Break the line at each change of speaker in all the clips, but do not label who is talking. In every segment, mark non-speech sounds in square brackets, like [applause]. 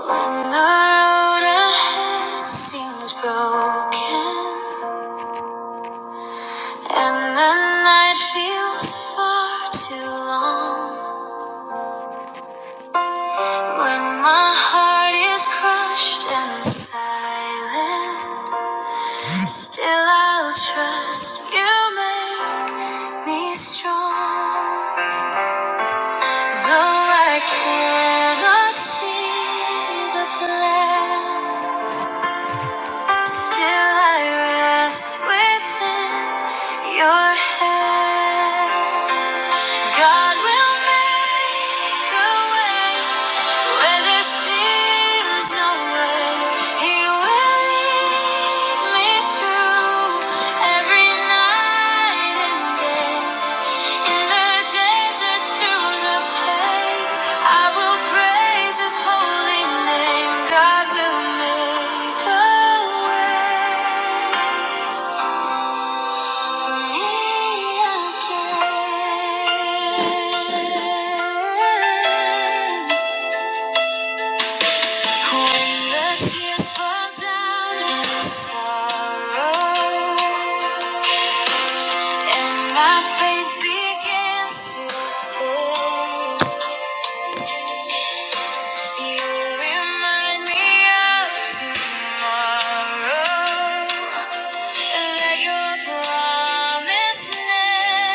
When the road ahead seems broken and the night feels far too long, when my heart is crushed and silent, still I'll trust you make me strong. Though I cannot see the plan. Still I rest within your hand. God will make a way where there seems no way. He will lead me through every night and day. In the desert, through the pain, I will praise His holy name. God will make a way. Tomorrow, that your promise never.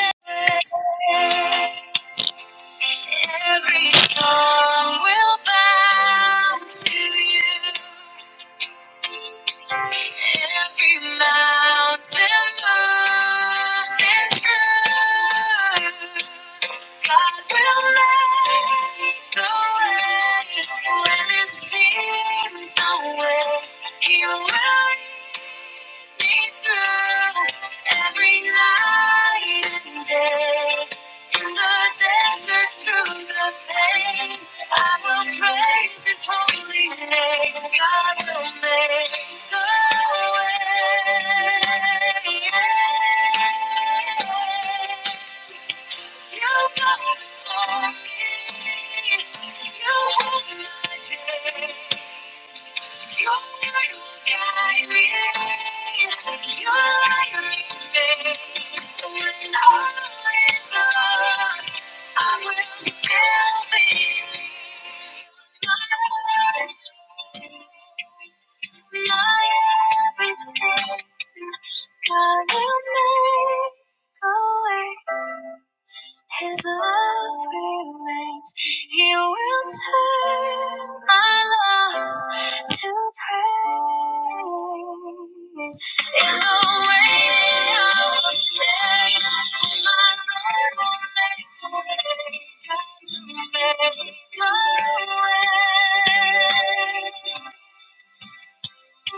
Every song will bow to you. Every mountain moves is true. God will make the way when it seems no way. He will me through every night and day. In the desert, through the pain, I will praise His holy name. God will make the way. Yeah. You got it for me. You hold my day. Everything, God will make a way. His love remains. He will turn my loss to praise. In the waiting, I will say, My Lord will make a way. make a way. In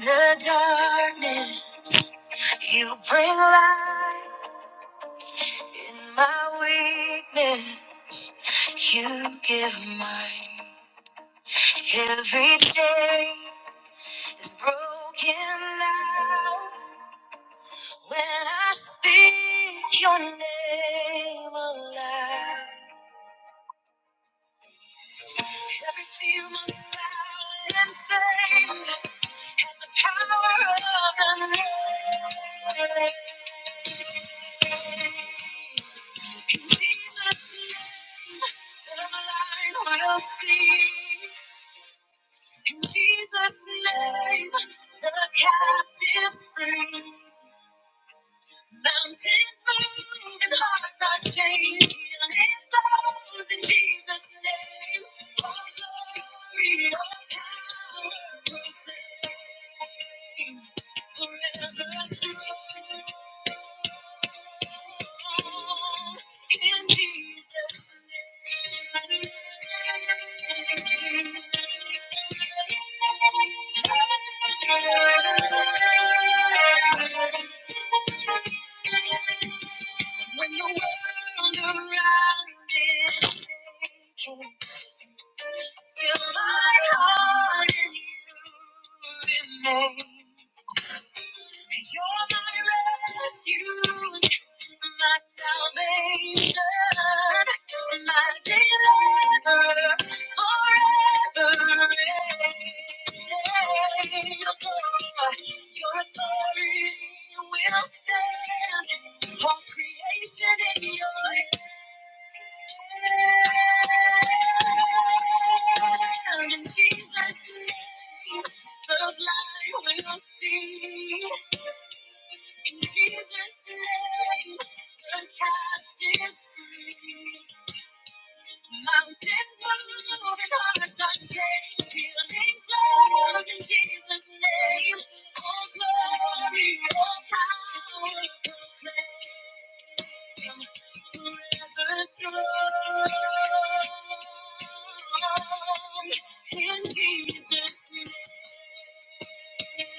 the darkness, you bring light. In my weakness, you give mine. Every day is broken now. When I speak your name aloud, every fear must bow and fade at the power of the name. In Jesus' name, the blind will see. In Jesus' name, the captives free. Mountains move and hearts are changed. Healing flows in Jesus' name. All glory, all power proclaim. Forever strong in Jesus' name. When the world around is shaking, still my heart in you remains. You're my refuge, my salvation. The blind will see. Jesus name, the captives free. Mountains move and hearts are changed. Healing flows in Jesus' name. All glory, all power proclaim. Forever strong in Jesus' name. No other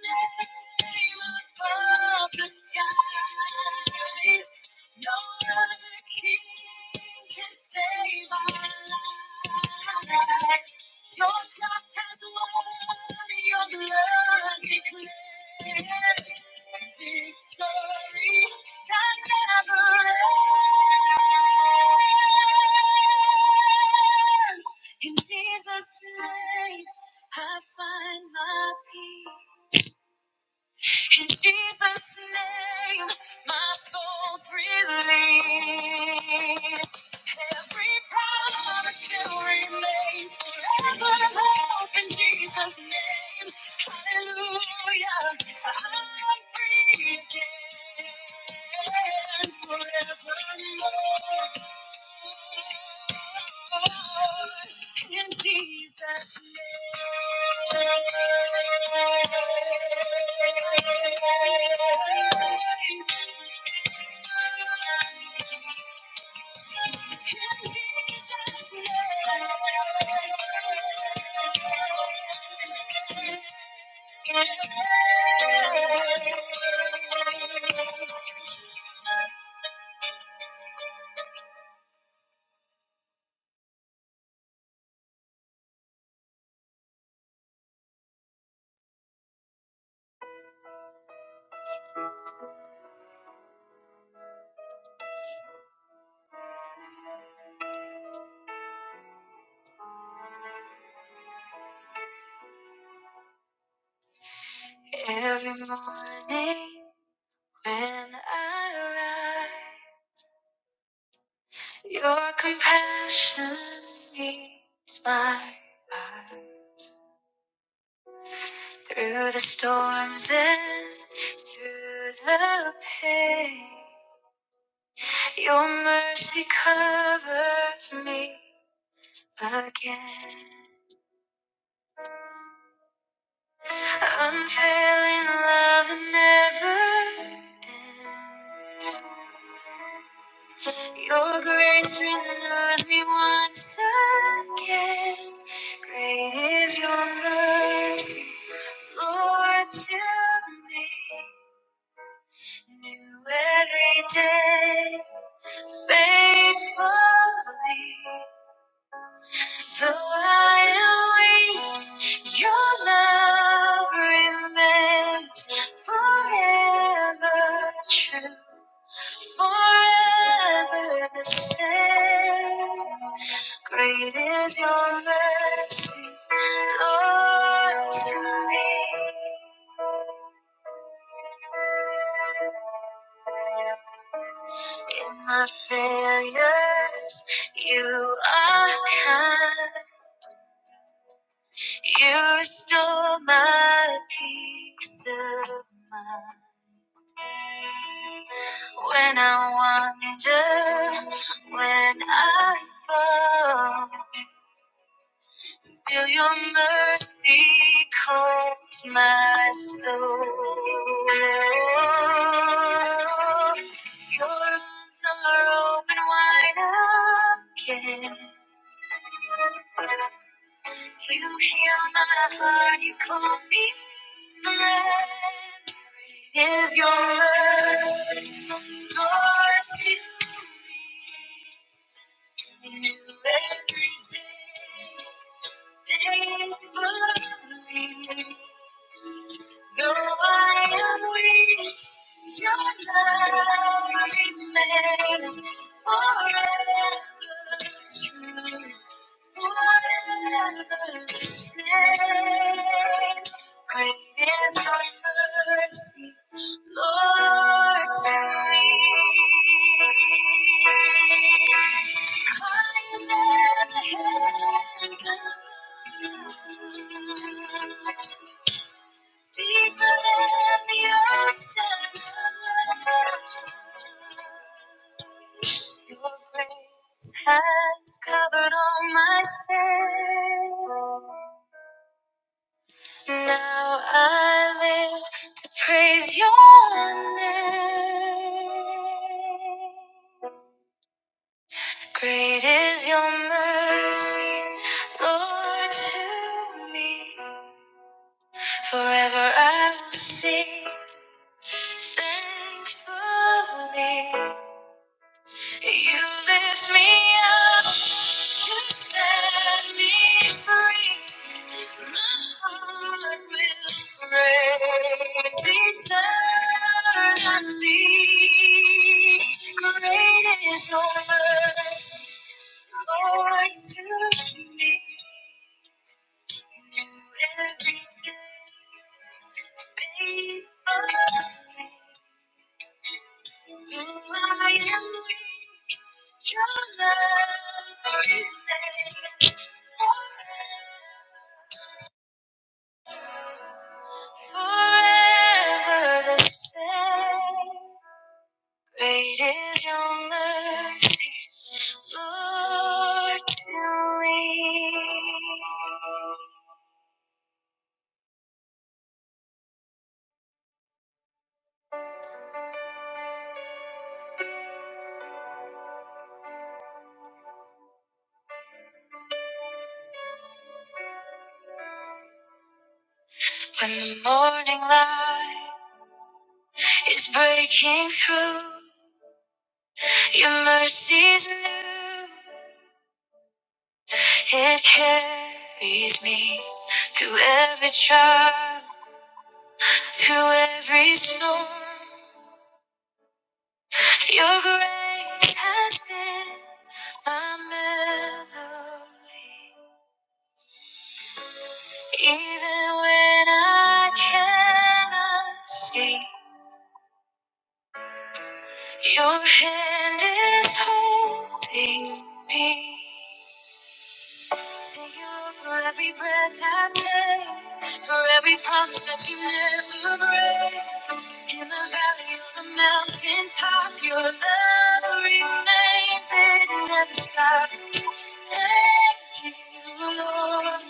name above the skies. No other king can save my life. You're top. In Jesus' name, I find my peace. In Jesus' name, my soul's released. Every promise still remains forever. Hope in Jesus' name. Hallelujah. I'm free again. Forevermore. In Jesus' name. In Jesus' name. Every morning. When I rise, your compassion meets my eyes. Through the storms and through the pain, your mercy covers me again. Unfailing love that never ends. Your grace renews me once again. Great is your mercy, Lord, to me. New every day, faithfully. Though I am weak, your love remains forever true. forever the same. Great is your mercy, Lord, to me. In my failures, you are kind. You restore my peace of mind. When I wander, when I fall. Till your mercy calms my soul. Your arms are open wide again. You heal my heart, you call me friend. It is your mercy, mercy, to me new every day. Faithfully. Though I am weak, your love remains forever true, forever the same. Great is thy mercy, Lord, to me. I am at the hands of you. Deeper than the ocean. Your grace has covered all my shame. Now I live to praise your name. Great is your mercy, Lord, to me. Forever I will sing Thankfully, you lift me up. You set me free. My heart will praise eternally. Great is your mercy, Lord, to me. New every day, faithfully. Though I am, weak, your love remains forever, forever the same. Great is your mercy, Lord, to me. When the morning light is breaking through, your mercy's new. It carries me through every trial, through every storm. Your grace has been my melody. Even when I cannot see, your hand is holding me. Thank you, Lord, for every breath I take, for every promise that you never break. In the valley of the mountain top, your love remains, it never stops. Thank you, Lord.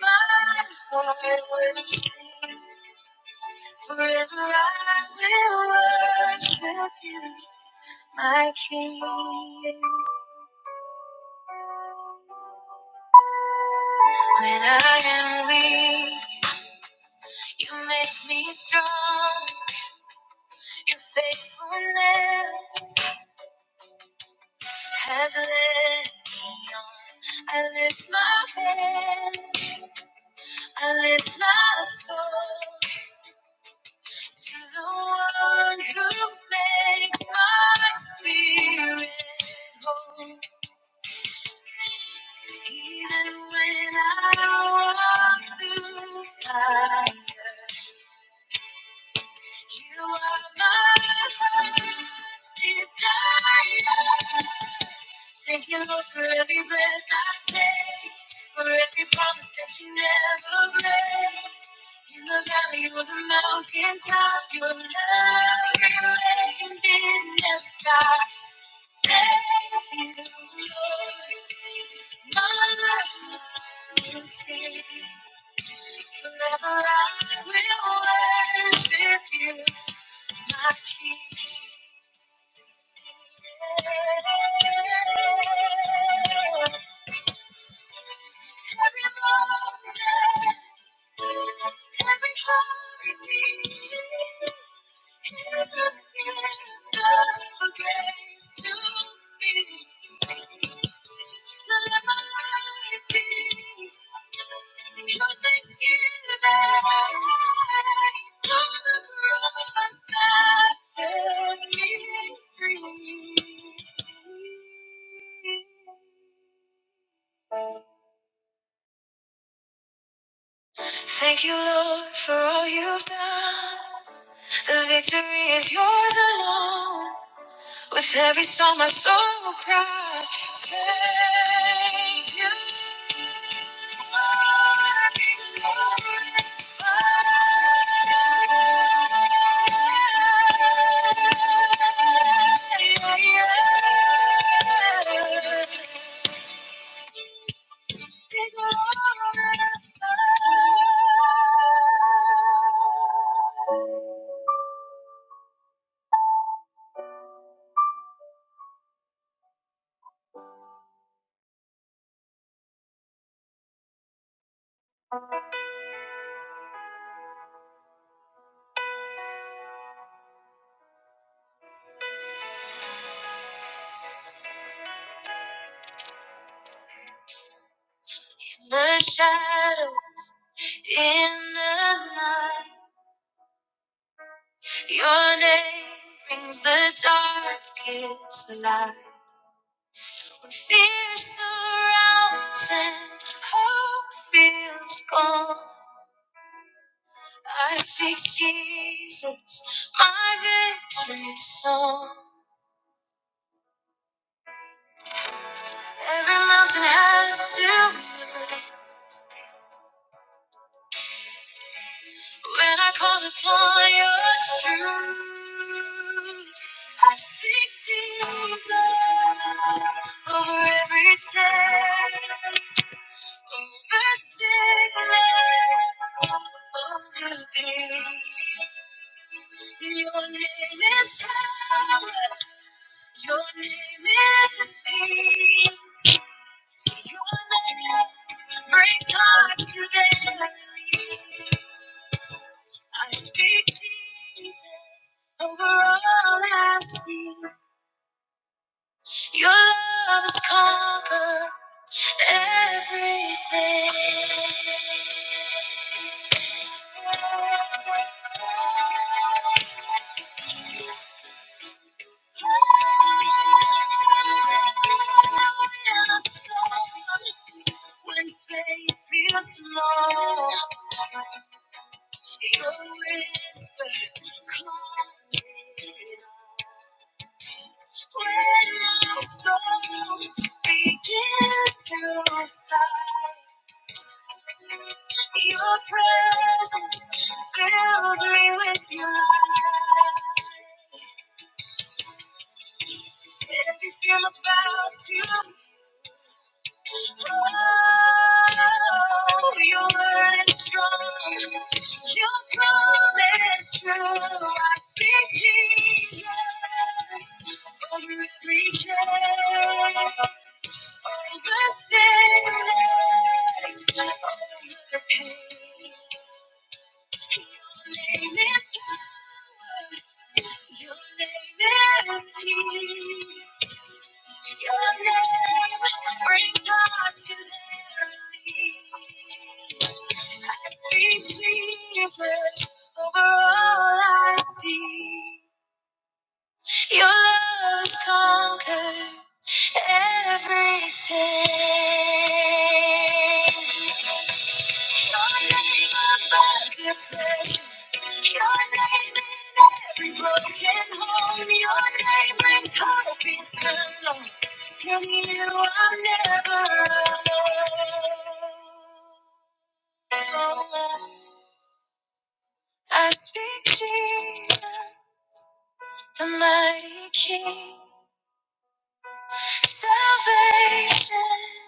My heart will sing, forever I will worship you, my King. When I am weak. You make me strong. Your faithfulness has led me on. I lift my hand, I lift my soul to the one who makes my spirit whole. Even when I walk through fire, You are my heart's desire. Thank you, Lord, for every breath I take, for every promise that you never break. In the valley or the mountain top, your love remains in the sky. Take you, my heart's king. Forever I will worship you, my king. Every moment, every heartbeat, is a gift of grace to me. The life you give, your forgiveness, all the proof that sets me free. Thank you, Lord, for all you've done. The victory is yours alone. With every song, my soul will cry. Thank you. Lord. The shadows in the night, your name brings the darkest light. When fear surrounds and hope feels gone, I speak Jesus, my victory song. Every mountain has to move. When I call upon your truth, I seek Jesus over every sin, over sickness, over pain. Your name is power. Your name is peace. Your name brings hearts to their knees. I speak Jesus over all I see. Your love has conquered everything. When faith feels small, your whisper calms it all. When my soul begins to sigh, your presence fills me with your light. Every fear must bow to you. Oh, your word is strong. Your promise true. I speak Jesus over every chain, over sickness, over pain. Over all I see. Your love's conquered everything. Your name above depression. Your name in every broken home. Your name brings hope eternal. In you I'm never alone. I speak Jesus, the mighty King. Salvation,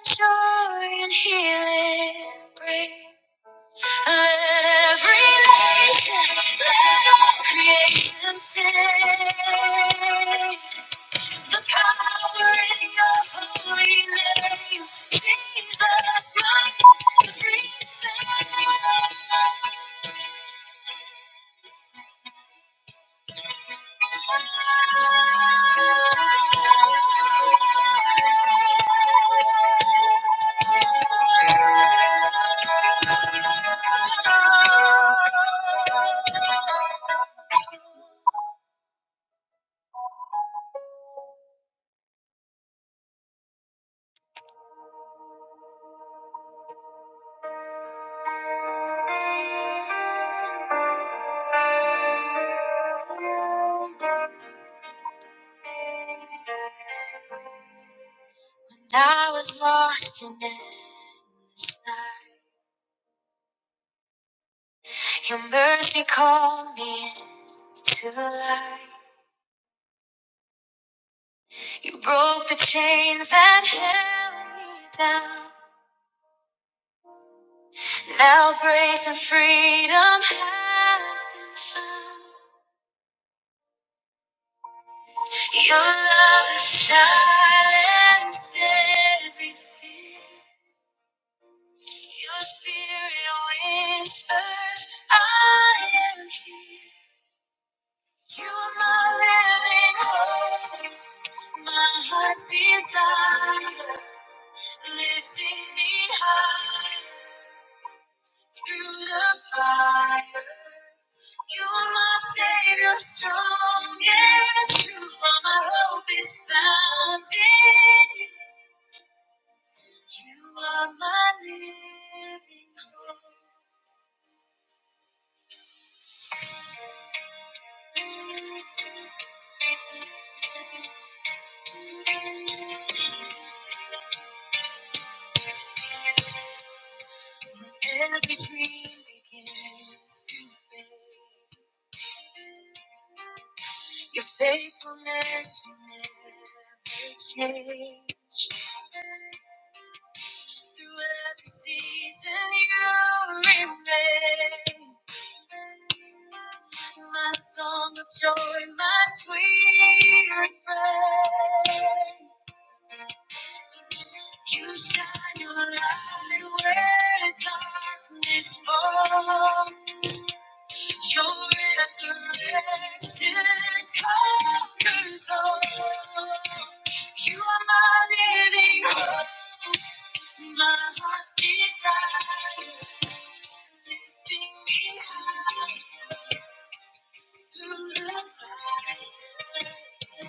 joy, and healing bring. Let every nation, let all creation sing. The power in your holy name, Jesus, my everything. I was lost in endless night. Your mercy called me into light. You broke the chains that held me down. Now grace and freedom have been found. Your love silence every fear. Your spirit whispers, I am here. You are my living hope, my heart's desire, lifting me high through the fire. You are my savior, strong and true. All My hope is found in you. You are my living hope. Every dream begins today. Your faithfulness will never change. Through every season you remain. My song of joy, my sweet friend. You shine your light where darkness falls. Your resurrection conquers all. You are my living hope, my heart's desire, lifting me high. Through the night.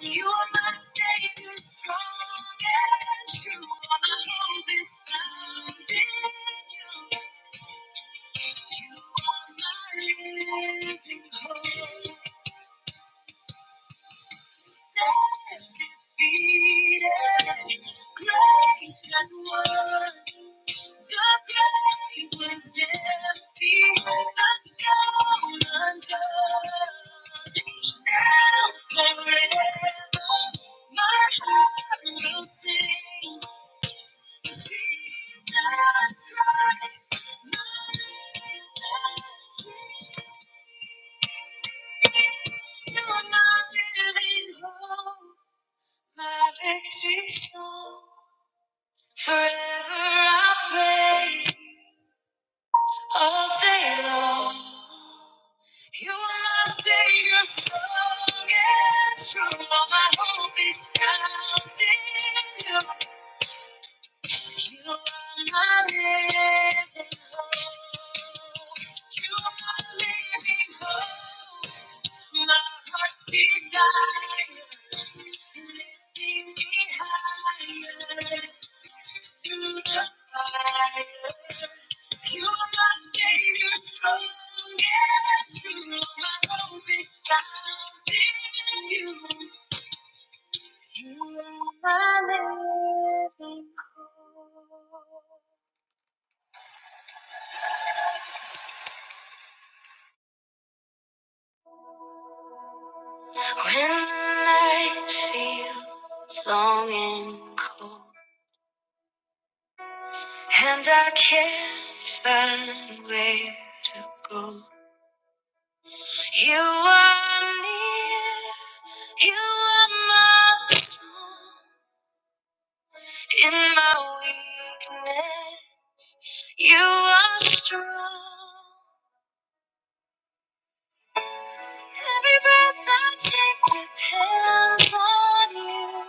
You are my savior, strong and true. Wanna hold this found in you. You are my living hope. You're my living hope. My victory song. Forever I praise you all day long. You are my savior, strong and true. All my hope is found in you. You are my living hope. You are my living hope. My heart's desire, lifting me higher through the fire. You are my savior, strong and true. My hope is found in you. You are my living hope. When night feels long and cold, and I can't find where to go, you are near. You are my song in my weakness. You are strong. Every breath I take depends on you.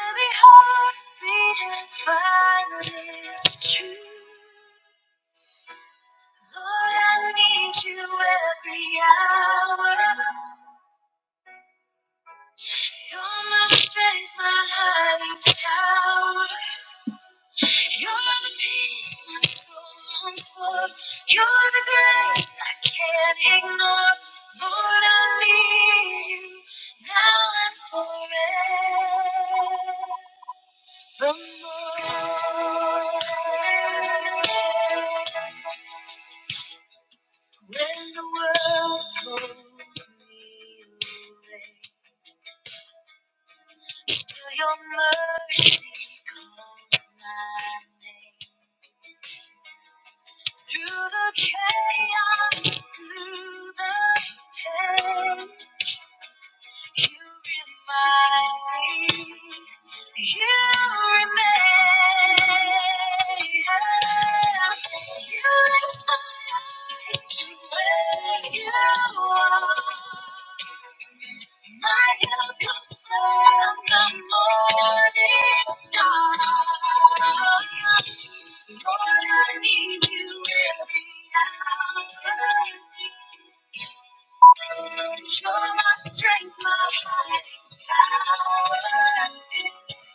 Every heartbeat finds its truth. Lord, I need you every hour. You're my strength, my hiding tower. You're the peace my soul longs for. You're the grace I can't ignore. Lord, I need you now and forevermore. When the world pulls me away. Till your mercy calls my name. Through the chaos, through the pain, You remind me. You remain. You inspire me where you are. My help comes from the morning star. Lord, I need you every hour. You're my strength, my hiding tower.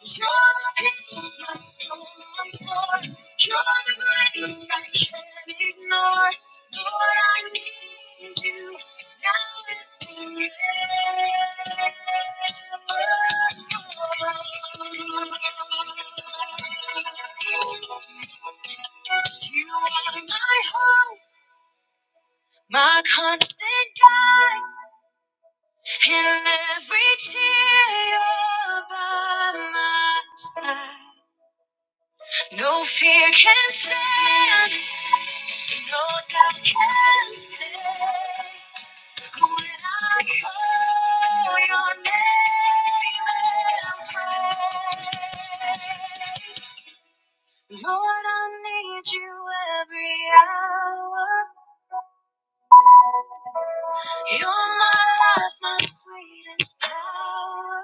You're the peace my soul longs for. You're the grace I can't ignore. Lord, I need you now and forever. You are my hope, my constant guide. In every tear you're by my side. No fear can stand, no doubt can stay. When I call your name and pray. Lord, I need you every hour. You're my life, my sweetest hour.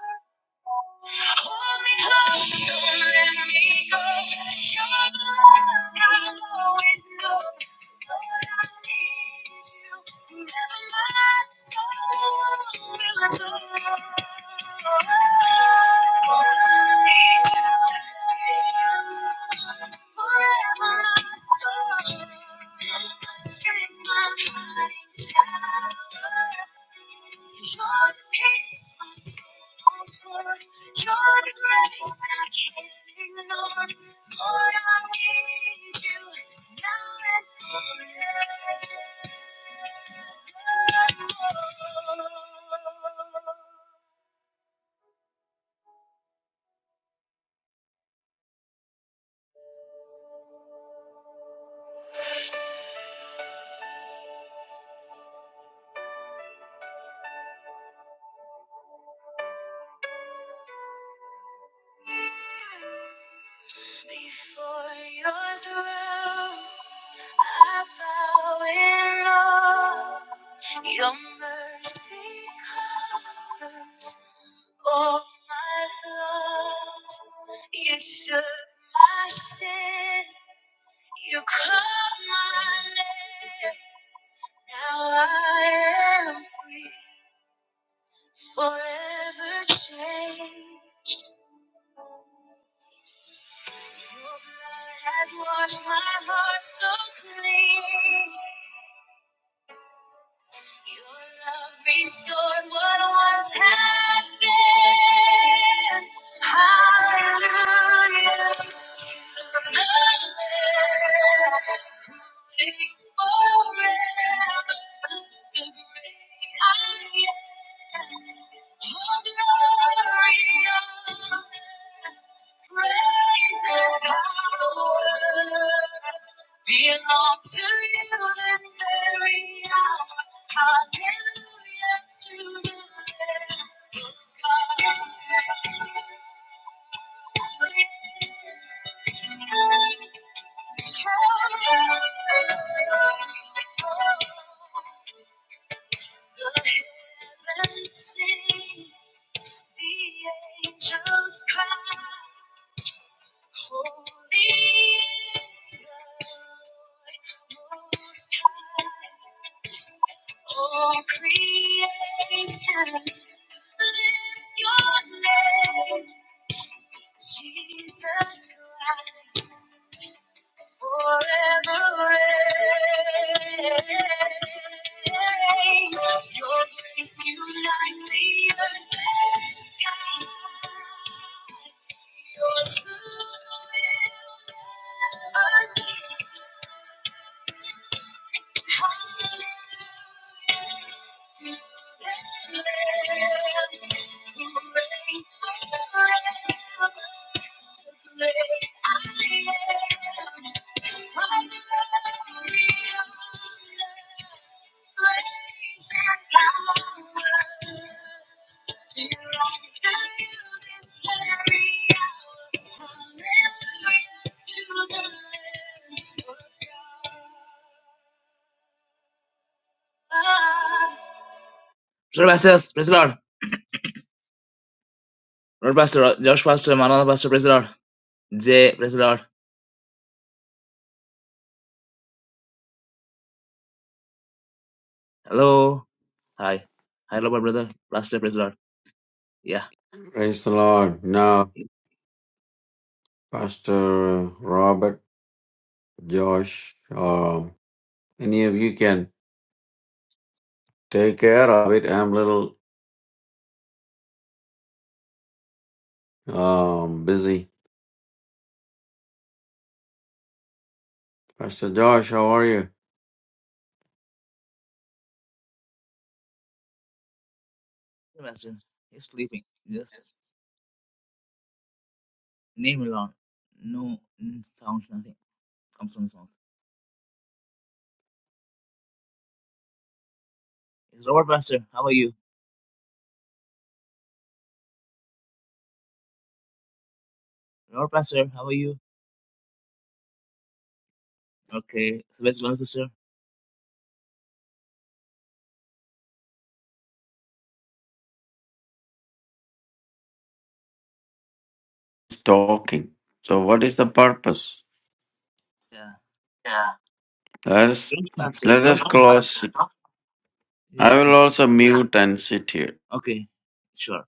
Hold me close, don't let me go. You're the love I've always known. Lord, I need you. Never my soul will adore. Forever my soul Before your throne, I bow in awe. Your mercy covers all my flaws. You took my sin. You called my name. Now I am free. Forever changed. Your blood has washed my heart so clean. Your love restored what once had been. Hallelujah. Belongs to you this very hour. Hallelujah to the Lamb of God. Jesus Christ. forever reign. Your grace unites the earth and sky. Your truth will never cease. Hallelujah to the Lamb of God. Sir Pastors, praise the Lord. Lord Pastor, uh, Josh Pastor, Manana Pastor, praise the Lord. Jay, praise the Lord. Hello. Hi. Hi, Lord, my brother. Pastor, praise the Lord. Yeah.
Praise the Lord. Now,
He's
Pastor Robert, Josh, um, any of you can take care of it. I'm a little um, busy. Pastor Josh, how are you?
Pastor. He's sleeping. Just name alone. No mm, sound, nothing comes from his mouth. It's Robert Pastor. How are you? Robert Pastor, how are you? Okay. So, where's your sister?
Talking. So, what is the purpose?
Yeah.
Let us
Josh Pastor.
let us
Josh Pastor.
close. I
Yeah.
will also mute and sit here.
Okay. Sure.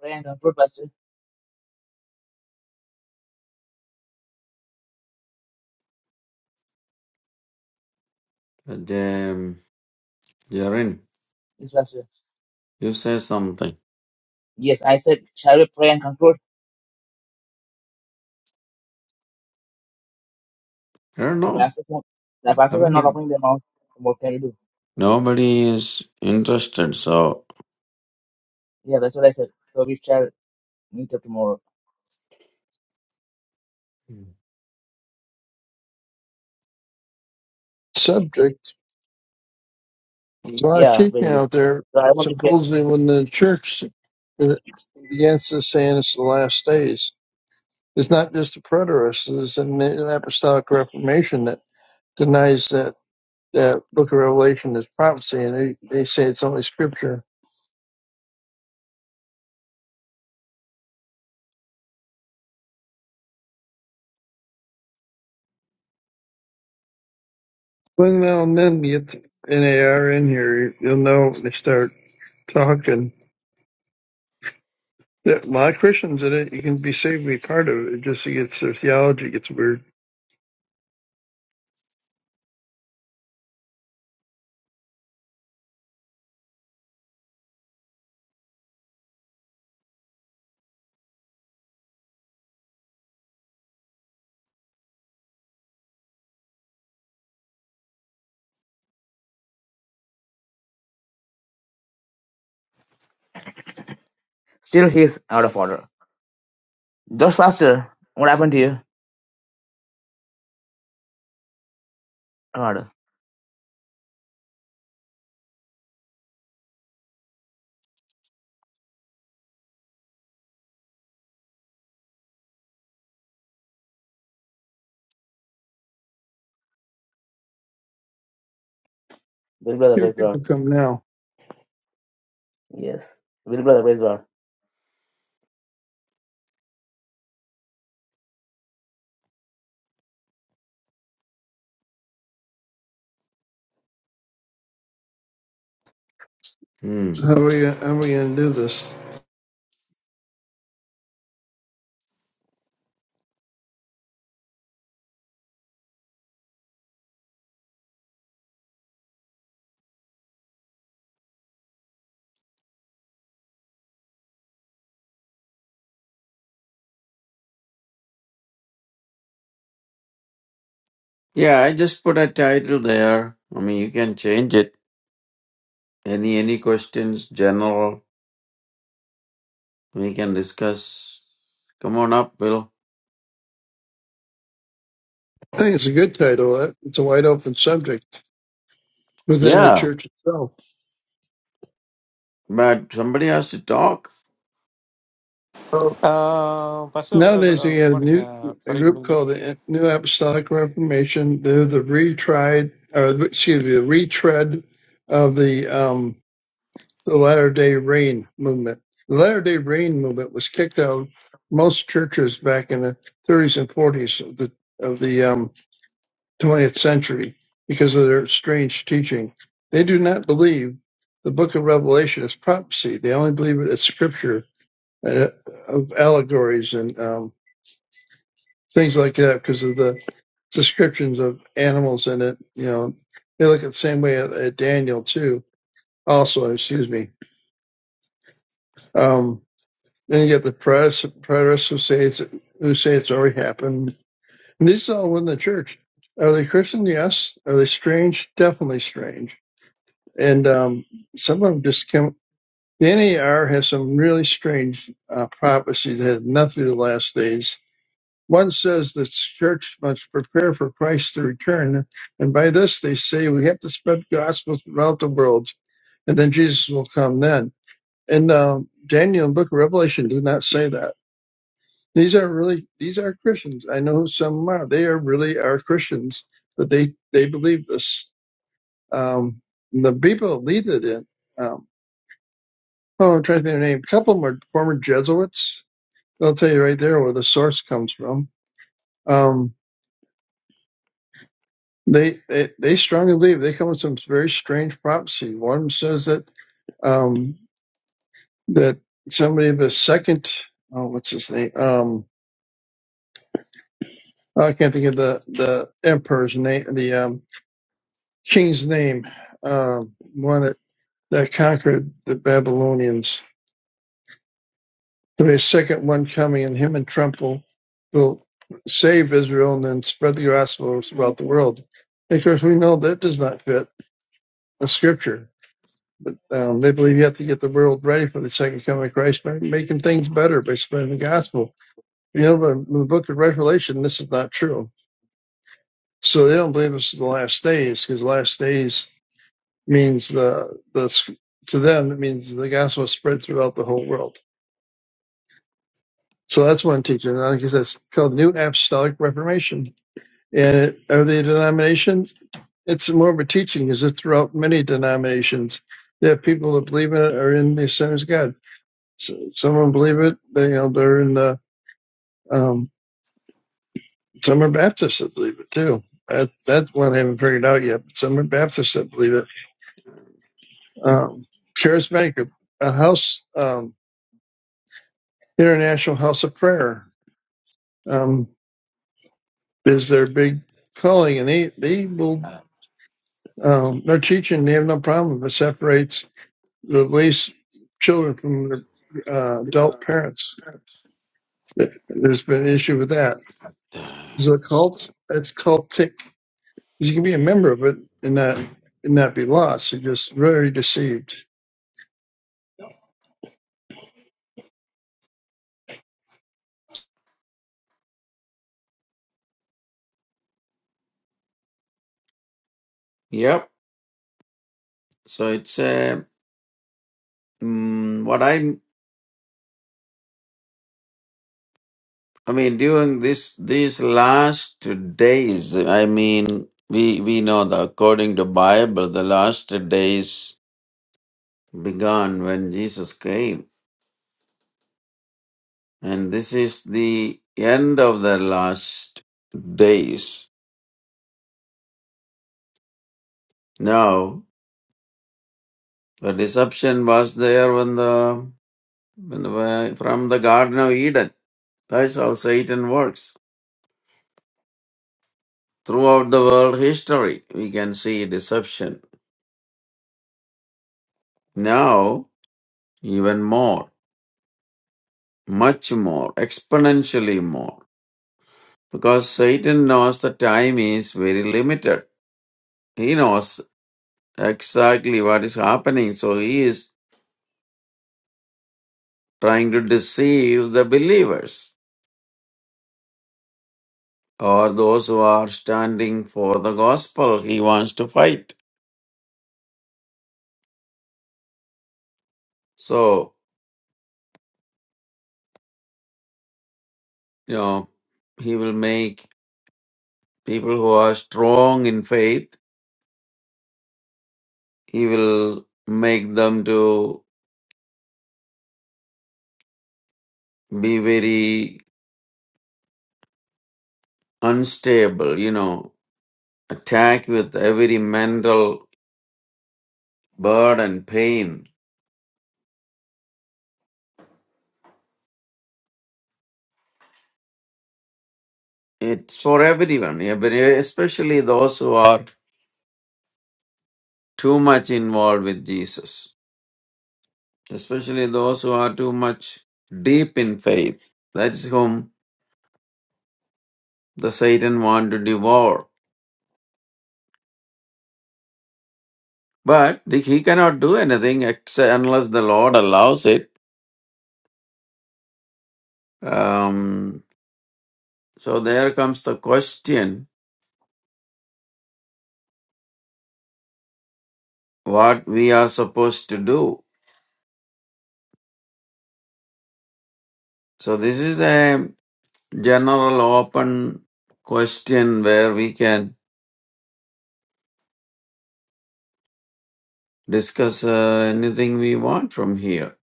Pray and comfort, Pastor.
Then, Jaren,
Yes, Pastor.
you say something.
Yes, I said, shall we pray and comfort?
I don't
And so the
know.
pastors, are- the
I
pastors are not
mean,
opening their mouth. What can you do?
nobody is interested. So,
Yeah, that's what I said. So we shall meet up tomorrow.
subject. There's a lot of
Yeah,
teaching
very good.
out there.
So I want to get.
Supposedly, when the church begins to say it's the last days, it's not just the preterists. It's in the apostolic reformation that denies that that book of Revelation is prophecy, and they, they say it's only scripture. When now and then you get the NAR in here, you'll know when they start talking. That a lot of Christians in it, you can be saved, to be part of it. It just gets their theology gets weird.
Still, he is out of order. Josh Pastor, what happened to you? God. Will brother,
Here
praise God.
people come now.
Yes. Will brother, praise God.
hmm.
How are we? How are we gonna do this?
Yeah, I just put a title there. I mean, you can change it. Any any questions, general, we can discuss. Come on up, Bill.
I think it's a good title. Uh, It's a wide open subject within the
Yeah,
church itself.
but somebody has to talk.
Well,
Uh, Pastor, uh, good
nowadays
uh,
we
good
have a
morning.
new
Uh,
a
sorry, good
group
evening.
called the New Apostolic Reformation. They're the retried, or excuse me, the retread of the um, the Latter Day Rain movement. The Latter Day Rain movement was kicked out of most churches back in the 30s and 40s of the of the um, 20th century because of their strange teaching. They do not believe the book of Revelation is prophecy. They only believe it as scripture and uh, of allegories and um, things like that because of the descriptions of animals in it. You know, they look at the same way at, at Daniel too. Also, excuse me. Um, then you get the press, press who say it's who say it's already happened. And these are all within the church. Are they Christian? Yes. Are they strange? Definitely strange and um, some of them just come. The NAR has some really strange uh, prophecies that have nothing to do with the last days. One says the church must prepare for Christ to return, and by this they say we have to spread the gospel throughout the world, and then Jesus will come then. And um, Daniel and Book of Revelation do not say that. These are really these are Christians. I know who some are. They are really are Christians, but they they believe this. Um, the people that lead it in. Um, Oh, I'm trying to think of their name. A couple of them are former Jesuits. They'll tell you right there where the source comes from. Um, they, they they strongly believe they come with some very strange prophecy. One of them says that um, that somebody of the second oh what's his name um, oh, I can't think of the the emperor's name the um, king's name um, one that, that conquered the Babylonians There'll be a second one coming, and him and Trump will, will save Israel and then spread the gospel throughout the world. And of course, we know that does not fit the scripture. But um, they believe you have to get the world ready for the second coming of Christ by making things better by spreading the gospel. You know, but in the book of Revelation, this is not true. So they don't believe this is the last days because the last days means the, the to them, it means the gospel is spread throughout the whole world. So that's one teaching. And like I think that's called New Apostolic Reformation. And are they denominations? It's more of a teaching, is it throughout many denominations that people that believe in it are in the Assemblies of God. So, some of them believe it, they, you know, they're in the, um, some are Baptists that believe it too. That, that's one I haven't figured out yet, but some are Baptists that believe it. Um, charismatic, a house, um, international house of prayer, um, is their big calling and they, they will, um, their teaching, they have no problem if it separates the least children from the uh, adult parents. There's been an issue with that. Is it a cult? It's cultic. You can be a member of it and not and not be lost. You're just very deceived.
Yep. So it's a mm what I I mean during this these last days. I mean, we we know that according to Bible, the last days began when Jesus came. And this is the end of the last days. Now, the deception was there when the, when the from the Garden of Eden. That's how Satan works. Throughout the world history, we can see deception. Now, even more, much more, exponentially more. Because Satan knows the time is very limited. He knows exactly what is happening, so he is trying to deceive the believers or those who are standing for the gospel he wants to fight. So, you know, he will make people who are strong in faith, he will make them to be very unstable, you know, attack with every mental burden, pain. It's for everyone, every- especially those who are too much involved with Jesus. especially those who are too much deep in faith. That is whom the Satan want to devour. But he cannot do anything except unless the Lord allows it. Um, so there comes the question: What we are supposed to do? So this is a general open question where we can discuss uh, anything we want from here.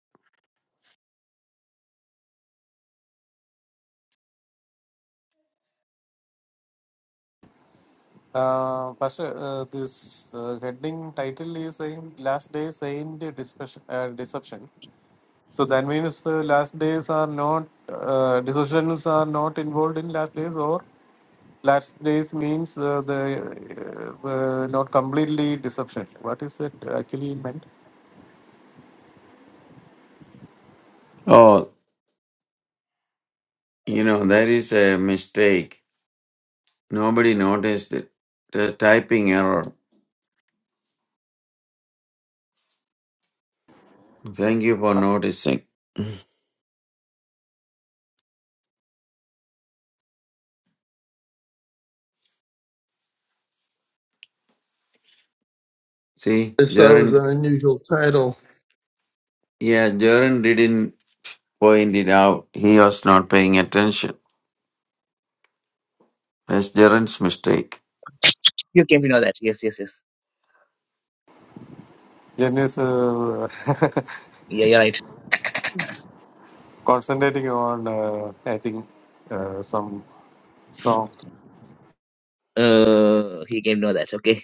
Uh, Pastor, uh, this uh, heading title is Saint, Last Day Saint Discussion, uh, Deception. So that means uh, last days are not, uh, decisions are not involved in last days, or last days means uh, the uh, uh, not completely deception. What is it actually meant?
Oh, you know, there is a mistake Nobody noticed it. The typing error. Thank you for noticing. See,
I thought it was
Jaren,
an unusual title.
yeah, Jaren didn't point it out. He was not paying attention. That's Jaren's mistake.
You came to know that. Yes, yes, yes.
Jen is uh, [laughs]
Yeah, you're right.
concentrating on, uh, I think, uh, some song.
Uh, he came to know that. Okay.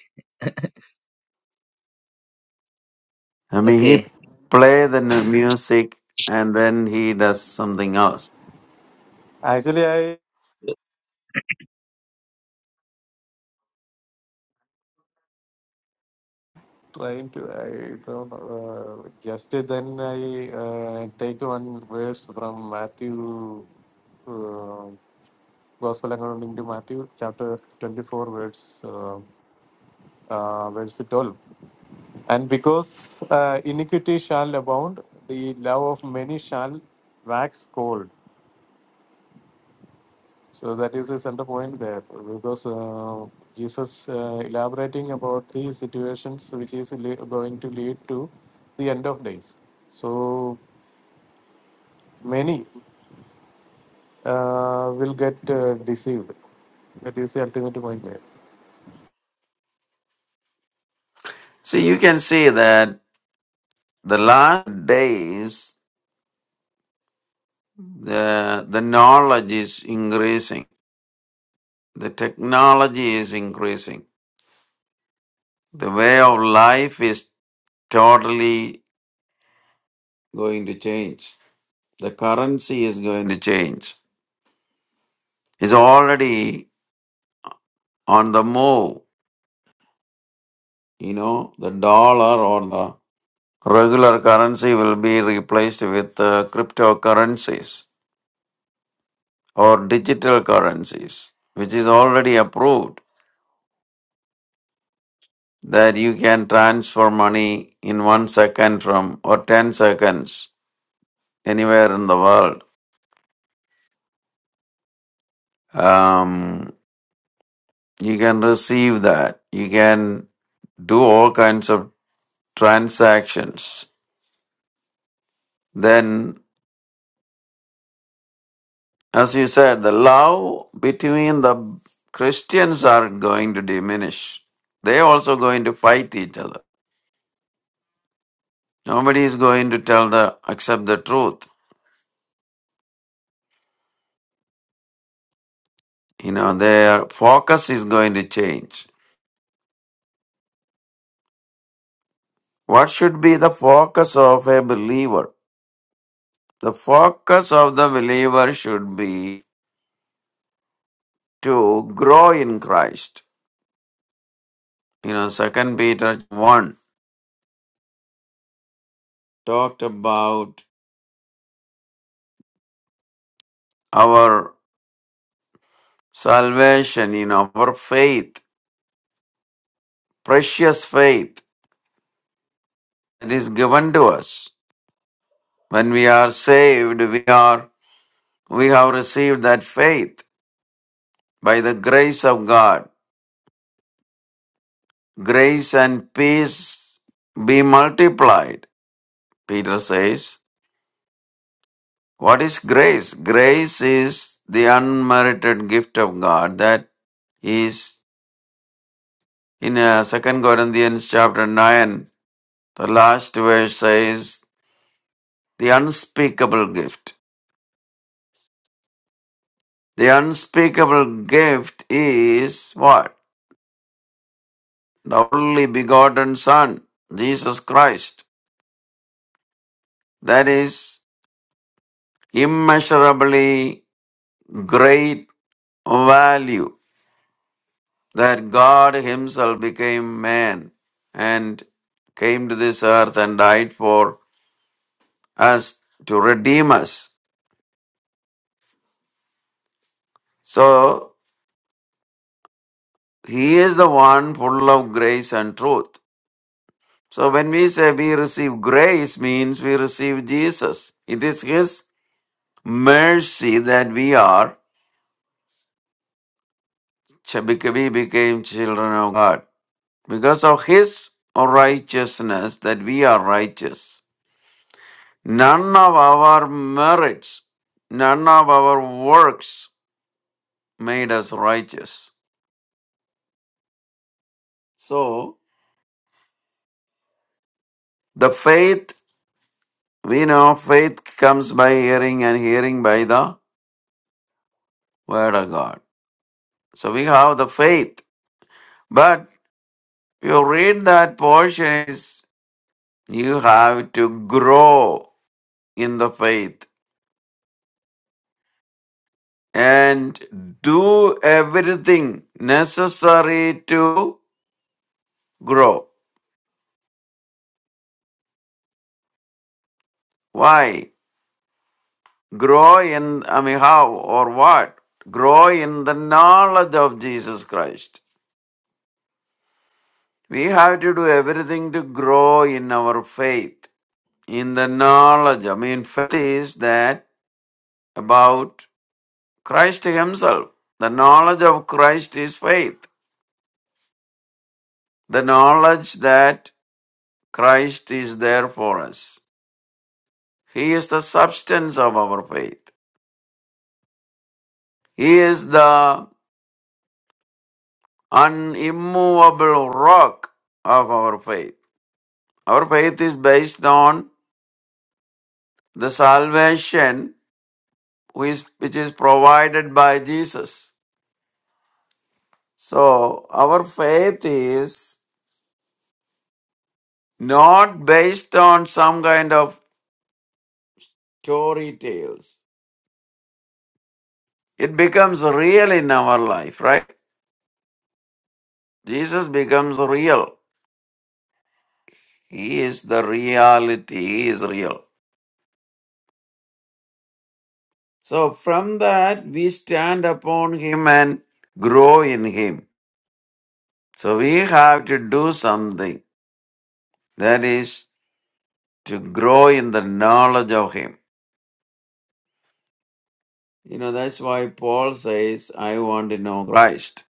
I mean, he
Okay.
play the nu- music and then he does something else.
Actually, trying to I don't know, uh, just then I uh, take one verse from Matthew uh, Gospel according to Matthew chapter 24 verse uh, uh, verse 12 and because uh, iniquity shall abound the love of many shall wax cold So that is the center point there, because uh, Jesus uh, elaborating about the situations which is le- going to lead to the end of days. So many uh, will get uh, deceived. That is the ultimate point there.
See, you can see that the last days, the the knowledge is increasing. The technology is increasing. The way of life is totally going to change. The currency is going to change. It's already on the move. You know, the dollar or the regular currency will be replaced with uh, cryptocurrencies or digital currencies, which is already approved that you can transfer money in one second from or 10 seconds anywhere in the world. Um, you can receive that. You can do all kinds of transactions then as you said the love between the christians are going to diminish they also going to fight each other nobody is going to tell the accept the truth you know their focus is going to change what should be the focus of a believer the focus of the believer should be to grow in christ you know second peter 1 talked about our salvation in our faith precious faith that is given to us. When we are saved, we are we have received that faith by the grace of God. Grace and peace be multiplied. Peter says, What is grace? Grace is the unmerited gift of God. That is in uh, 2 Corinthians chapter 9, the last verse says, The unspeakable gift. The unspeakable gift is what? the only begotten Son, Jesus Christ. That is immeasurably great value that God Himself became man and came to this earth and died for us to redeem us. So He is the one full of grace and truth. So when we say we receive grace means we receive Jesus. It is His mercy that we are Ch- we became children of God. Because of His righteousness, that we are righteous. None of our merits, none of our works made us righteous. So, the faith, we know faith comes by hearing and hearing by the Word of God. So, we have the faith. But you read that portion, is you have to grow in the faith and do everything necessary to grow. Why? Grow in, I mean, how or what? Grow in the knowledge of Jesus Christ. We have to do everything to grow in our faith, in the knowledge. I mean, faith is that about Christ Himself. The knowledge of Christ is faith. The knowledge that Christ is there for us. He is the substance of our faith. He is the unimmovable rock of our faith. Our faith is based on the salvation which is, which is provided by Jesus. So our faith is not based on some kind of story tales. It becomes real in our life, right? Jesus becomes real. He is the reality. He is real. So from that, we stand upon Him and grow in Him. So we have to do something that is to grow in the knowledge of Him. You know, that's why Paul says, I want to know Christ.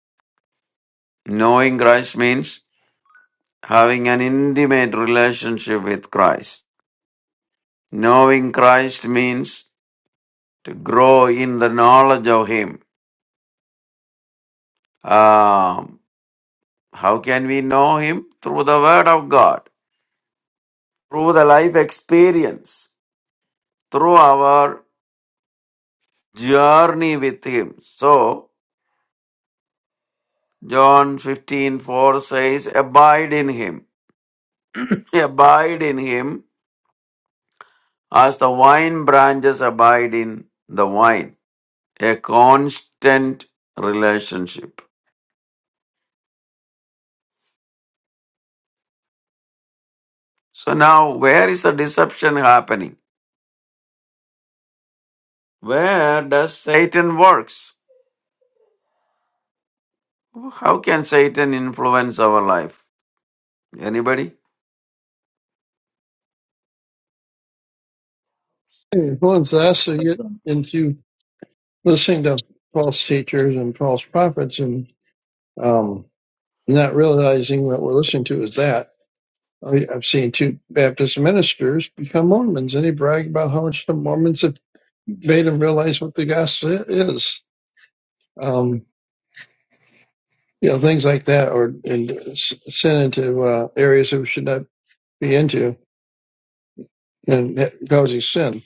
Knowing Christ means having an intimate relationship with Christ. Knowing Christ means to grow in the knowledge of Him. Um, how can we know Him? Through the Word of God. through the life experience, through our journey with Him. So, John 15 4 says, Abide in Him. [laughs] [clears throat] Abide in Him as the wine branches abide in the wine. A constant relationship. So, now where is the deception happening? Where does Satan works? How can Satan influence our life? Anybody?
It influenced us to
Praise
get
God.
into listening to false teachers and false prophets and um, not realizing what we're listening to is that. I- I've seen two Baptist ministers become Mormons, and they brag about how much the Mormons have made them realize what the gospel is. Um, you know, things like that, or and sin into uh, areas that we should not be into, and that causes sin.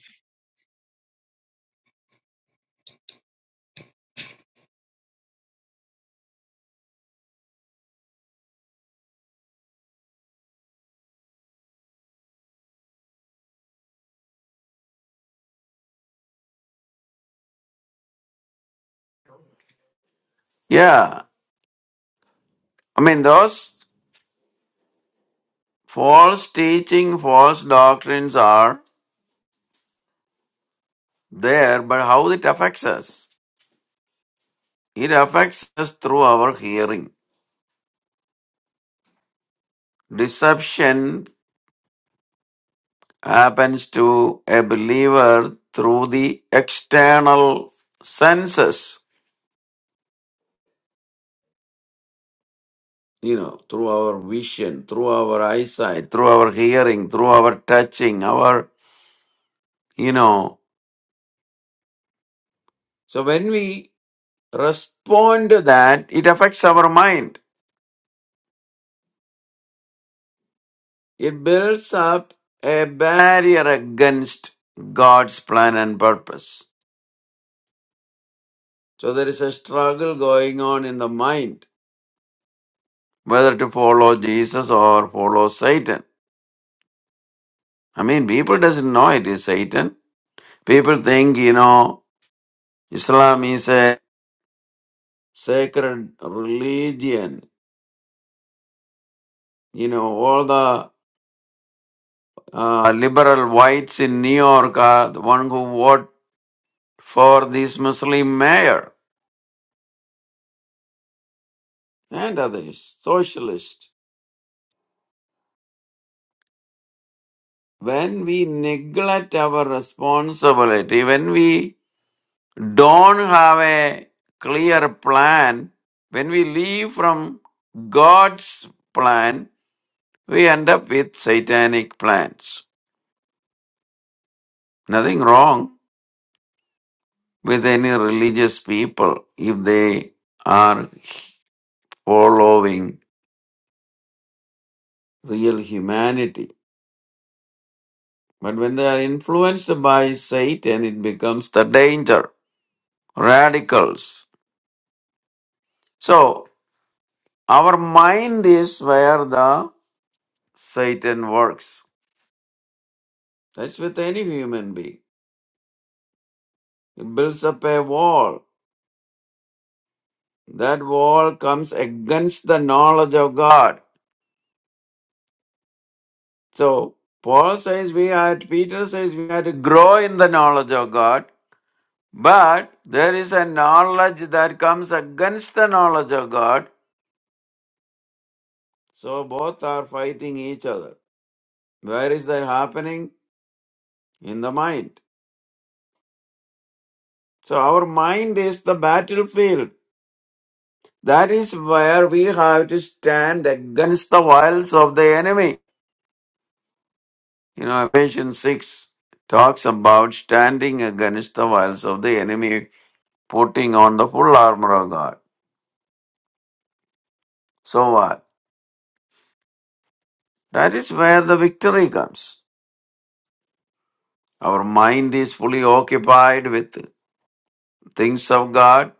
Yeah. I mean, those. False teaching, false doctrines are there, but how it affects us? It affects us through our hearing. Deception happens to a believer through the external senses, you know, through our vision, through our eyesight, through our hearing, through our touching, our, you know. So when we respond to that, it affects our mind It builds up a barrier against God's plan and purpose. So there is a struggle going on in the mind whether to follow Jesus or follow Satan. I mean, people doesn't know it is Satan. People think, you know, Islam is a sacred religion. You know, all the uh, liberal whites in New York are the one who vote for this Muslim mayor and others, socialists. when we neglect our responsibility, when we don't have a clear plan, when we leave from God's plan, we end up with satanic plans. Nothing wrong with any religious people if they are following real humanity. But when they are influenced by Satan, it becomes the danger, radicals. So Our mind is where the Satan works. That's with any human being. It builds up a wall. That wall comes against the knowledge of God. So Paul says we had Peter says we had to grow in the knowledge of God, but there is a knowledge that comes against the knowledge of God. So both are fighting each other. Where is that happening? In the mind. So our mind is the battlefield That is where we have to stand against the wiles of the enemy. You know, Ephesians 6 talks about standing against the wiles of the enemy, putting on the full armor of God. So what? That is where the victory comes. Our mind is fully occupied with things of God.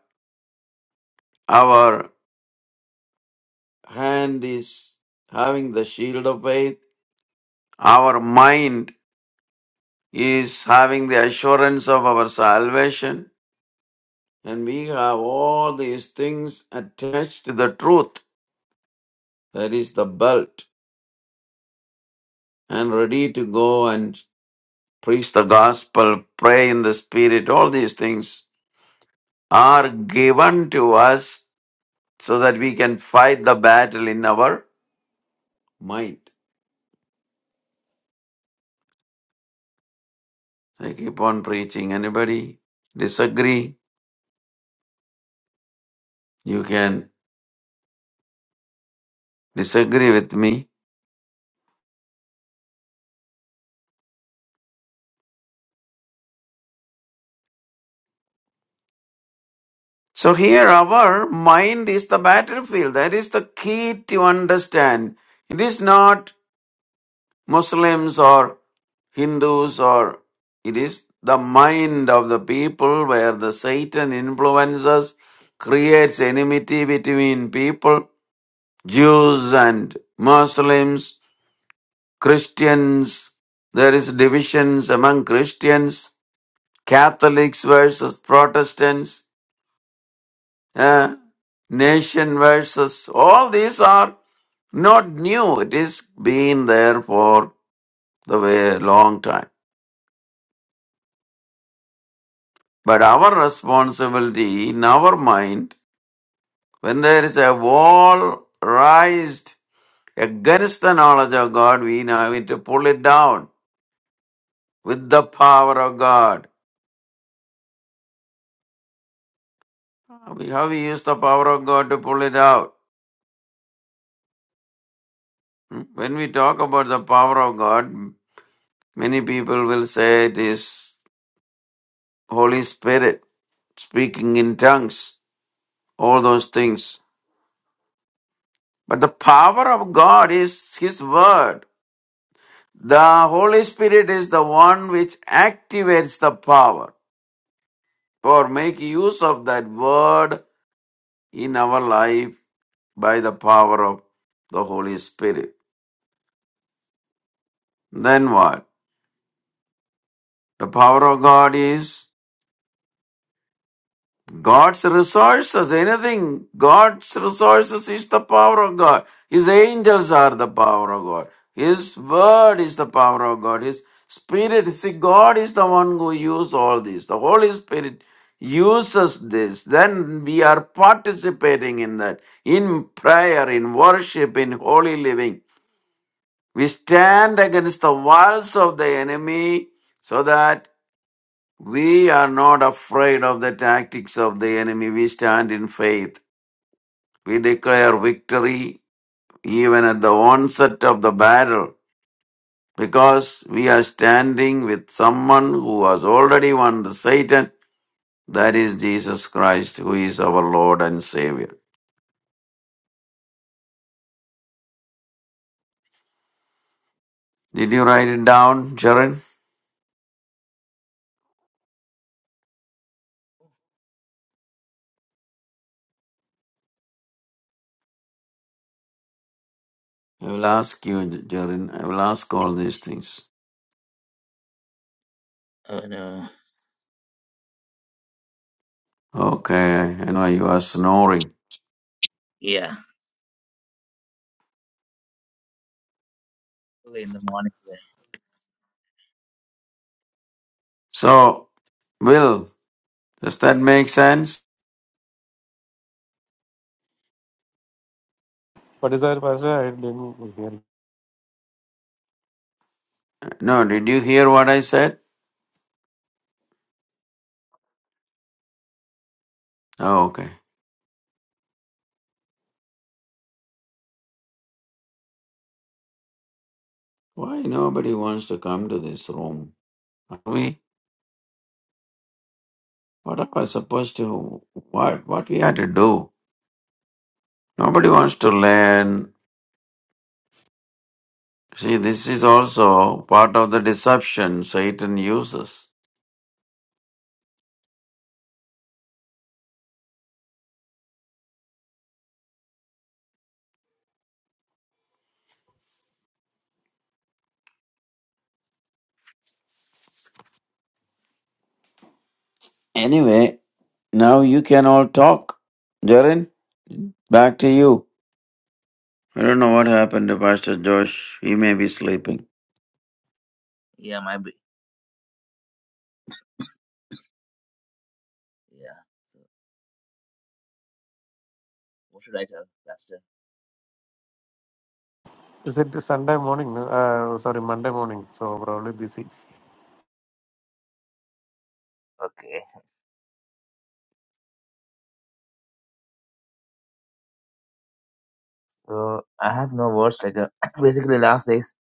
Our hand is having the shield of faith. Our mind is having the assurance of our salvation And we have all these things attached to the truth, that is the belt, and ready to go and preach the gospel, pray in the spirit. All these things are given to us so that we can fight the battle in our mind. I keep on preaching. Anybody disagree? You can disagree with me. So here our mind is the battlefield. That is the key to understand. It is not Muslims or Hindus or it is the mind of the people where the Satan influences creates enmity between people, Jews and Muslims, Christians. There is divisions among Christians, Catholics versus Protestants, eh, nation versus all these are not new. It is been there for the way long time. But our responsibility in our mind, when there is a wall raised against the knowledge of God, we now need to pull it down with the power of God. We- How we use the power of God to pull it out. Hmm? When we talk about the power of God, many people will say it is Holy Spirit speaking in tongues, all those things. But the power of God is His Word. The Holy Spirit is the one which activates the power or make use of that word in our life by the power of the Holy Spirit. Then what? The power of God is God's resources, anything, God's resources is the power of God. His angels are the power of God. His word is the power of God. His spirit, see, God is the one who uses all this. The Holy Spirit uses this. Then we are participating in that, in prayer, in worship, in holy living. We stand against the walls of the enemy so that we are not afraid of the tactics of the enemy. We stand in faith. We declare victory even at the onset of the battle because we are standing with someone who has already won the Satan. That is Jesus Christ, who is our Lord and Savior. Did you write it down, Jaren? I will ask you, Jaren. I will ask all these things.
Oh, no.
Okay, I know you are snoring.
Yeah. Early in the morning. Yeah,
So, Will, does that make sense?
What is our pastor? I didn't hear.
No, did you hear what I said? Oh, okay. Why nobody wants to come to this room? Are we? What are we supposed to? What? What we had to do? Nobody wants to learn. See, this is also part of the deception Satan uses. Anyway, now you can all talk. Jaren, back to you. I don't know what happened to Pastor Josh. He may be sleeping.
Yeah, my. b- Yeah. So what should I tell Pastor?
Is it Sunday morning? no? Uh, sorry, Monday morning. So probably busy.
Okay. So I have no words. Like uh, [clears throat] basically, last day's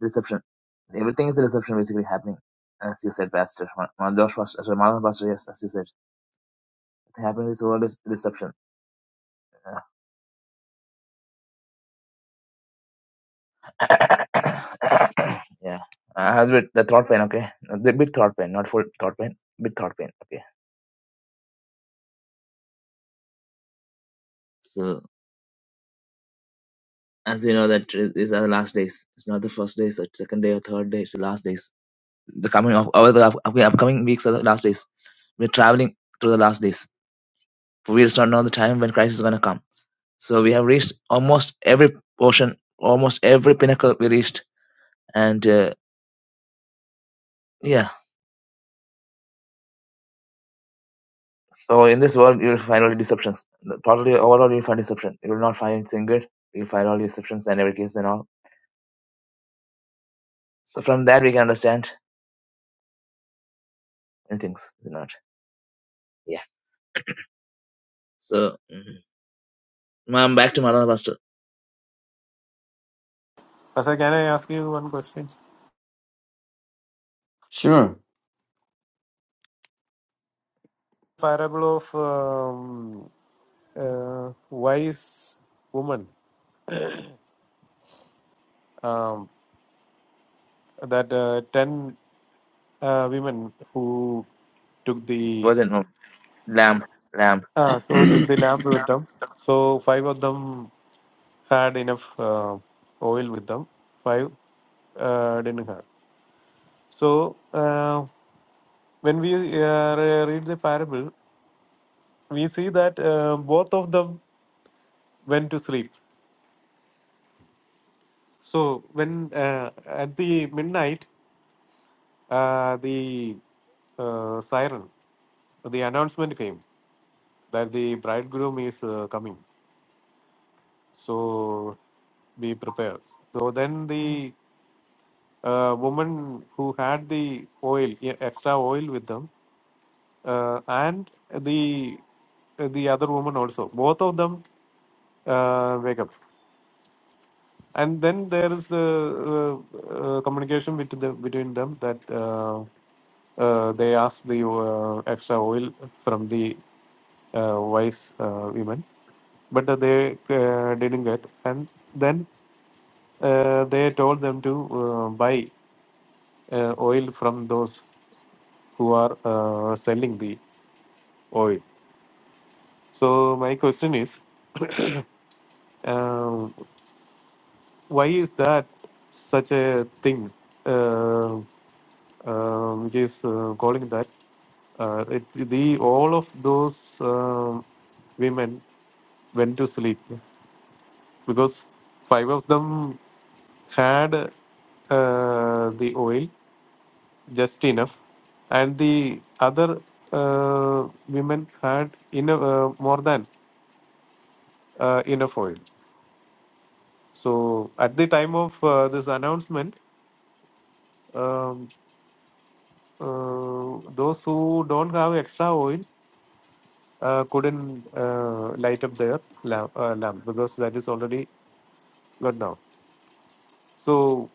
reception. Everything is a reception basically happening, as you said, Pastor. Ma- Ma- Josh Pastor, sorry, Madhav Pastor. Yes, as you said, it happened. This whole is all this reception. Yeah. [coughs] yeah. I have bit the throat pain. Okay, the bit throat pain, not full throat pain. Bit throat pain. Okay. So as we know that uh, these are the last days. It's not the first days, or second day, or third day. It's the last days. The coming of over the up- upcoming weeks are the last days. We're traveling through the last days We just don't know the time when Christ is going to come. So we have reached almost every portion, almost every pinnacle we reached. And uh, yeah, so in this world, you'll find all the deceptions. Totally, overall, you'll find deception. You will not find anything good. You'll find all the deceptions and every case and all. So from that, we can understand many things. You know, yeah. So, mm am back to Madhana Pastor.
Pastor, can I ask you one question?
Sure.
Parable of um, uh, wise woman. um, that uh, 10 uh, women who took the
Wasn't no, lamb, lamb.
uh, who took the
[coughs]
lamp with them so five of them had enough uh, oil with them five uh, didn't have so uh, when we uh, re- read the parable we see that uh, both of them went to sleep so when uh, at the midnight uh, the uh, siren the announcement came that the bridegroom is uh, coming. So be prepared. So then the uh, woman who had the oil, e- extra oil with them, uh, and the the other woman also, both of them uh, wake up. and then there is the uh, uh, communication between them, between them that uh, uh, they ask the uh, extra oil from the uh, wise uh, women, but uh, they uh, didn't get, and then uh, they told them to uh, buy uh, oil from those who are uh, selling the oil. So my question is. uh, why is that such a thing uh, uh, which is uh, calling that uh, it, the all of those um women went to sleep because five of them had uh, the oil just enough and the other uh, women had enough, uh, more than uh, enough oil so at the time of uh, this announcement um, uh, those who don't have extra oil uh, couldn't uh, light up their lamp, uh, lamp because that is already gone now. So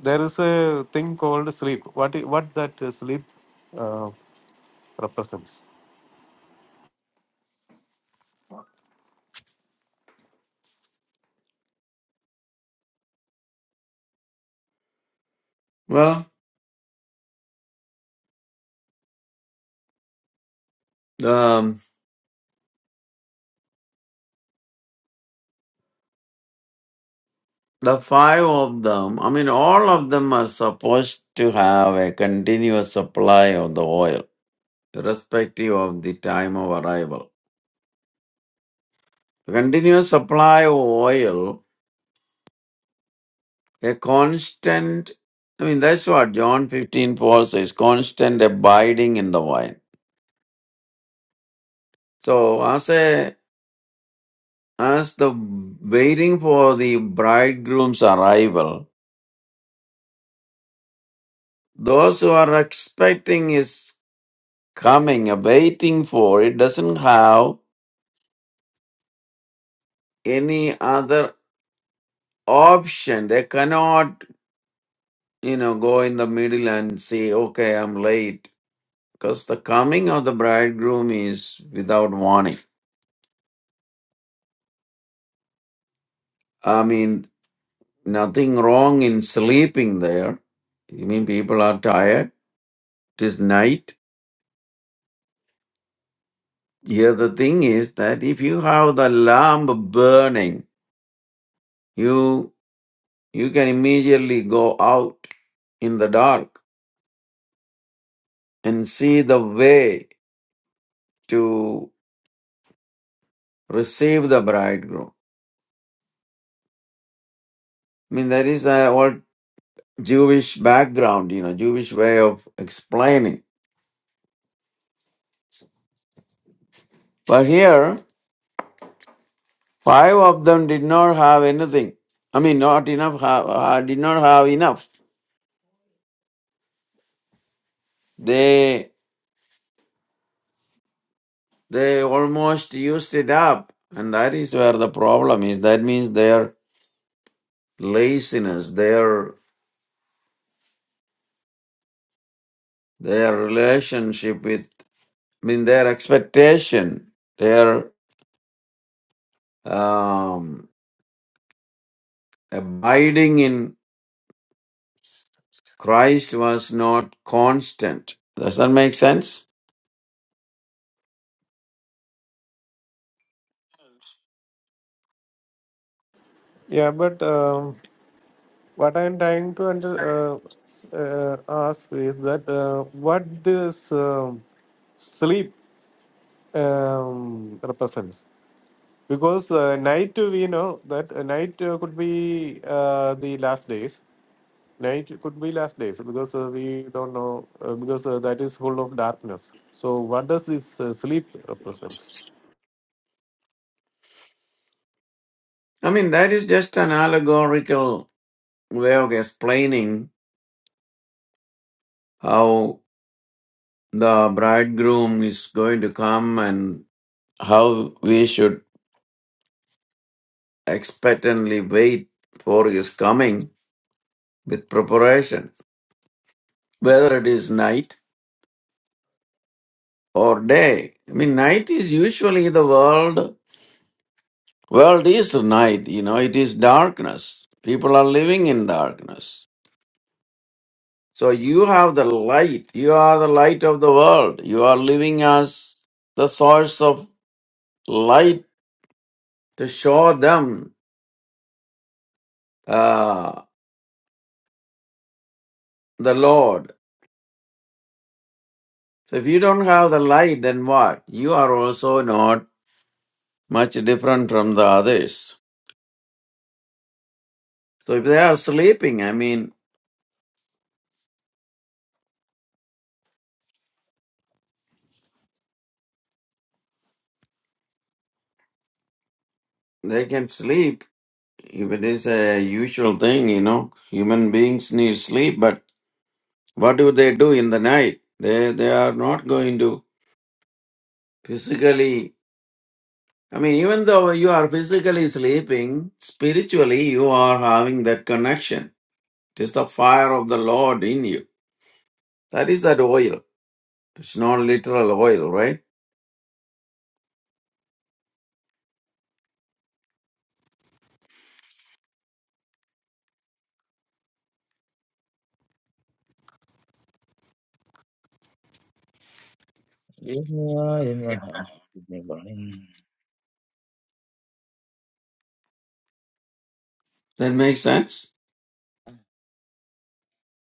there is a thing called sleep. What i- what that uh, sleep uh, represents?
[clears throat] well, um, the five of them, I mean, all of them are supposed to have a continuous supply of the oil, irrespective of the time of arrival. Continuous supply of oil, a constant, I mean, that's what John fifteen four says constant abiding in the wine. So, as a as the waiting for the bridegroom's arrival, those who are expecting his coming, waiting for it, doesn't have any other option. They cannot, you know, go in the middle and say, okay, I'm late. Because the coming of the bridegroom is without warning. I mean, nothing wrong in sleeping there. You mean people are tired? It is night. Here the thing is that if you have the lamp burning, you you can immediately go out in the dark and see the way to receive the bridegroom I mean, that is uh, what Jewish background, you know, Jewish way of explaining. But here, five of them did not have anything. I mean, not enough. ha ha- did not have enough. They they almost used it up, and that is where the problem is. That means their laziness, their their relationship with, I mean, their expectation, their um, abiding in Christ was not constant. Does that make sense?
Yeah, but um, what I'm trying to under, uh, s- uh, ask is that uh, what this um, sleep um, represents. because uh, night uh, we know that uh, night uh, could be uh, the last days night could be last days because uh, we don't know uh, because uh, that is full of darkness so what does this uh, sleep represent
I mean, that is just an allegorical way of explaining how the bridegroom is going to come and how we should expectantly wait for his coming with preparation, whether it is night or day. I mean, night is usually the world. World is night, you know, it is darkness. People are living in darkness So you have the light. You are the light of the world. You are living as the source of light to show them uh, the Lord. So if you don't have the light, then what? You are also not much different from the others. So if they are sleeping, I mean, they can sleep. If it is a usual thing, you know, human beings need sleep, but what do they do in the night? They, they are not going to physically I mean, even though you are physically sleeping, spiritually you are having that connection. It is the fire of the Lord in you. That is that oil. It's not literal oil, right?
Give in my hand,
That makes sense?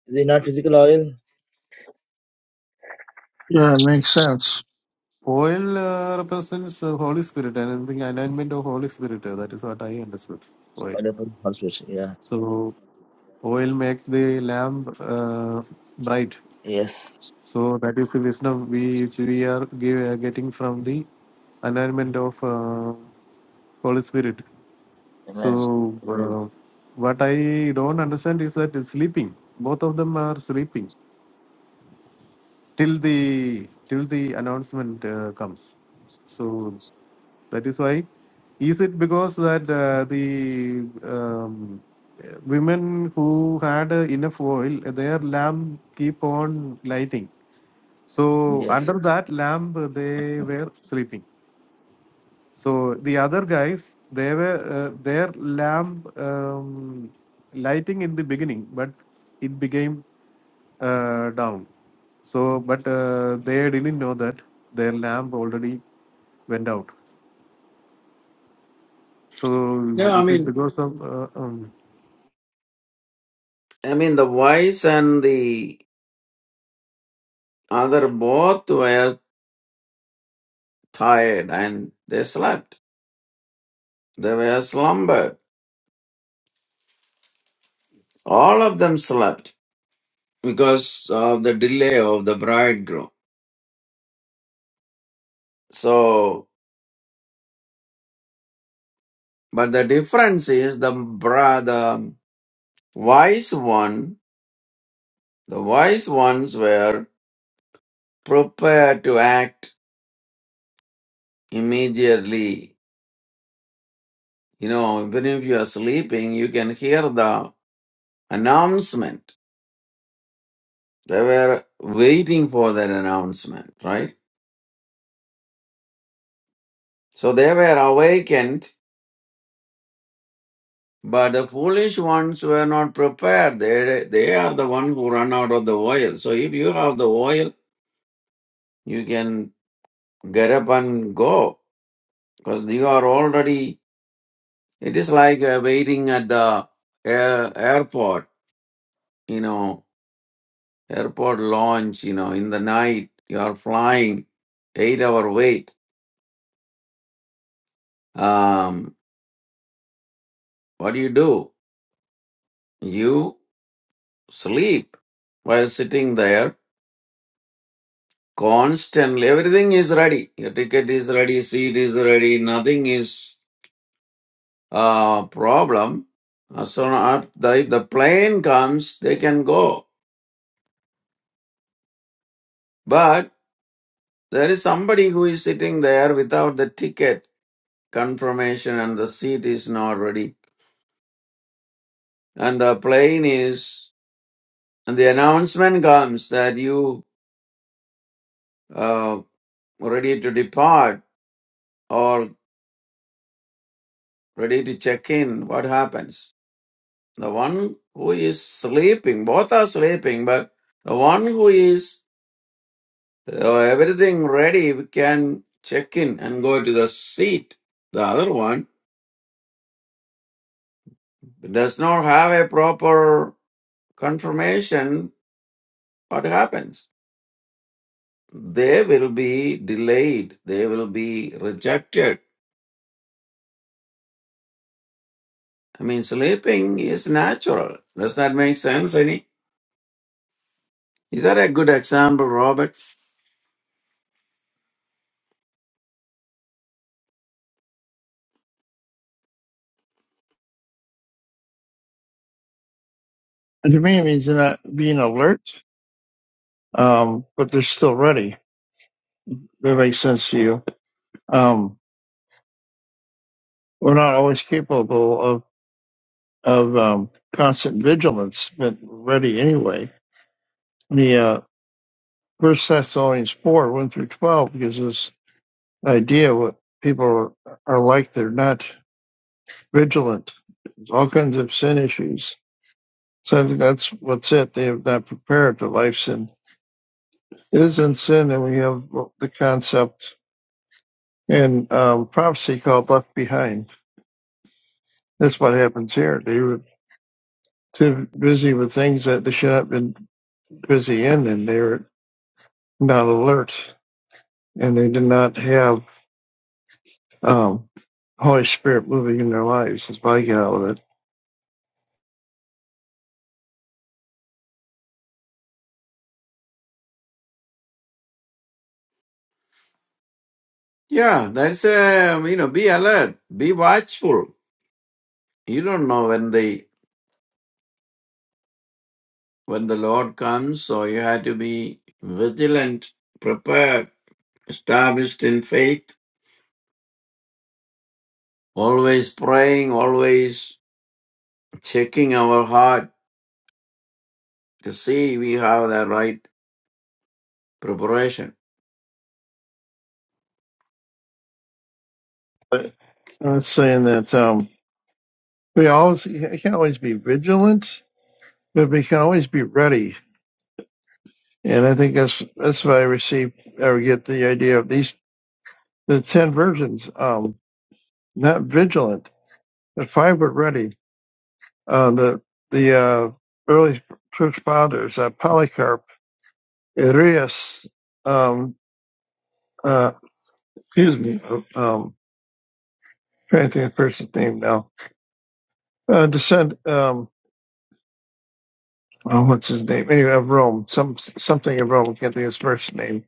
Is it not physical oil?
Yeah, it makes sense.
oil uh, represents uh, holy spirit and the alignment of holy spirit uh, that is what i understood
It's
oil
oil of the Holy Spirit, Yeah.
so oil makes the lamp uh, bright
Yes.
So that is the wisdom we which we are give, uh, getting from the enlightenment of uh, Holy Spirit. So
Amen.
uh, what I don't understand is that it's sleeping. Both of them are sleeping till the till the announcement uh, comes. So that is why. Is it because that uh, the um, women who had uh, enough oil, their lamp keep on lighting. So
Yes.
under that lamp, they were sleeping. So the other guys, they were uh, their lamp um, lighting in the beginning, but it became uh, down. So, but uh, they didn't know that their lamp already went out. So,
No, I
is it
mean,
because of uh, um,
I mean the wise and the other both were tired and they slept. They were slumbered. All of them slept because of the delay of the bridegroom. So, but the difference is the brother Wise one, the wise ones were prepared to act immediately. You know, even if you are sleeping, you can hear the announcement. They were waiting for that announcement, right? So they were awakened, but the foolish ones were not prepared. They, they are the one who run out of the oil. So if you have the oil, you can get up and go because you are already It is like uh, waiting at the air, airport, you know, airport launch, you know, in the night, you are flying, eight hour wait. Um, what do you do? You sleep while sitting there constantly. Everything is ready. Your ticket is ready, seat is ready, nothing is uh, problem. Uh, So uh, the, if the plane comes, they can go. But there is somebody who is sitting there without the ticket confirmation and the seat is not ready and the plane is and the announcement comes that you uh ready to depart or ready to check in what happens the one who is sleeping both are sleeping but the one who is uh, everything ready can check in and go to the seat the other one does not have a proper confirmation what happens they will be delayed. They will be rejected. I mean, sleeping is natural. Does that make sense? Any? Is that a good example, Robert?
And to me, it means you're not being alert, um, but they're still ready. That makes sense to you. Um, we're not always capable of of um, constant vigilance, but ready anyway. The uh, First Thessalonians four one through twelve gives us idea what people are like. They're not vigilant. There's all kinds of sin issues. So I think that's what's it. They have not prepared for life sin. It is in sin, and we have the concept in um, prophecy called left behind. That's what happens here. They were too busy with things that they should not have been busy in, and they were not alert, and they did not have um, Holy Spirit moving in their lives. That's what I get out of it.
Yeah, that's a you know, be alert, be watchful. You don't know when the when the Lord comes, so you have to be vigilant, prepared, established in faith, always praying, always checking our heart to see we have the right preparation.
But I'm not saying that. Um, we always you can always be vigilant, but we can always be ready. And I think that's that's why I receive or get the idea of these the ten virgins, um, not vigilant. The five were ready. Uh, the the uh, early church fathers, uh, Polycarp, Arius, um, uh, excuse me, um, trying to think of the person's name now. Uh, descend, um, oh, what's his name? Anyway, of Rome, some something of Rome. Can't think of his first name.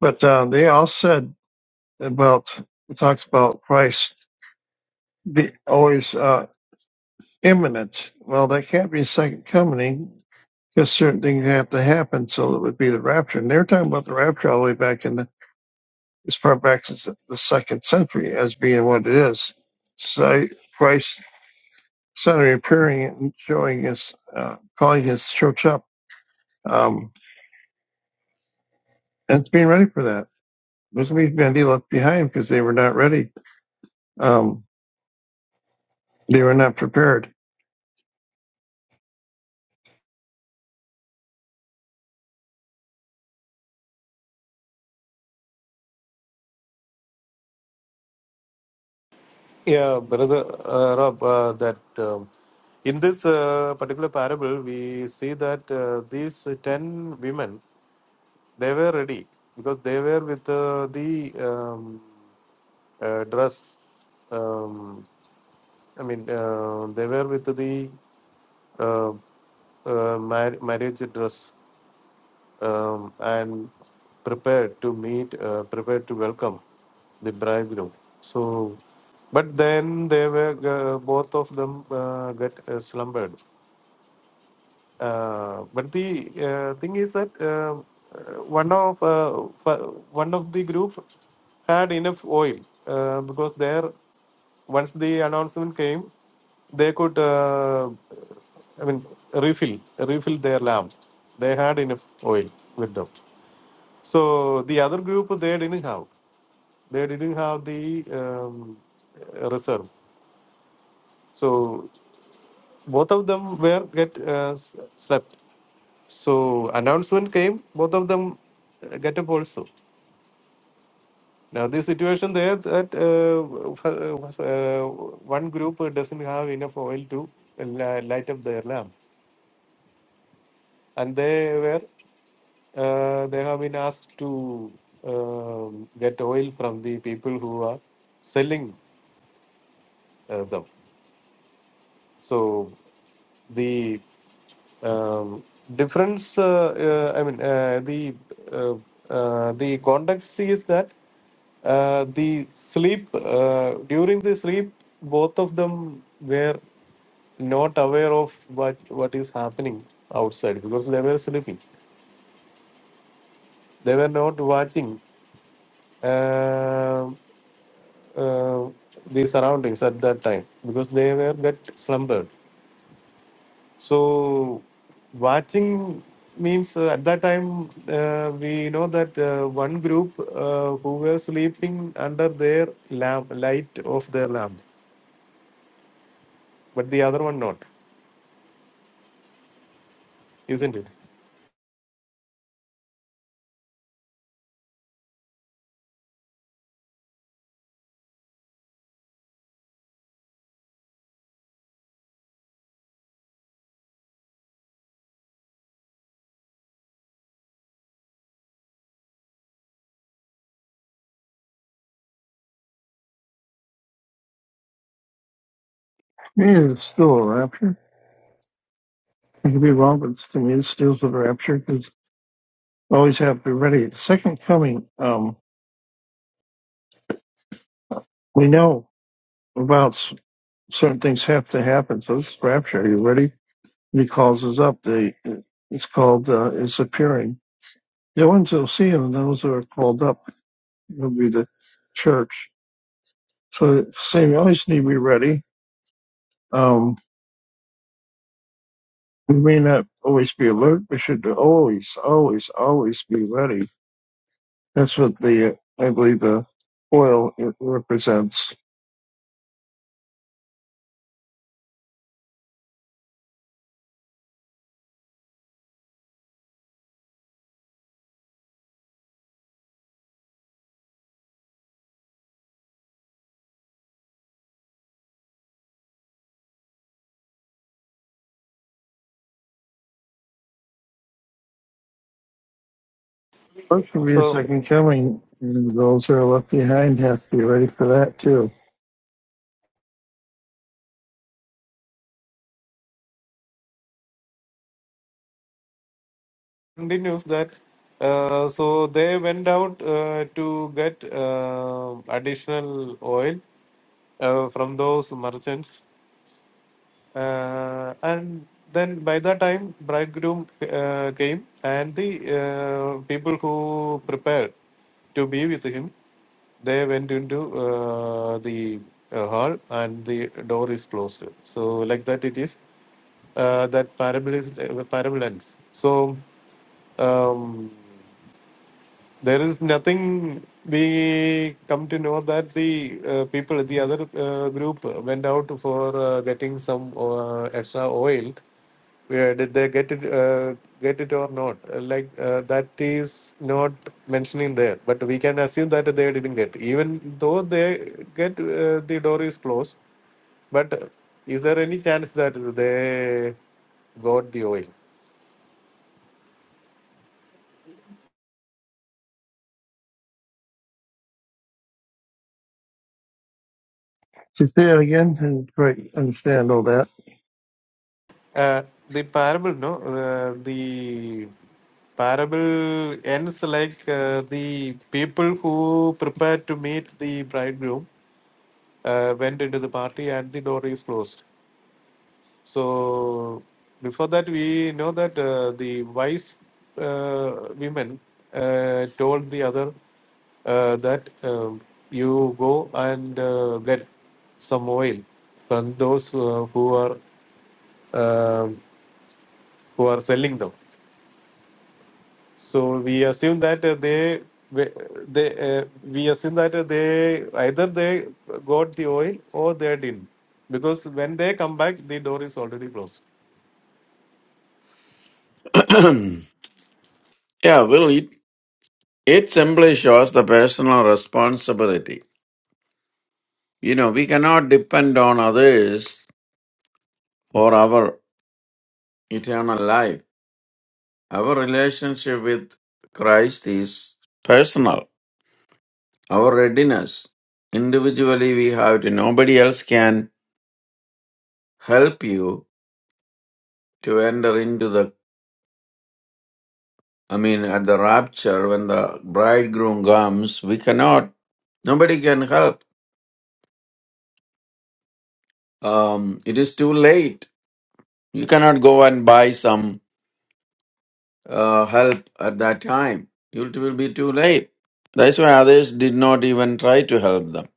But uh, they all said about it talks about Christ be always uh, imminent. Well, that can't be second coming because certain things have to happen. So it would be the rapture, and they were talking about the rapture all the way back in the as far back as the second century as being what it is. So Christ suddenly appearing and showing his, uh, calling his church up, um, and it's being ready for that. There's going to be many left behind because they were not ready. Um, they were not prepared.
Yeah, brother uh, Rob, uh, that um, in this uh, particular parable, we see that uh, these 10 women, they were ready because they were with uh, the um, uh, dress. Um, I mean, uh, they were with the uh, uh, mar- marriage dress um, and prepared to meet, uh, prepared to welcome the bridegroom. So, but then they were uh, both of them uh, get uh, slumbered. Uh, but the uh, thing is that um, uh, one of uh, f- one of the group had enough oil uh, because there once the announcement came, they could uh, I mean refill refill their lamp. They had enough oil with them. So the other group they didn't have. They didn't have the um, reserve. So both of them were get uh, s- slept. So announcement came, both of them uh, get up also. Now the situation there that uh, f- uh, one group doesn't have enough oil to uh, li- light up their lamp, and they were uh, they have been asked to um, get oil from the people who are selling uh, them. So the um, difference, uh, uh, I mean, uh, the uh, uh, the context is that uh, the sleep uh, during the sleep, both of them were not aware of what what is happening outside because they were sleeping. They were not watching uh, uh, the surroundings at that time because they were get slumbered. So watching means uh, at that time uh, we know that uh, one group uh, who were sleeping under their lamp, light of their lamp, but the other one not, isn't it?
It is still a rapture. I could be wrong, but to me, this deals with the rapture because we always have to be ready. The second coming, um, we know about s- certain things have to happen. So this is rapture. Are you ready? he calls us up. The it's called uh, it's appearing. The ones who'll see him, and those who are called up, will be the church. So same, we always need to be ready. Um, we may not always be alert. We should always, always, always be ready. That's what the uh, I believe the oil represents What could be a
So
second coming, and those who are left behind have to be ready for that too.
continues that. Uh, so they went out uh, to get uh, additional oil uh, from those merchants Uh, and then by the time, bridegroom uh, came, and the uh, people who prepared to be with him, they went into uh, the uh, hall, and the door is closed. So like that, it is uh, that parable is uh, parable ends. So. Um, there is nothing we come to know that the uh, people the other uh, group went out for uh, getting some uh, extra oil where did they get it uh, get it or not Uh, like uh, that is not mentioning there but we can assume that they didn't get even though they get uh, the door is closed but is there any chance that they got the oil
To say it again, I didn't quite understand all that.
uh, the parable no uh, the Parable ends like uh, the people who prepared to meet the bridegroom uh, went into the party and the door is closed. So before that, we know that uh, the wise uh, women uh, told the other uh, that um, you go and uh, get some oil from those uh, who are um who are selling them. So we assume that uh, they we- they uh, we assume that uh, they either they got the oil or they didn't because when they come back the door is already closed.
[clears throat] yeah, Will, you It simply shows the personal responsibility. You know, we cannot depend on others for our eternal life. Our relationship with Christ is personal. Our readiness. Individually, we have to, nobody else can help you to enter into the, I mean, at the rapture when the bridegroom comes, we cannot, nobody can help. Um, it is too late. You cannot go and buy some uh, help at that time. It will be too late. That's why others did not even try to help them.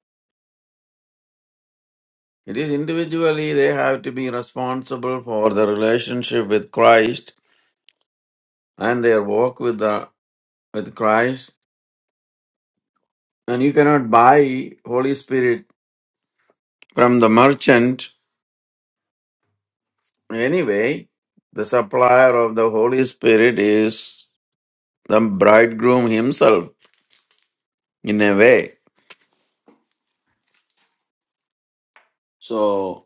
It is individually they have to be responsible for their relationship with Christ and their walk with the with Christ. And you cannot buy Holy Spirit from the merchant. Anyway, the supplier of the Holy Spirit is the bridegroom himself in a way. So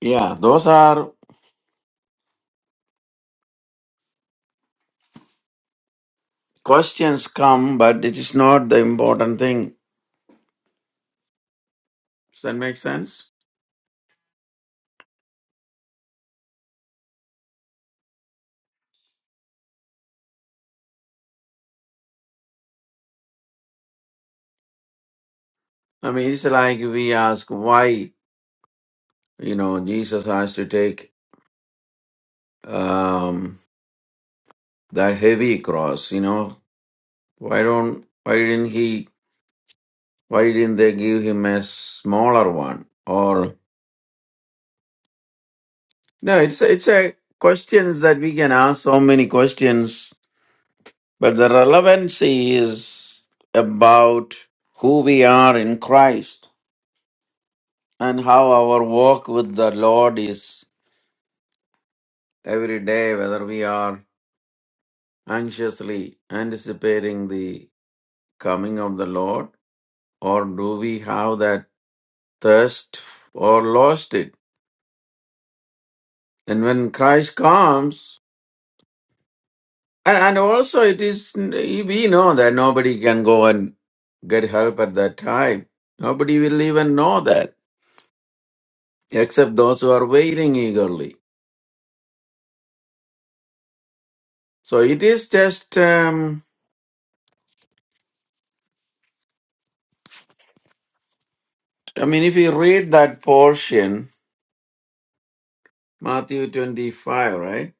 yeah, those are questions come, but it is not the important thing. Does that make sense? I mean, it's like we ask why, you know, Jesus has to take um, that heavy cross, you know, why don't, why didn't he, why didn't they give him a smaller one? Or, no, it's a, it's a questions that we can ask so many questions, but the relevancy is about who we are in Christ and how our walk with the Lord is every day, whether we are anxiously anticipating the coming of the Lord, or do we have that thirst or lost it? And when Christ comes, and, and also it is, we know that nobody can go and get help at that time. Nobody will even know that except those who are waiting eagerly. So it is just, um, I mean, if you read that portion, Matthew 25, right?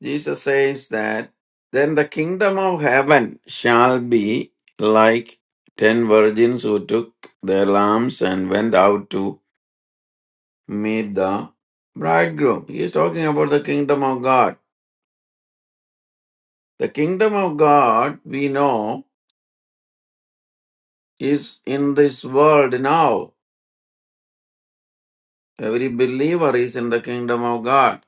Jesus says that then the kingdom of heaven shall be like ten virgins who took their lamps and went out to meet the bridegroom. He is talking about the kingdom of God. The kingdom of God, we know, is in this world now. Every believer is in the kingdom of God.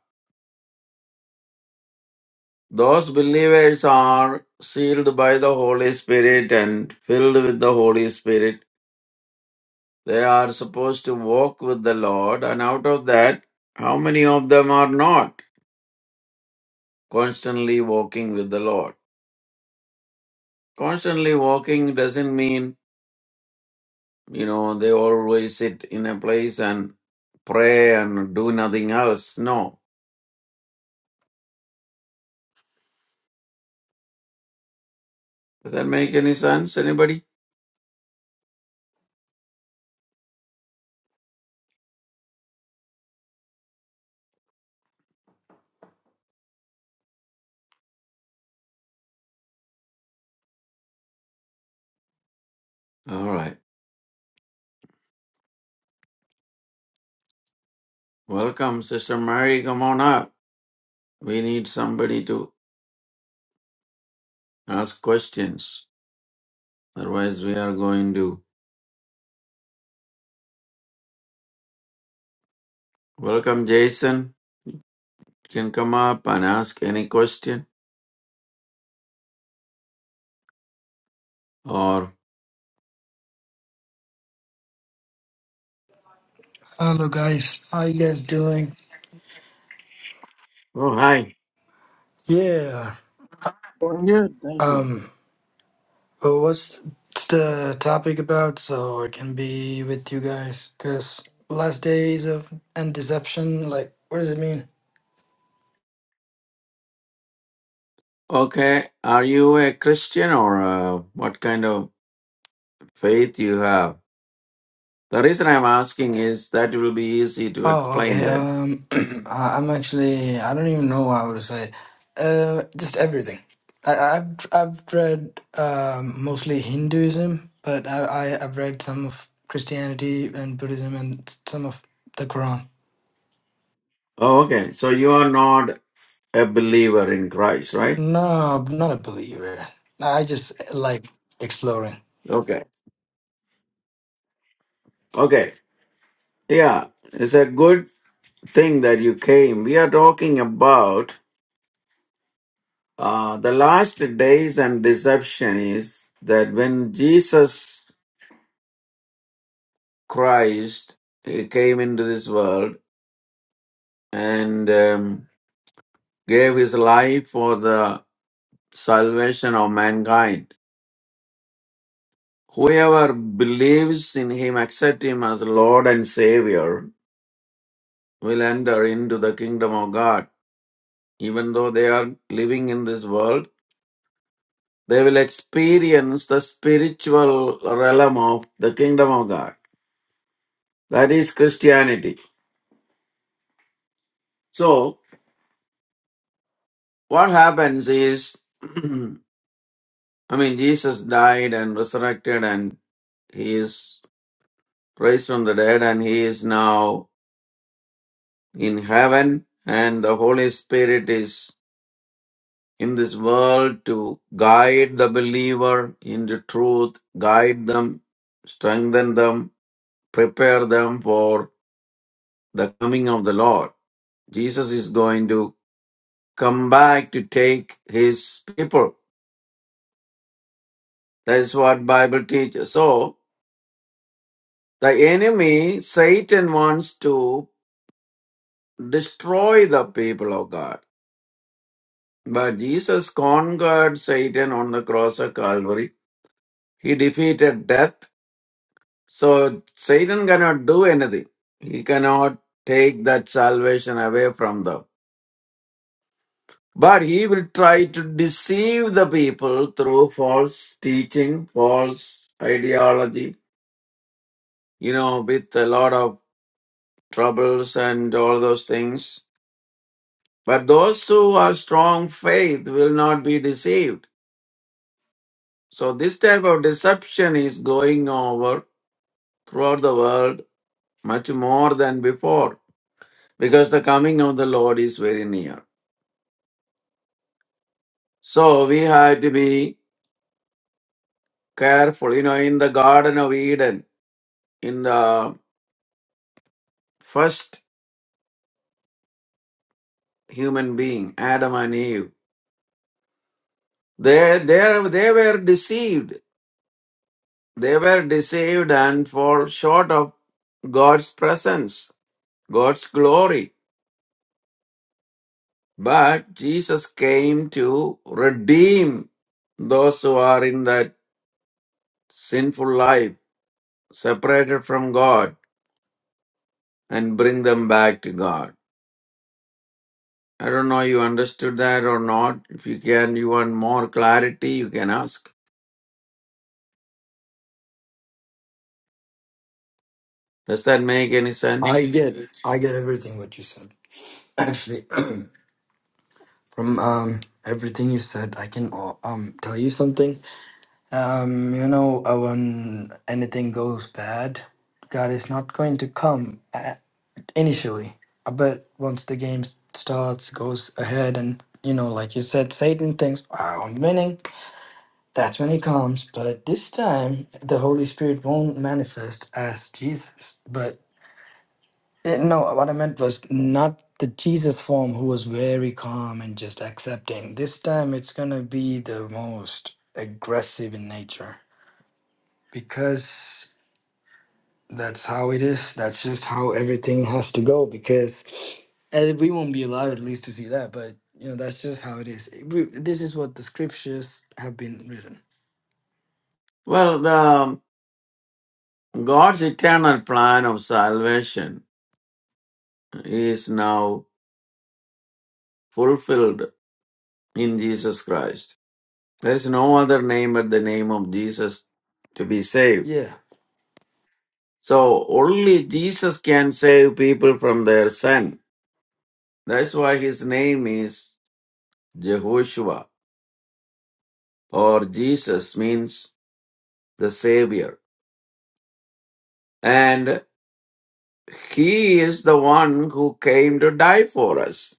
Those believers are sealed by the Holy Spirit and filled with the Holy Spirit They are supposed to walk with the Lord, and out of that, how many of them are not constantly walking with the Lord? Constantly walking doesn't mean, you know, they always sit in a place and pray and do nothing else. No. Does that make any sense, anybody? All right. Welcome, Sister Mary. Come on up. We need somebody to ask questions. Otherwise, we are going to. Welcome, Jason. You can come up and ask any question or
Hello guys, how you guys doing?
Oh, hi.
Yeah.
Well, good, thank you.
Um. But what's the topic about? So I can be with you guys. Cause last days of and deception. Like, what does it mean?
Okay. Are you a Christian or uh, what kind of faith you have? The reason I'm asking is that it will be easy to
Oh,
explain
okay.
then.
Um, [clears throat] I- I'm actually. I don't even know how to say. Uh, just everything. I, I've I've read um, mostly Hinduism, but I, I I've read some of Christianity and Buddhism and some of the Quran.
Oh, okay. So you are not a believer in Christ, right?
No, I'm not a believer. I just like exploring.
Okay. Okay. Yeah. It's a good thing that you came. We are talking about uh, the last days and deception is that when Jesus Christ he came into this world and. Um, gave his life for the salvation of mankind. Whoever believes in him, accept him as Lord and Savior, will enter into the kingdom of God. Even though they are living in this world, they will experience the spiritual realm of the kingdom of God. That is Christianity. So, what happens is, [clears throat] I mean, Jesus died and resurrected and he is raised from the dead and he is now in heaven, and the Holy Spirit is in this world to guide the believer into truth, guide them, strengthen them, prepare them for the coming of the Lord. Jesus is going to come back to take his people. That is what Bible teaches. So the enemy, Satan, wants to destroy the people of God. But Jesus conquered Satan on the cross of Calvary He defeated death. So Satan cannot do anything. He cannot take that salvation away from them. But he will try to deceive the people through false teaching, false ideology, you know, with a lot of troubles and all those things. But those who have strong faith will not be deceived. So this type of deception is going over throughout the world much more than before. because the coming of the Lord is very near. So we have to be careful. You know, in the Garden of Eden, in the first human being, Adam and Eve, they, they, they were deceived. They were deceived and fall short of God's presence, God's glory. But Jesus came to redeem those who are in that sinful life, separated from God, and bring them back to God. I don't know you understood that or not. If you can, you want more clarity, you can ask. Does that make any sense?
I get I get everything what you said. Actually, [clears throat] from um everything you said, I can uh, um tell you something. Um, you know, uh, when anything goes bad, God is not going to come at, initially. Uh, But once the game s- starts, goes ahead, and you know, like you said, Satan thinks, "Ah, "I'm winning," That's when he comes, but this time the Holy Spirit won't manifest as Jesus. But eh, no, what I meant was not the Jesus form who was very calm and just accepting. This time it's going to be the most aggressive in nature because that's how it is. That's just how everything has to go because and we won't be allowed at least to see that, but you know, that's just how it is. It- we- This is what the scriptures have been written.
Well, the um, God's eternal plan of salvation is now fulfilled in Jesus Christ. There is no other name but the name of Jesus to be saved.
Yeah.
So only Jesus can save people from their sin. That's why his name is Jehoshua or Jesus means the Savior. And He is the one who came to die for us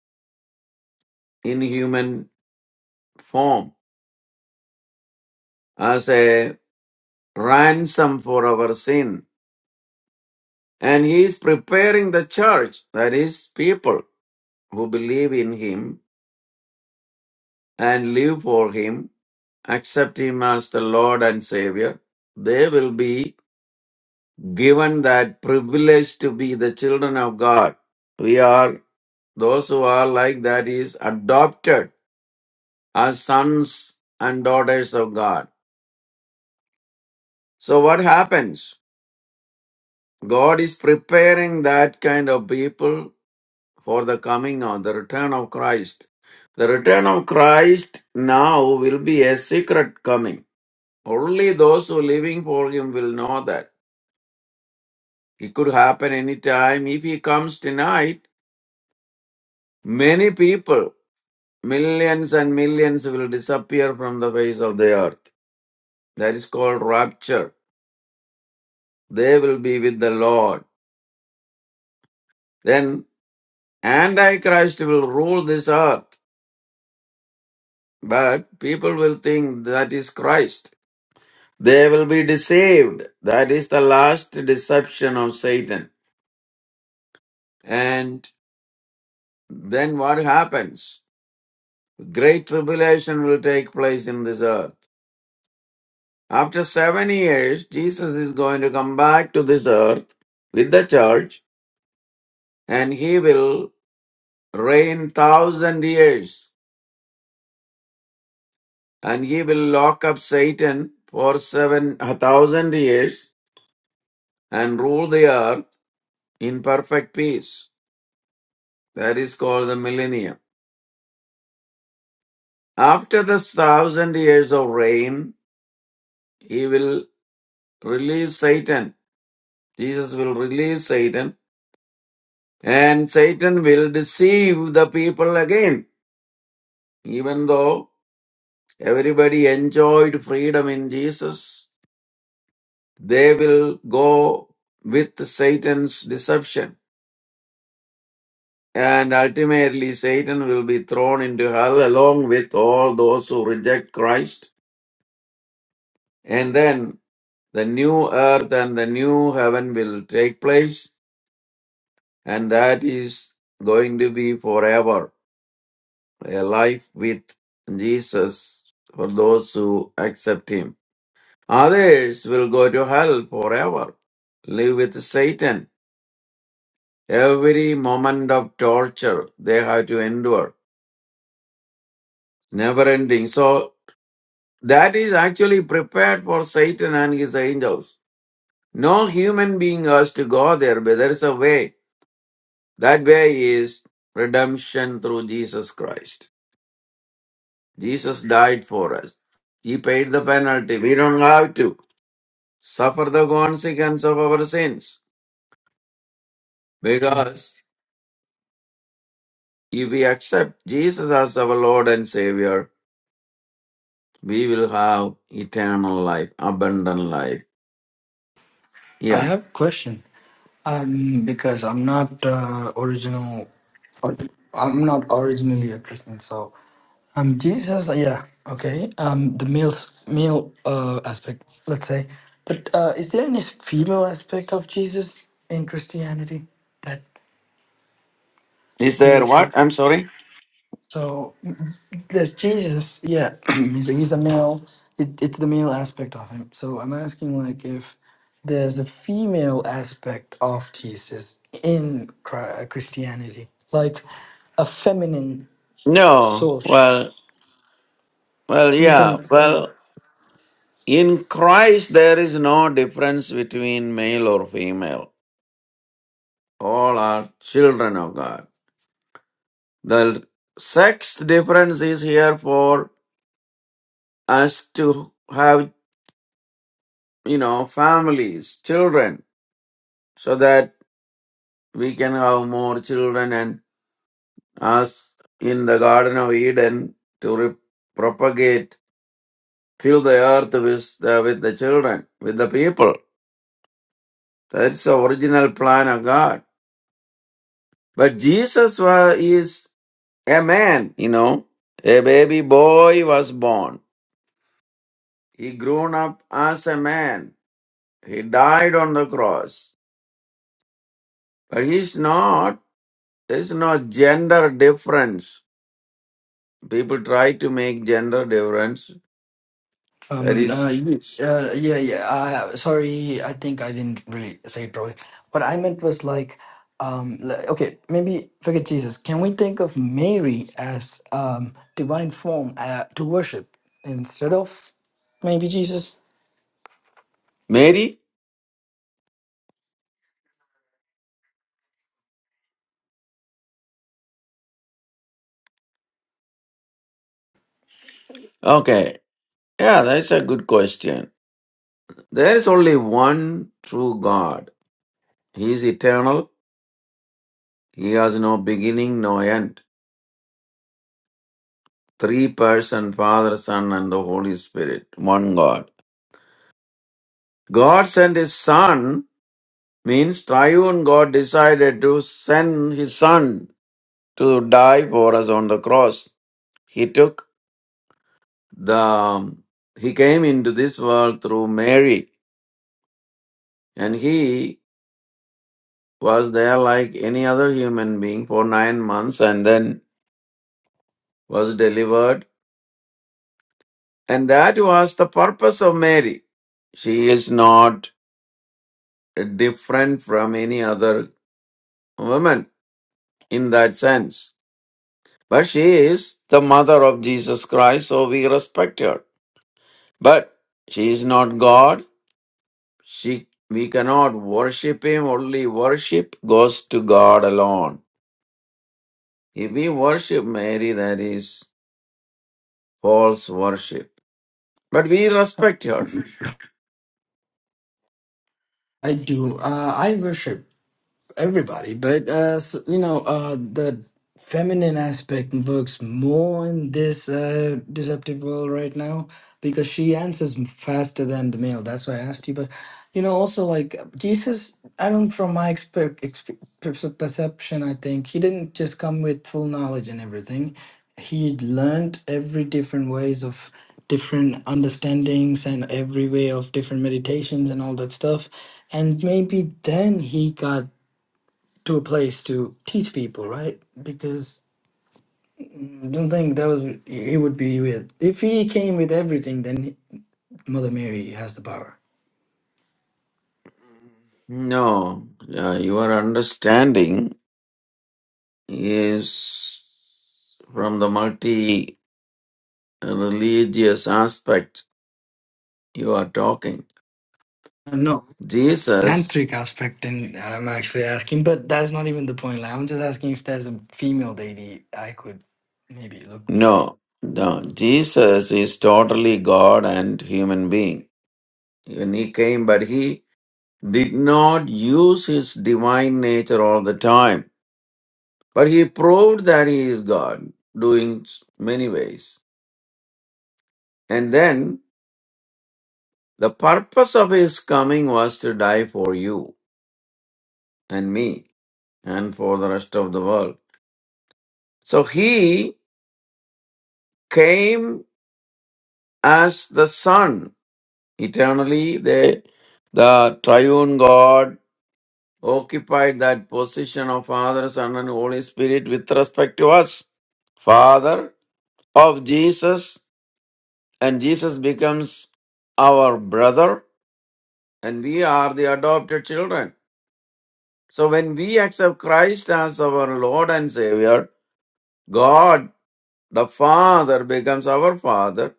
in human form as a ransom for our sin. And He is preparing the church, that is, people who believe in Him and live for Him, accept Him as the Lord and Savior. They will be given that privilege to be the children of God. We are, those who are like that is adopted as sons and daughters of God. So what happens? God is preparing that kind of people for the coming of the return of Christ. The return of Christ now will be a secret coming. Only those who are living for him will know that. It could happen any time. If he comes tonight, many people, millions and millions will disappear from the face of the earth. That is called rapture. They will be with the Lord. Then Antichrist will rule this earth But people will think that is Christ. They will be deceived. That is the last deception of Satan. And then what happens? Great tribulation will take place in this earth. After seven years, Jesus is going to come back to this earth with the church and he will reign thousand years and he will lock up Satan for seven thousand years and rule the earth in perfect peace. That is called the millennium. After the thousand years of reign, he will release Satan. Jesus will release Satan and Satan will deceive the people again. Even though everybody enjoyed freedom in Jesus, they will go with Satan's deception. And ultimately, Satan will be thrown into hell along with all those who reject Christ. And then The new earth and the new heaven will take place, and that is going to be forever. A life with Jesus for those who accept Him. Others will go to hell forever, live with Satan. Every moment of torture they have to endure, never ending. So that is actually prepared for Satan and his angels. No human being has to go there, but there is a way. That way is redemption through Jesus Christ. Jesus died for us. He paid the penalty. We don't have to suffer the consequence of our sins.
Um,
Because if we accept Jesus as our Lord and Savior, we will have eternal life, abundant life.
I
Yeah.
have a question. Um, because I'm not uh, original, or, I'm not originally a Christian. So, um, Jesus, uh, yeah, okay. Um, the male male uh aspect, let's say, but uh, is there any female aspect of Jesus in Christianity that
Is there
mimics?
what? I'm sorry?
So there's Jesus, yeah, [clears throat] he's like he's the male. It, it's the male aspect of him. So I'm asking like if there's a female aspect of Jesus in Chri- uh, Christianity, like a feminine
No.
source.
Well, well,
You
yeah.
can.
Well, in Christ, there is no difference between male or female. all are children of God. The sixth difference is here for us to have, you know, families, children, so that we can have more children and us in the Garden of Eden to re- propagate, fill the earth with the, with the children, with the people. That's the original plan of God. But Jesus was, is a man, you know, a baby boy was born He grown up as a man. He died on the cross. But he's not, there's no gender difference. People try to make gender difference. There
Um, no,
is
you- uh, yeah, yeah. Uh, sorry, I think I didn't really say it properly. What I meant was like, um, li- okay, maybe forget Jesus. Can we think of Mary as um divine form uh, to worship instead of maybe Jesus?
Mary? Okay. Yeah, that's a good question. There is only one true God. He is eternal. He has no beginning, no end. Three person, Father, Son, and the Holy Spirit. One God. God sent his Son means triune God decided to send his son to die for us on the cross. He took the he came into this world through Mary and he was there like any other human being for 9 months and then was delivered and that was the purpose of Mary. She is not different from any other woman in that sense. But she is the mother of Jesus Christ, so we respect her. But she is not God. She, we cannot worship Him. Only worship goes to God alone. If we worship Mary, that is false worship. But we respect her.
I do. Uh, I worship. everybody, but uh, s- you know, uh, the feminine aspect works more in this uh, deceptive world right now because she answers m- faster than the male. That's why I asked you. But you know, also like Jesus, I don't from my expe- expe- perce- perception, I think he didn't just come with full knowledge and everything. He learned every different ways of different understandings and every way of different meditations and all that stuff and maybe then he got to a place to teach people, right? Because I don't think that was it would be with if he came with everything, then Mother Mary has the power.
No, uh, your understanding is from the multi religious aspect you are talking.
No
Jesus,
tantric aspect, and I'm actually asking, but that's not even the point. Like, I'm just asking if there's a female deity I could maybe look for.
no, no, Jesus is totally God and human being. When he came, but he did not use his divine nature all the time. But he proved that he is God, doing s- many ways. And then the purpose of his coming was to die for you and me and for the rest of the world. So he came as the Son. Eternally, the, the triune God Occupied that position of Father, Son, and Holy Spirit with respect to us. Father of Jesus, and Jesus becomes our brother, and we are the adopted children. So when we accept Christ as our Lord and Savior, God the Father becomes our Father.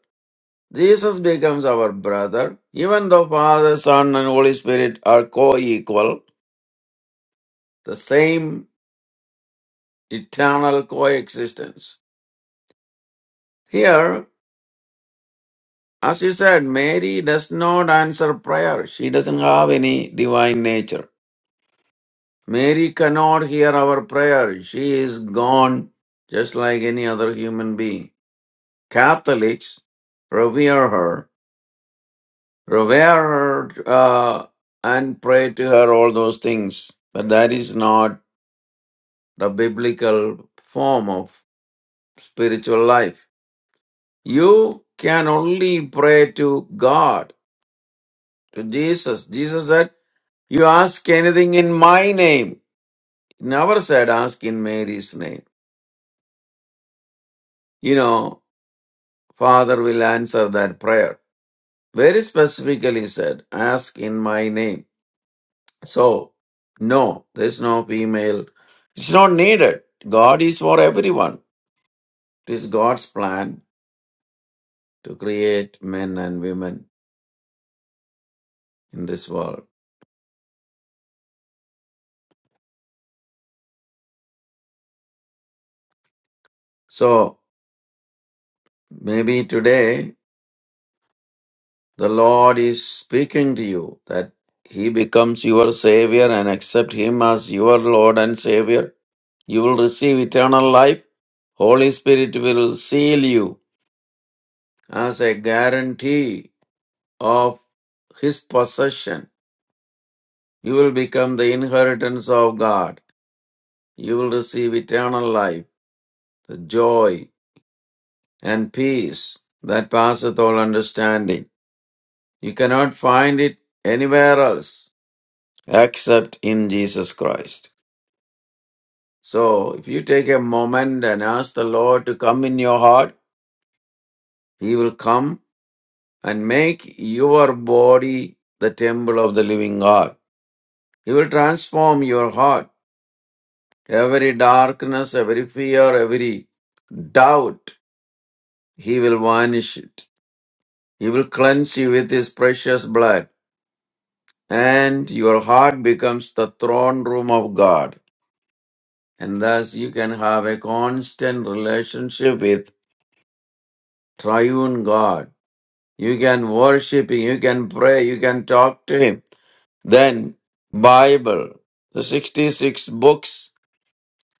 Jesus becomes our brother. Even though Father, Son, and Holy Spirit are co equal, the same eternal coexistence. Here, As you said, Mary does not answer prayer. She doesn't have any divine nature. Mary cannot hear our prayer. She is gone just like any other human being. Catholics revere her, revere her, uh, and pray to her all those things. But that is not the biblical form of spiritual life. You can only pray to God, to Jesus. Jesus said, You ask anything in my name. It never said ask in Mary's name. You know, Father will answer that prayer. Very specifically said, ask in my name. So, no, there's no female. It's not needed. God is for everyone. It is God's plan to create men and women in this world. So, maybe today The Lord is speaking to you that He becomes your Savior and accept Him as your Lord and Savior. You will receive eternal life. Holy Spirit will seal you as a guarantee of His possession. You will become the inheritance of God. You will receive eternal life, the joy and peace that passeth all understanding. You cannot find it anywhere else. except in Jesus Christ. So, if you take a moment and ask the Lord to come in your heart, He will come and make your body the temple of the living God. He will transform your heart. Every darkness, every fear, every doubt, He will vanish it. He will cleanse you with His precious blood. And your heart becomes the throne room of God. And thus you can have a constant relationship with triune God. You can worship Him, you can pray, you can talk to Him. Then Bible, the 66 books,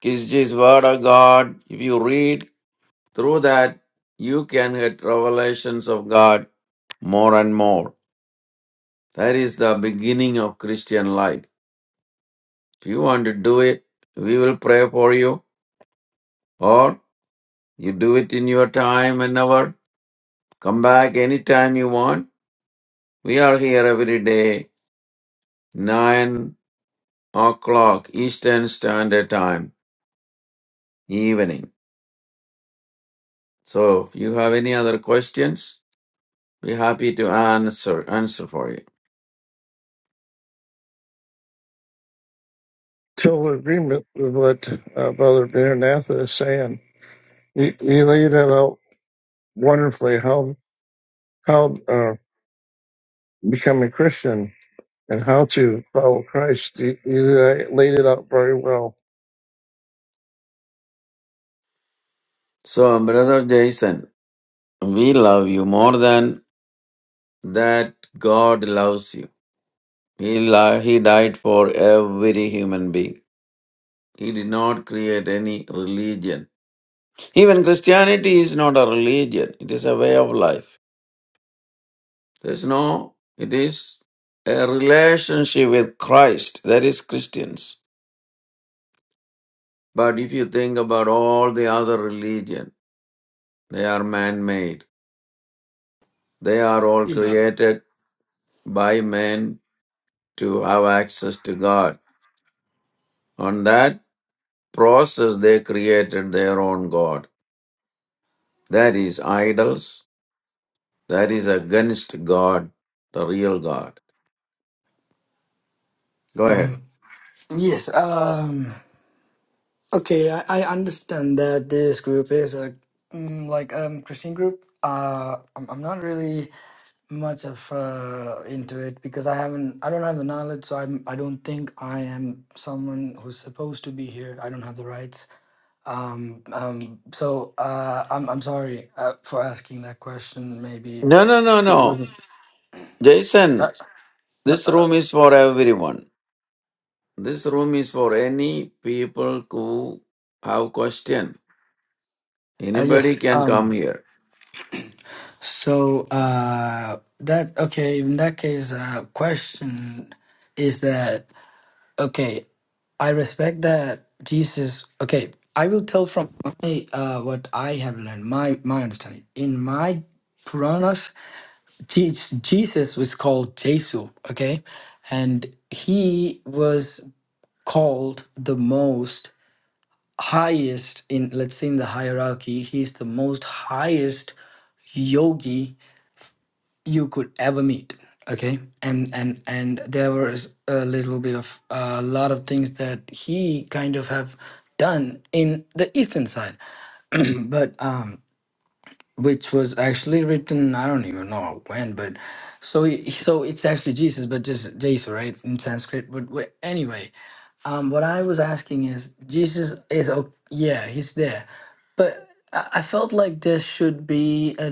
is His Word of God. If you read through that, you can get revelations of God more and more. That is the beginning of Christian life. If you want to do it, we will pray for you or you do it in your time and hour. Come back anytime you want. We are here every day, 9 o'clock Eastern Standard Time, evening. So, if you have any other questions, be happy to answer answer for you.
Total agreement with what uh, Brother Maranatha is saying. He, he laid it out wonderfully how how uh, become a Christian and how to follow Christ. He, he laid it out very well.
So, brother Jason, we love you more than that. God loves you. He li- he died for every human being. He did not create any religion. Even Christianity is not a religion. It is a way of life. There's no. It is a relationship with Christ. That is Christians. But if you think about all the other religion, they are man-made. They are all
Yeah.
created by men to have access to God. On that process, they created their own God. That is idols. That is against God, the real God. Go ahead.
Um, yes. Um. Okay, I, I understand that this group is a mm, like um Christian group. Uh, I'm, I'm not really much of uh, into it because I haven't I don't have the knowledge so I'm I don't think I am someone who's supposed to be here I don't have the rights um um so uh I'm I'm sorry uh, for asking that question maybe
No, no, no,
it
no.
wasn't uh,
Jason,
no,
this
uh,
room is for everyone. This room is for any people who have question.
uh,
Anybody
yes
can come
um
here.
so uh that okay in that case uh question is that okay I respect that Jesus. Okay, I will tell from my uh, what I have learned, my my understanding. In my Puranas, Je- Jesus was called Jesu. Okay, and he was called the most highest in let's say in the hierarchy. He's the most highest yogi you could ever meet okay and and and there was a little bit of a lot of things that he kind of have done in the eastern side but um which was actually written i don't even know when but so he- so it's actually jesus but just jesus right in sanskrit but wh- anyway um what i was asking is jesus is oh yeah he's there but i I felt like there should be a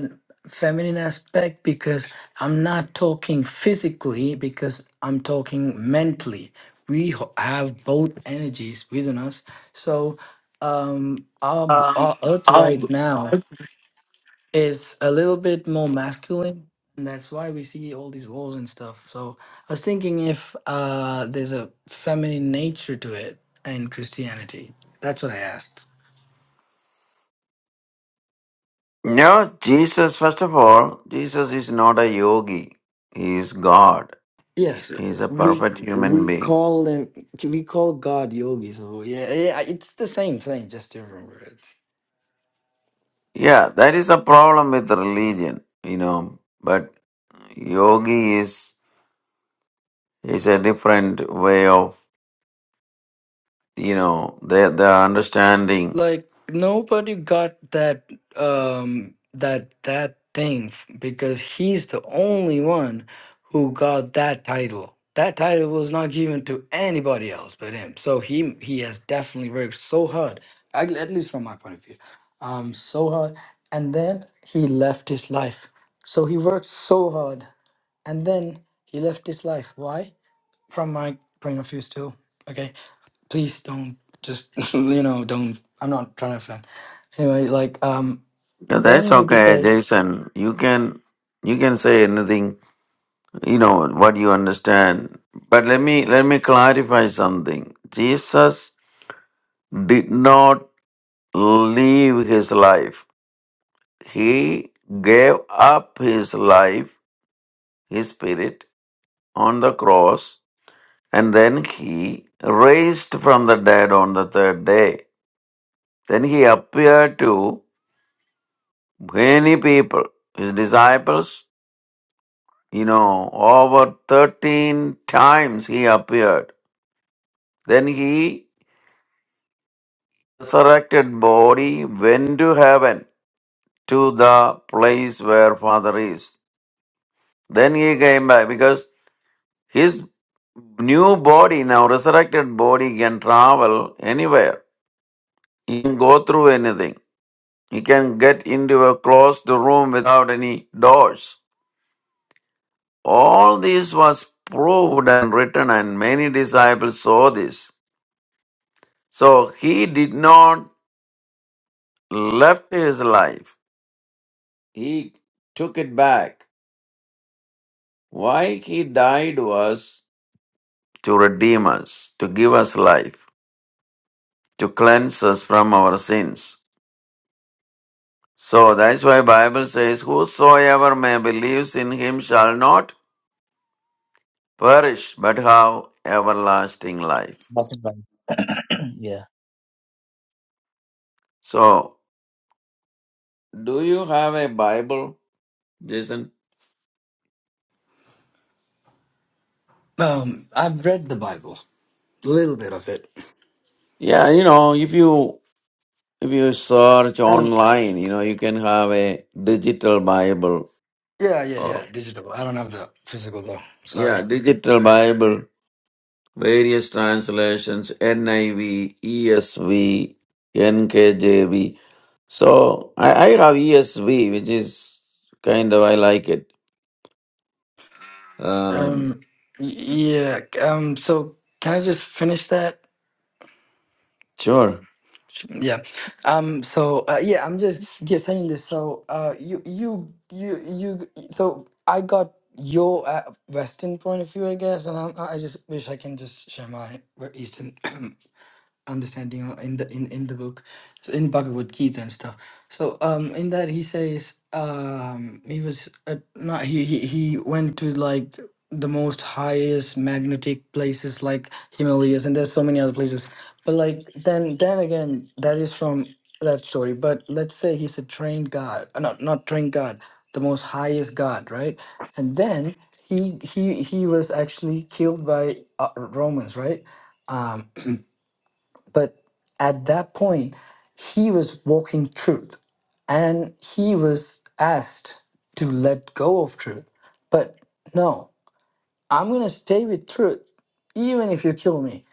feminine aspect because i'm not talking physically because i'm talking mentally we ho- have both energies within us so um our, our earth right now is a little bit more masculine and that's why we see all these wars and stuff so i was thinking if uh there's a feminine nature to it in christianity that's what i asked
No, Jesus, first of all, Jesus is not a yogi. He is God.
yes
He is a
we
perfect human
we
being.
call them we call god yogi so yeah, yeah it's the same thing just different words
Yeah, that is the problem with religion, you know. But yogi is is a different way of, you know, the the understanding.
like nobody got that um that that thing f- because he's the only one who got that title that title was not given to anybody else but him so he he has definitely worked so hard at at least from my point of view um so hard and then he left his life so he worked so hard and then he left his life why from my point of view still okay please don't just [laughs] you know don't i'm not trying to offend anyway like um
Yeah, That's
only
okay,
because
Jason. You can you can say anything, you know, what you understand. But let me let me clarify something. Jesus did not live his life. He gave up his life, his spirit, on the cross, and then he raised from the dead on the third day. Then he appeared to many people, his disciples, you know, over 13 times he appeared. Then he resurrected body went to heaven to the place where father is then he came back because His new body, now resurrected body, can travel anywhere. He can go through anything. He can get into a closed room without any doors. All this was proved and written, and many disciples saw this. So he did not left his life. He took it back. Why he died was to redeem us, to give us life, to cleanse us from our sins. So that's why Bible says, Whosoever may believes in him shall not perish, but have everlasting life.
Nothing like [clears throat] yeah.
So do you have a Bible, Jason?
um i've read the bible a little bit of it
Yeah, you know, if you if you search
and
online, you know, you can have a digital Bible.
yeah yeah
Oh,
yeah digital i don't have the physical though
yeah,
sorry
digital Bible. Various translations, NIV, ESV, NKJV. So I, I have ESV, which is kind of, I like it. Um,
um y- yeah um so can i just finish that
sure.
Yeah. Um. So uh, yeah, I'm just just saying this. So uh, you you you you. So I got your uh, Western point of view, I guess, and I'm, I just wish I can just share my Eastern. [clears throat] understanding uh, in the in, in the book so in bhagavad gita and stuff so um in that he says um he was uh, not he, he he went to like the most highest magnetic places like himalayas and there's so many other places but like then then again that is from that story but let's say he's a trained god uh, not not trained god the most highest god right and then he he he was actually killed by uh, romans right Um, but at that point, he was walking truth and he was asked to let go of truth. But no, I'm going to stay with truth, even if you kill me.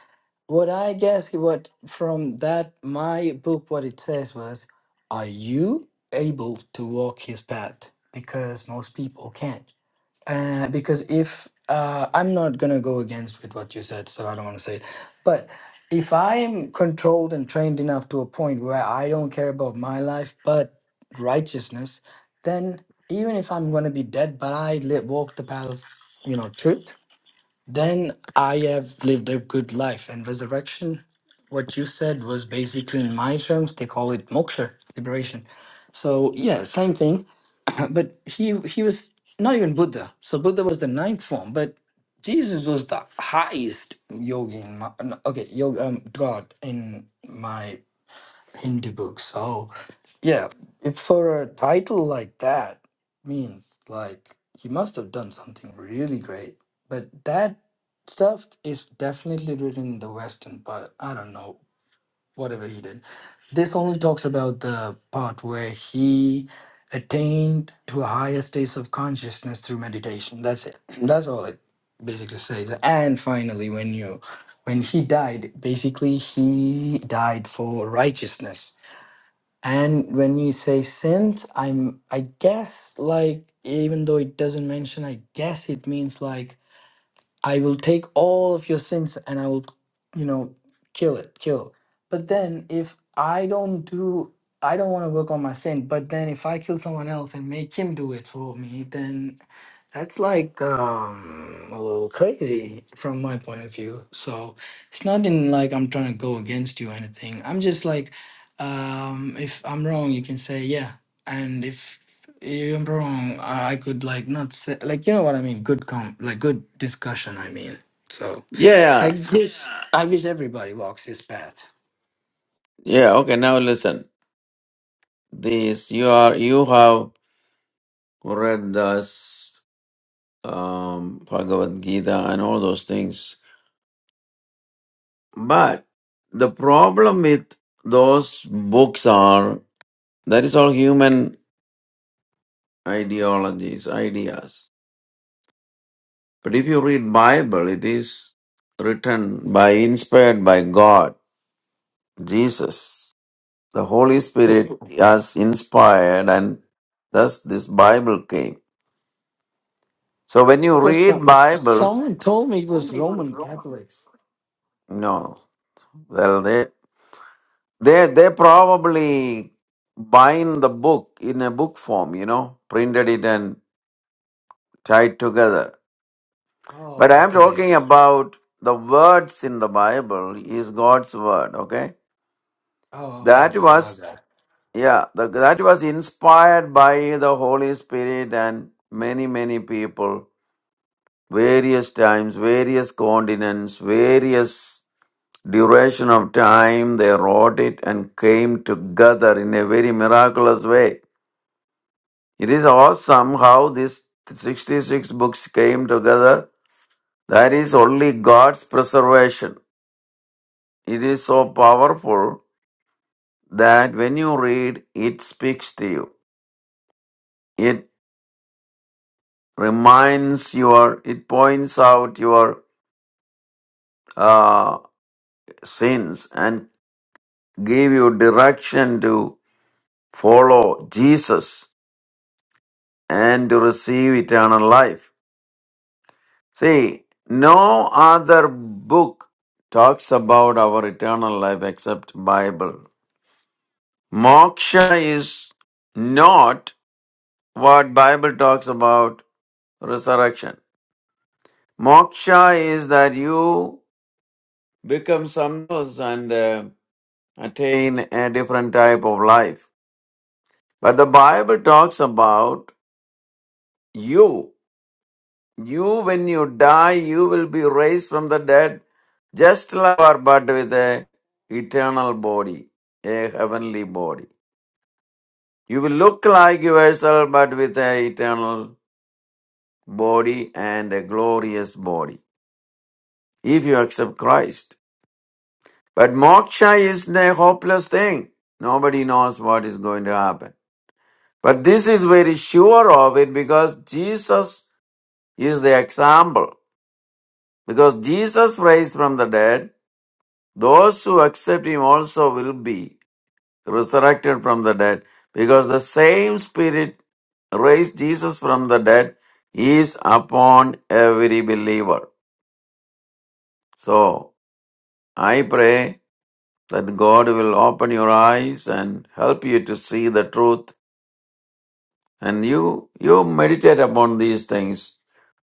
What I guess what from that, my book, what it says was, are you able to walk his path? Because most people can't. Uh, because if uh, I'm not gonna go against with what you said, so I don't want to say it. But if I'm controlled and trained enough to a point where I don't care about my life but righteousness, then even if I'm gonna be dead, but I li- walk the path of you know truth, then I have lived a good life. And resurrection, what you said was basically in my terms they call it moksha, liberation. So yeah, same thing. [clears throat] Uh, but he he was not even Buddha. So Buddha was the ninth form, but Jesus was the highest yogi. In my, no, okay, yoga, um, God in my Hindi book. So yeah, if for a title like that means like he must have done something really great. But that stuff is definitely written in the Western, but I don't know whatever he did. This only talks about the part where he attained to a higher state of consciousness through meditation. That's it. [clears throat] That's all it basically says. And finally, when you when he died, basically he died for righteousness. And when you say sins, I'm I guess like even though it doesn't mention, I guess it means like I will take all of your sins and I will, you know, kill it, kill. But then if I don't do, I don't want to work on my sin, but then if I kill someone else and make him do it for me, then that's like um, a little crazy from my point of view. So it's not in like I'm trying to go against you or anything. I'm just like, um, if I'm wrong, you can say, yeah. And if you're wrong. I I could like not say like you know what I mean. Good com like good discussion. I mean, so
Yeah,
I
yeah.
wish I wish everybody walks this path.
Yeah, Okay, now listen. This, you are, you have read this, um, Bhagavad Gita and all those things. But the problem with those books are, that is all human ideologies, ideas. But if you read Bible, it is written by inspired by God, Jesus. The Holy Spirit
Who-
has inspired and thus this Bible came. So when you
But some
read
s-
Bible,
someone told me it was Roman Catholics.
no, well they they they probably bind the book in a book form, you know, printed it and tied together. But
Oh,
I am
okay.
talking about the words in the Bible is God's word, okay?
Oh, okay,
That
okay, okay. My
was
bad.
Yeah, the, that was inspired by the Holy Spirit and many, many people, various times, various continents, various duration of time, they wrote it and came together in a very miraculous way. It is awesome how these 66 books came together. That is only God's preservation. It is so powerful that when you read, it speaks to you. It. reminds your it points out your uh, sins and give you direction to follow jesus and to receive eternal life see no other book talks about our eternal life except bible moksha is not what bible talks about resurrection moksha is that you become something else attain a different type of life. But the Bible talks about you. You, when you die, you will be raised from the dead, just like you are, but with a eternal body, a heavenly body. You will look like yourself, but with a eternal body and a glorious body, if you accept Christ. But moksha is a hopeless thing. Nobody knows what is going to happen. But this is very sure of it because Jesus is the example. Because Jesus raised from the dead, those who accept him also will be resurrected from the dead. Because the same Spirit raised Jesus from the dead is upon every believer. So I pray that God will open your eyes and help you to see the truth. And you you meditate upon these things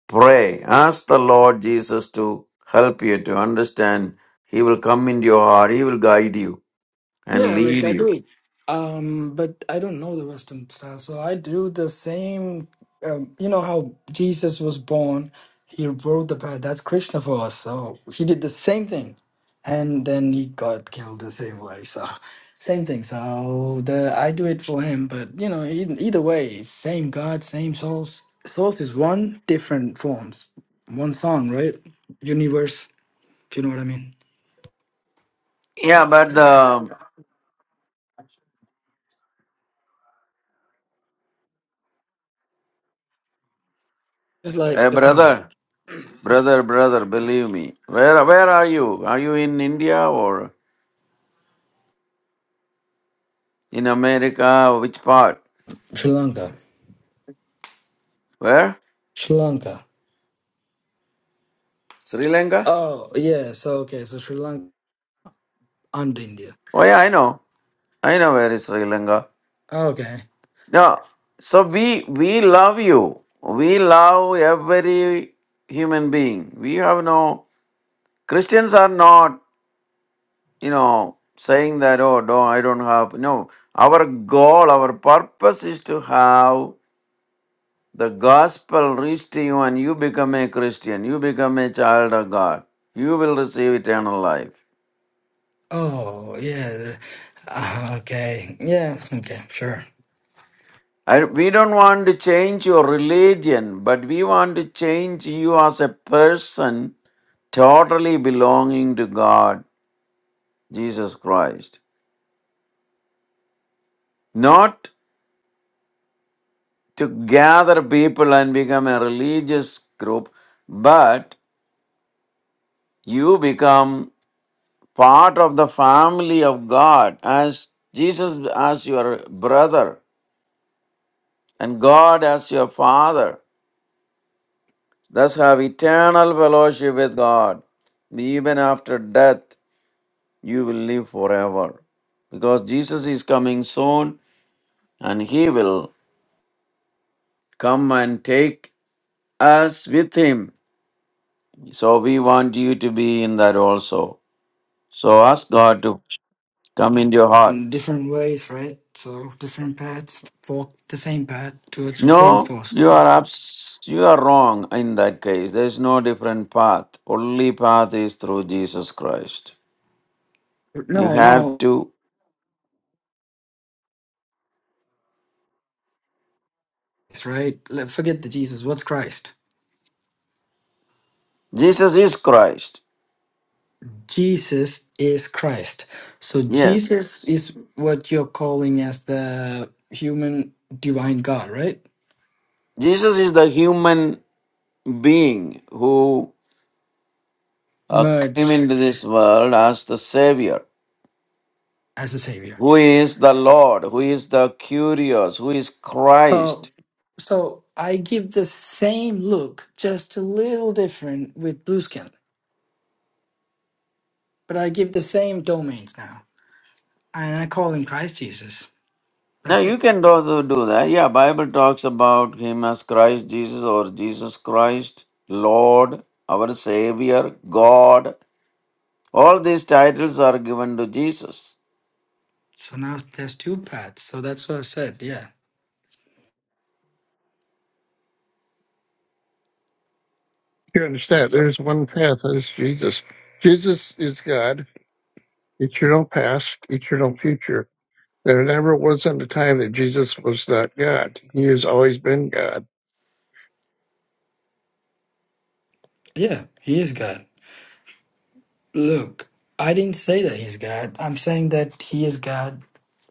Pray, ask the Lord Jesus to help you to understand. He will come into your heart, He will guide you and
Yeah, like
lead
I do
you.
it. Um, but I don't know the Western style. So I do the same. Um, you know how Jesus was born, he rode the path. That's Krishna for us. So he did the same thing, and then he got killed the same way. So same thing. So the I do it for him. But you know, either, either way, same God, same source. Source is one, different forms. One song, right? Universe. If you know what I mean.
Yeah, but the
It's like
eh,
the problem.
brother, brother, brother, believe me. Where where are you? Are you in India or in America? Which part?
Sri Lanka.
Where?
Sri Lanka.
Sri Lanka?
Oh, yeah. So, okay. So Sri Lanka and India.
Oh yeah, I know. I know where is Sri Lanka.
Okay.
No. So we we love you. We love every human being. We have no Christians are not. you know, saying that, oh, no, I don't have. No, our goal, our purpose is to have the gospel reach to you and you become a Christian. You become a child of God. You will receive eternal life.
Oh, yeah. Uh, okay. Yeah. Okay. Sure.
I, we don't want to change your religion, but we want to change you as a person totally belonging to God, Jesus Christ. Not to gather people and become a religious group, but you become part of the family of God as Jesus as your brother and God as your father. Thus have eternal fellowship with God. Even after death, you will live forever. Because Jesus is coming soon and he will come and take us with him. So we want you to be in that also. So ask God to come into your heart.
In different ways, right? So different paths walk the same path towards the same
No,
force.
you are abs- you are wrong in that case. There is no different path. Only path is through Jesus Christ. You
No,
have
no.
to
It's right. Let- Forget the Jesus. What's Christ?
Jesus is Christ.
Jesus is Christ. So
Yes.
Jesus is what you're calling as the human divine God, right?
Jesus is the human being who uh, came
Merged
into this world as the savior,
as a savior.
who is the Lord, who is the curious, who is Christ.
Oh, so I give the same look, just a little different with blue skin, but I give the same domains now, and I call them Christ Jesus.
Now
That's
you
it.
can also do do that. Yeah, Bible talks about him as Christ Jesus or Jesus Christ, Lord, our Savior, God. All these titles are given to Jesus.
So now there's two paths. So that's what I said. Yeah,
You understand? There's one path. That is Jesus. Jesus is God. Eternal past, eternal future There never wasn't a time that Jesus was not God. He has always been God.
yeah, he is God. Look, I didn't say that he's God. I'm saying that he is God.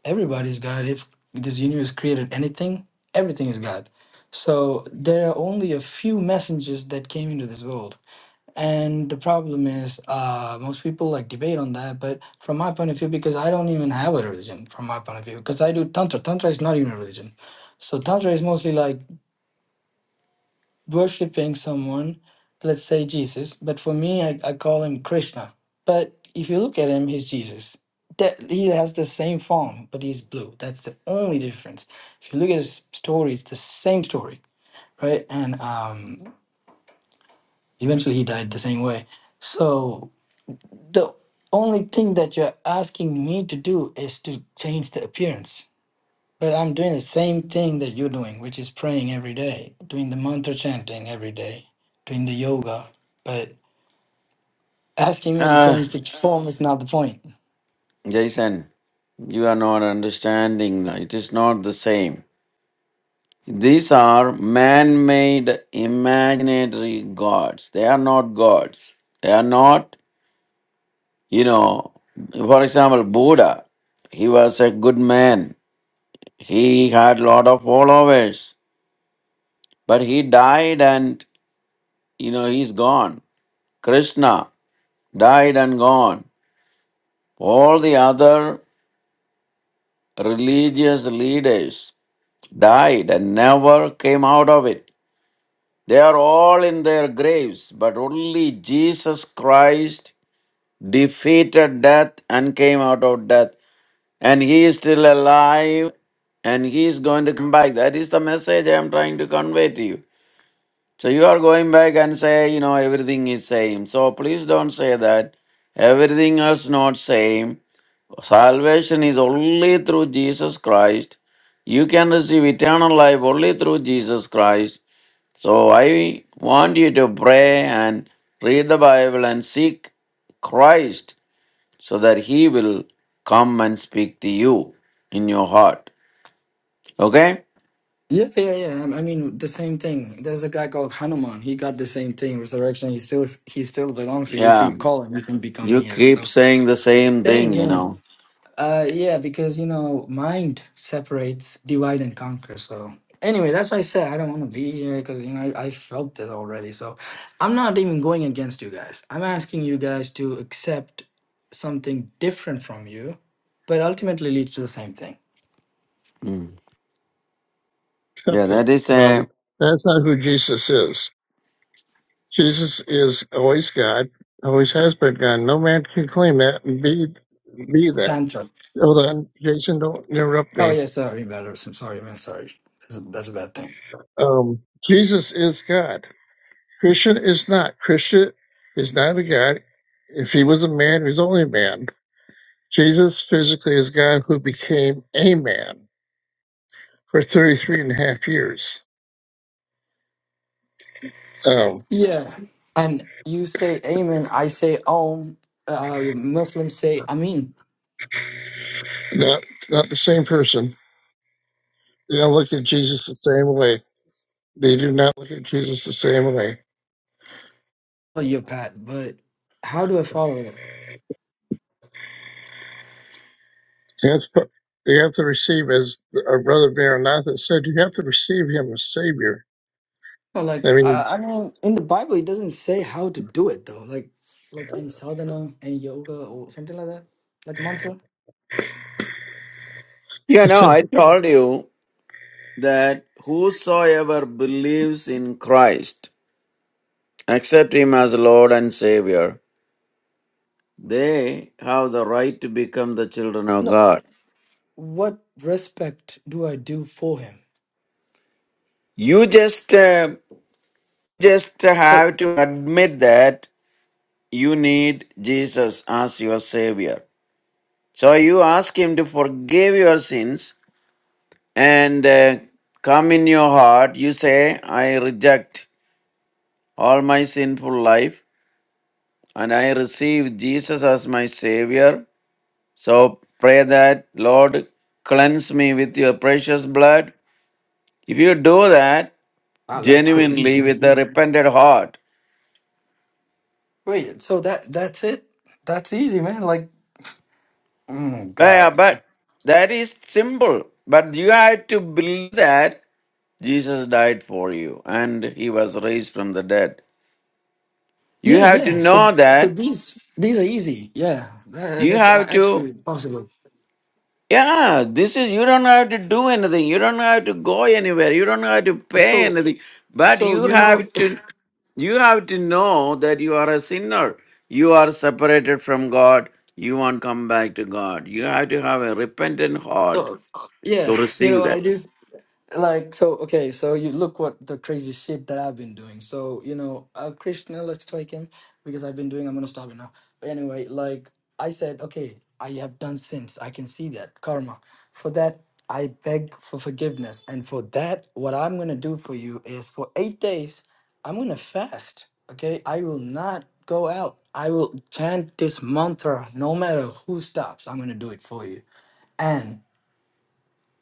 Everybody's God. If this universe created anything, everything is God. So there are only a few messengers that came into this world And the problem is, uh, most people like debate on that. But from my point of view, because I don't even have a religion, from my point of view, because I do tantra. Tantra is not even a religion. So tantra is mostly like worshiping someone, let's say Jesus. But for me, I, I call him Krishna. But if you look at him, he's Jesus. That he has the same form, but he's blue. That's the only difference. If you look at his story, it's the same story, right? And um, eventually, he died the same way. So The only thing that you're asking me to do is to change the appearance. But I'm doing the same thing that you're doing, which is praying every day, doing the mantra chanting every day, doing the yoga. But asking me to
Uh,
change the form is not the point.
Jason, you are not understanding. It is not the same. These are man made imaginary gods. They are not gods. They are not, you know, for example, Buddha. He was a good man. He had lot of followers, but he died and you know he's gone. Krishna died and gone. All the other religious leaders died and never came out of it. They are all in their graves, but only Jesus Christ defeated death and came out of death. And he is still alive and he is going to come back. That is the message I am trying to convey to you. So you are going back and say, you know, everything is same. So please don't say that. Everything else not same. Salvation is only through Jesus Christ. You can receive eternal life only through Jesus Christ. So I want you to pray and read the Bible and seek Christ so that He will come and speak to you in your heart. Okay?
Yeah, yeah, yeah. I I mean, the same thing. There's a guy called Hanuman. He got the same thing. Resurrection. He still, he still belongs to you. If
Yeah.
you call him, you can become
You
here.
keep
So
saying the same
stay
thing, you
in.
know.
Uh, yeah, because you know, mind separates, divide and conquer. So anyway, that's why I said I don't want to be here because you know I, I felt this already. So I'm not even going against you guys. I'm asking you guys to accept something different from you, but ultimately leads to the same thing.
Yeah,
Except that
that is a.
um, that's not who Jesus is. Jesus is always God, always has been God. No man can claim that and be be that.
Tantra.
Hold on, Jason, don't interrupt
Oh
me.
yeah, sorry, better. I'm sorry, man. Sorry, that's a, that's a bad thing.
Um, Jesus is God. Christian is not. Christian is not a God. If he was a man, he's only a man. Jesus physically is God who became a man for 33 and a half years. Um,
Yeah, and you say amen, I say om. Uh, Muslims say amin.
Not not the same person. They don't look at Jesus the same way. They do not look at Jesus the same way.
Oh, your path, but how do I follow it?
And that's part- they have to receive, as our brother Maranatha said, you have to receive him as Savior.
But,
That
Like I, I
means,
mean, in the Bible, it doesn't say how to do it though. Like, like any sadhana, any yoga, or something like that, like a mantra.
[laughs]
yeah.
it
No,
says,
I told you that whosoever believes in Christ, accept Him as Lord and Savior, they have the right to become the children of
No,
God.
what respect do I do for him?
You just, uh, just
So,
have to admit that you need Jesus as your Savior. So you ask Him to forgive your sins and uh, come in your heart. You say, I reject all my sinful life. and I receive Jesus as my Savior. So pray that, Lord, cleanse me with your precious blood. If you do that
wow, that's so easy,
genuinely
man.
with a repentant heart,
Wait, so that that's it? That's easy, man. Like, oh
yeah,
God,
but that is simple. But you have to believe that Jesus died for you and he was raised from the dead. You
yeah,
have to
yeah. So,
know
so
that.
these these are easy. Yeah, Tha-
You
that's uh,
have to
actually possible.
Yeah, this is, you don't have to do anything. You don't have to go anywhere. You don't have to pay
So,
anything. But
so
you
you know,
have to, you have to know that you are a sinner. You are separated from God. You won't come back to God. You have to have a repentant
[laughs]
heart
so yeah,
to
you know
receive
what
that.
I do? Like, so, okay, so you look what the crazy shit that I've been doing. So, you know, uh, Krishna, let's take him because I've been doing, I'm gonna stop it now. But anyway, like I said, okay, I have done sins. I can see that karma. For that, I beg for forgiveness. And for that, what I'm gonna do for you is for eight days, I'm gonna fast. Okay, I will not go out. I will chant this mantra no matter who stops. I'm gonna do it for you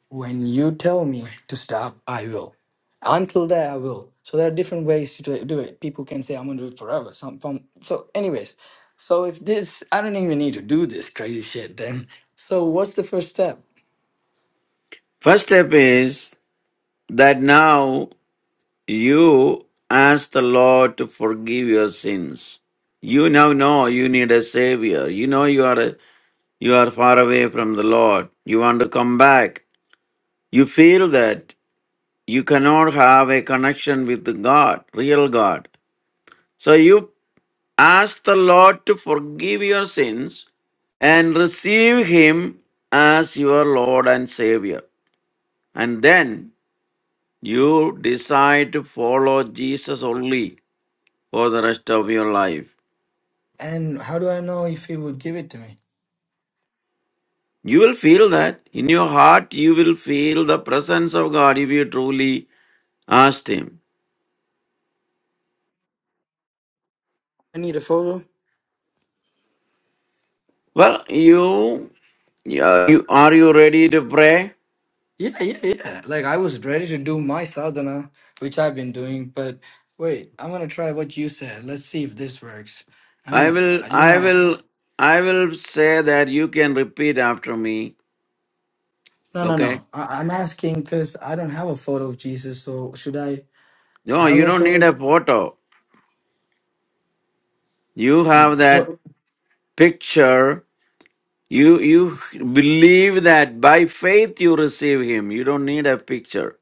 when you tell me to stop i will until there i will so there are different ways to do it people can say i'm going to do it forever some some- so anyways so if this i don't even need to do this crazy shit then so what's the first step
First step is that now you ask the Lord to forgive your sins. You now know you need a savior. You know you are a You are far away from the Lord. You want to come back. You feel that you cannot have a connection with the God, real God. So you ask the Lord to forgive your sins and receive Him as your Lord and Savior. And then you decide to follow Jesus only for the rest of your life.
and how do i know if he would give it to me
You will feel that in your heart, you will feel the presence of God if you truly asked Him.
i need a photo
Well, you Yeah, you, are you ready to pray?
yeah yeah yeah like i was ready to do my sadhana which i've been doing but wait i'm going to try what you said let's see if this works i'm
I
going
will,
to you
I
know
will, I will say that you can repeat after me.
No, no,
Okay?
no. I, I'm asking because I don't have a photo of Jesus. So should I
No,
have
you
a
don't
photo?
need a
Of,
photo. You have
what?
that picture. You, you believe that by faith you receive Him. You don't need a picture.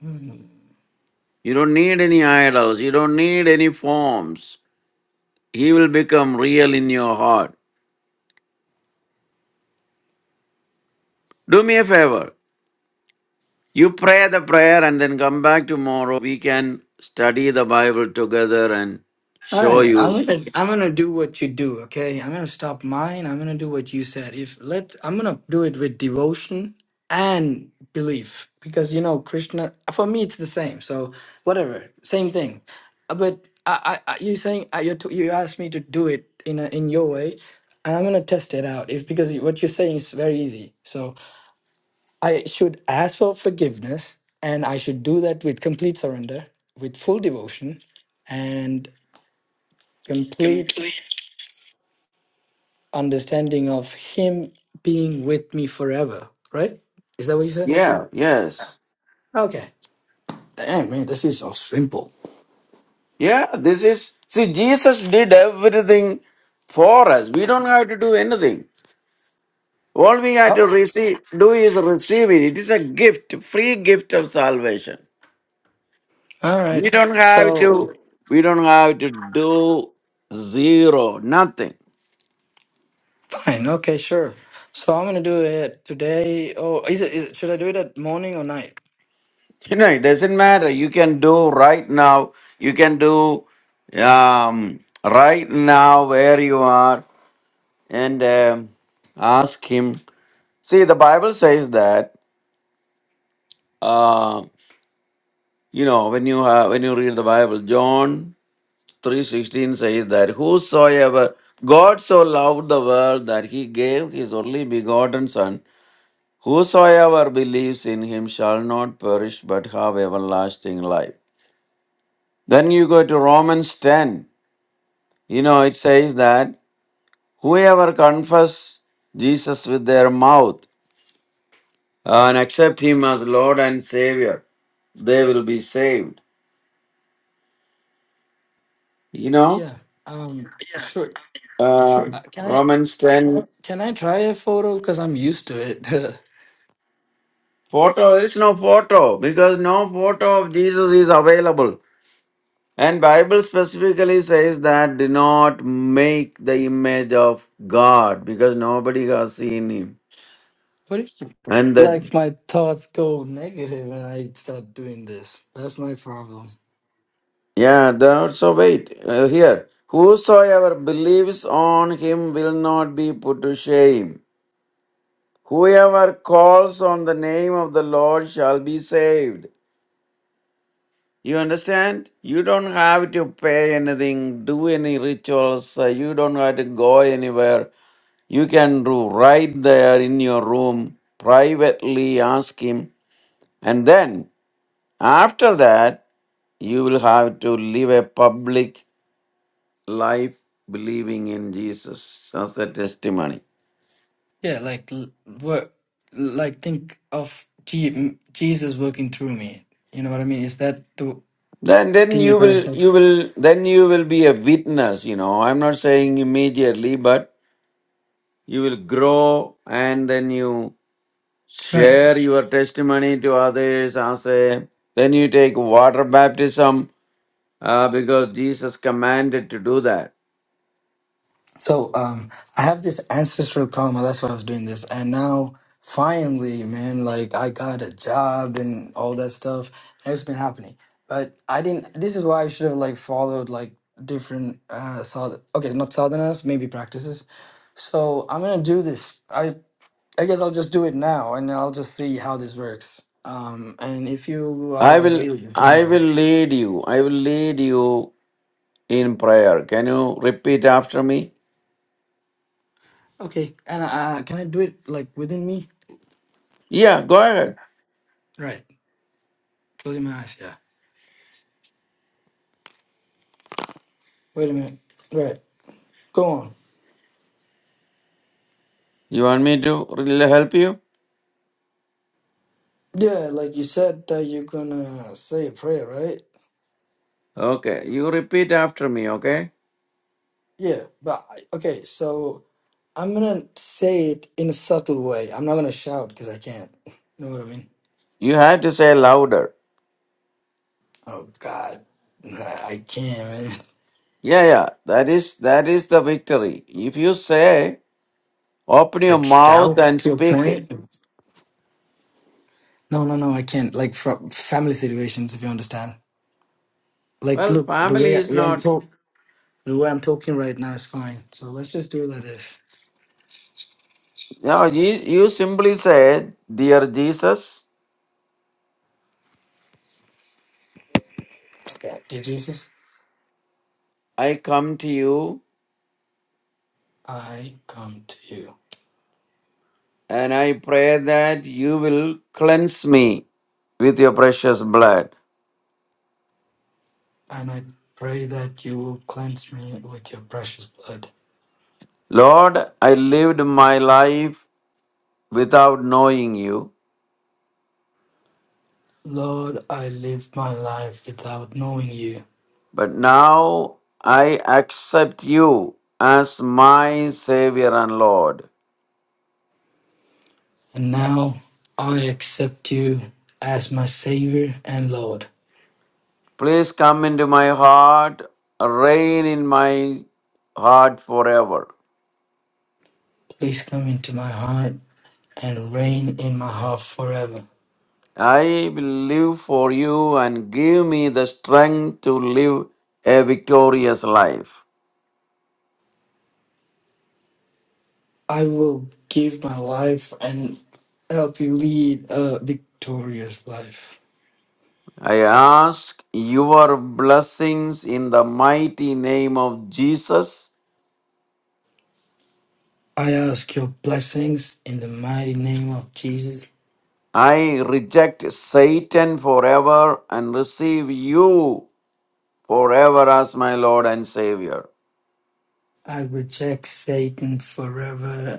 Hmm.
You don't need any idols. You don't need any forms. He will become real in your heart. Do me a favor. You pray the prayer and then come back tomorrow. We can study the Bible together and
All
show
right.
you.
I'm gonna I'm gonna do what you do. Okay. I'm gonna stop mine. I'm gonna do what you said. If let I'm gonna do it with devotion and belief because you know Krishna for me it's the same. So whatever, same thing. Uh, But I, I, I you saying uh, you t- you asked me to do it in a, in your way. and I'm gonna test it out if because what you're saying is very easy. So I should ask for forgiveness and I should do that with complete surrender, with full devotion and complete understanding of Him being with me forever, right? Is that what you said?
Yeah, yes.
Okay. Damn, man, this is so simple.
Yeah, this is. See, Jesus did everything for us. We don't have to do anything. All we have
Oh,
to receive, do is receive it. It is a gift, free gift of salvation.
all
We
right.
don't have
So,
to, we don't have to do zero, nothing.
fine. Okay, sure. So, I'm going to do it today. Oh, is it, is it, should I do it at morning or night?
You know, it doesn't matter. You can do right now. You can do um, right now where you are and um, ask him. See, the Bible says that uh, you know when you have, when you read the Bible, John three sixteen says that whosoever God so loved the world that he gave his only begotten Son, whosoever believes in him shall not perish but have everlasting life. Then you go to Romans ten. You know, it says that whoever confess Jesus with their mouth uh, and accept him as Lord and Savior, they will be saved. You know,
Yeah. Um, sure.
uh, Sure.
Uh, can I,
Romans 10
can I try a photo? Cause I'm used to it. [laughs]
photo, there's no photo because no photo of Jesus is available. And Bible specifically says that do not make the image of God because nobody has seen him.
What if
And the
like my thoughts go negative and I start doing this? That's my problem.
Yeah, then also wait uh, here. Whosoever believes on him will not be put to shame. Whoever calls on the name of the Lord shall be saved. You understand? You don't have to pay anything, do any rituals, uh, you don't have to go anywhere. You can do right there in your room, privately ask him. And then, after that, you will have to live a public life believing in Jesus as a testimony.
Yeah, like l- what, like think of Je- Jesus working through me. You know what I mean? Is that the
Then then
thing you're
you
trying to
will
say?
you will then you will be a witness, you know. I'm not saying immediately, but you will grow and then you
Right.
share your testimony to others as a then you take water baptism uh, because Jesus commanded to do that.
So um, I have this ancestral karma. That's why I was doing this, and now finally, man, like I got a job and all that stuff. and It's been happening, but I didn't. This is why I should have like followed like different uh, south. Okay, not sadhanas, maybe practices. So I'm gonna do this. I I guess I'll just do it now, and I'll just see how this works. Um, and if you are
I will
available
I
tomorrow,
will lead you. I will lead you in prayer. Can you repeat after me?
okay. And uh, can I do it like within me?
Yeah, go ahead.
Right. Closing my eyes. Yeah. Wait a minute. Right. Go on.
You want me to really help you?
Yeah, like you said that you're gonna say a prayer, right?
Okay, you repeat after me, okay?
Yeah, but I- okay, so I'm gonna say it in a subtle way. I'm not gonna shout because I can't. [laughs] You know what I mean?
You have to say louder.
Oh God, [laughs] Nah, I can't, man.
Yeah, yeah, that is that is the victory. If you say, open your
Like
mouth
shout
and
to a
speak it.
point? No, no, no, I can't. Like from family situations, if you understand. Like,
Well,
look, the
family
way I,
is
when I'm
not.
talk, the way I'm talking right now is fine. So let's just do it like this.
No, you, you simply say, Dear Jesus,
Okay, dear Jesus,
I come to you
I come to you.
and I pray that you will cleanse me with your precious blood.
and I pray that you will cleanse me with your precious blood.
Lord, I lived my life without knowing you.
Lord, I lived my life without knowing you,
But now I accept you as my Savior and Lord.
and now I accept you as my Savior and Lord.
Please come into my heart, reign in my heart forever.
Please come into my heart and reign in my heart forever.
I will live for you and give me the strength to live a victorious life.
I will give my life and help you lead a victorious life.
I ask your blessings in the mighty name of Jesus.
I ask your blessings in the mighty name of Jesus.
I reject Satan forever and receive you forever as my Lord and Savior.
I reject Satan forever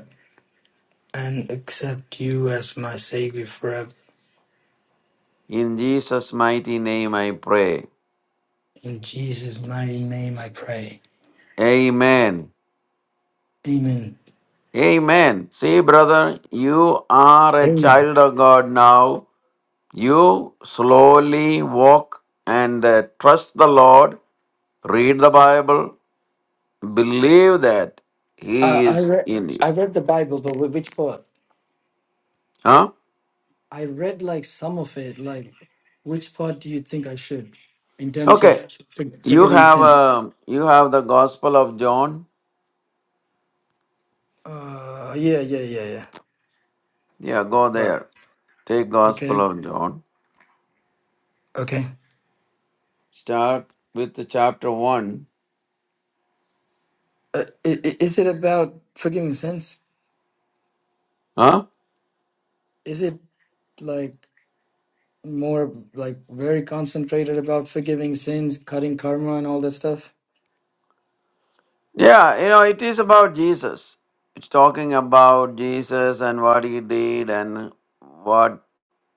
and accept you as my Savior forever.
In Jesus' mighty name I pray.
In Jesus' mighty name I pray.
Amen.
Amen.
Amen. See, brother, you are a
Amen.
child of God now. You slowly walk and uh, trust the Lord, read the Bible, believe that
Uh,
He
I,
is
read,
in you.
I read the Bible, but wh- which part?
Huh?
I read like some of it. Like, which part do you think I should in terms
Okay.
of for,
You
forgiving
have
sins?
um, you have the Gospel of John.
Uh, yeah, yeah, yeah, yeah.
Yeah, go
But,
there. Take Gospel
okay,
of John.
okay.
Start with the chapter 1.
Uh, i- i- is it about forgiving sins?
Huh?
Is it like more like very concentrated about forgiving sins, cutting karma, and all that stuff?
Yeah, you know, it is about Jesus. It's talking about Jesus and what he did and what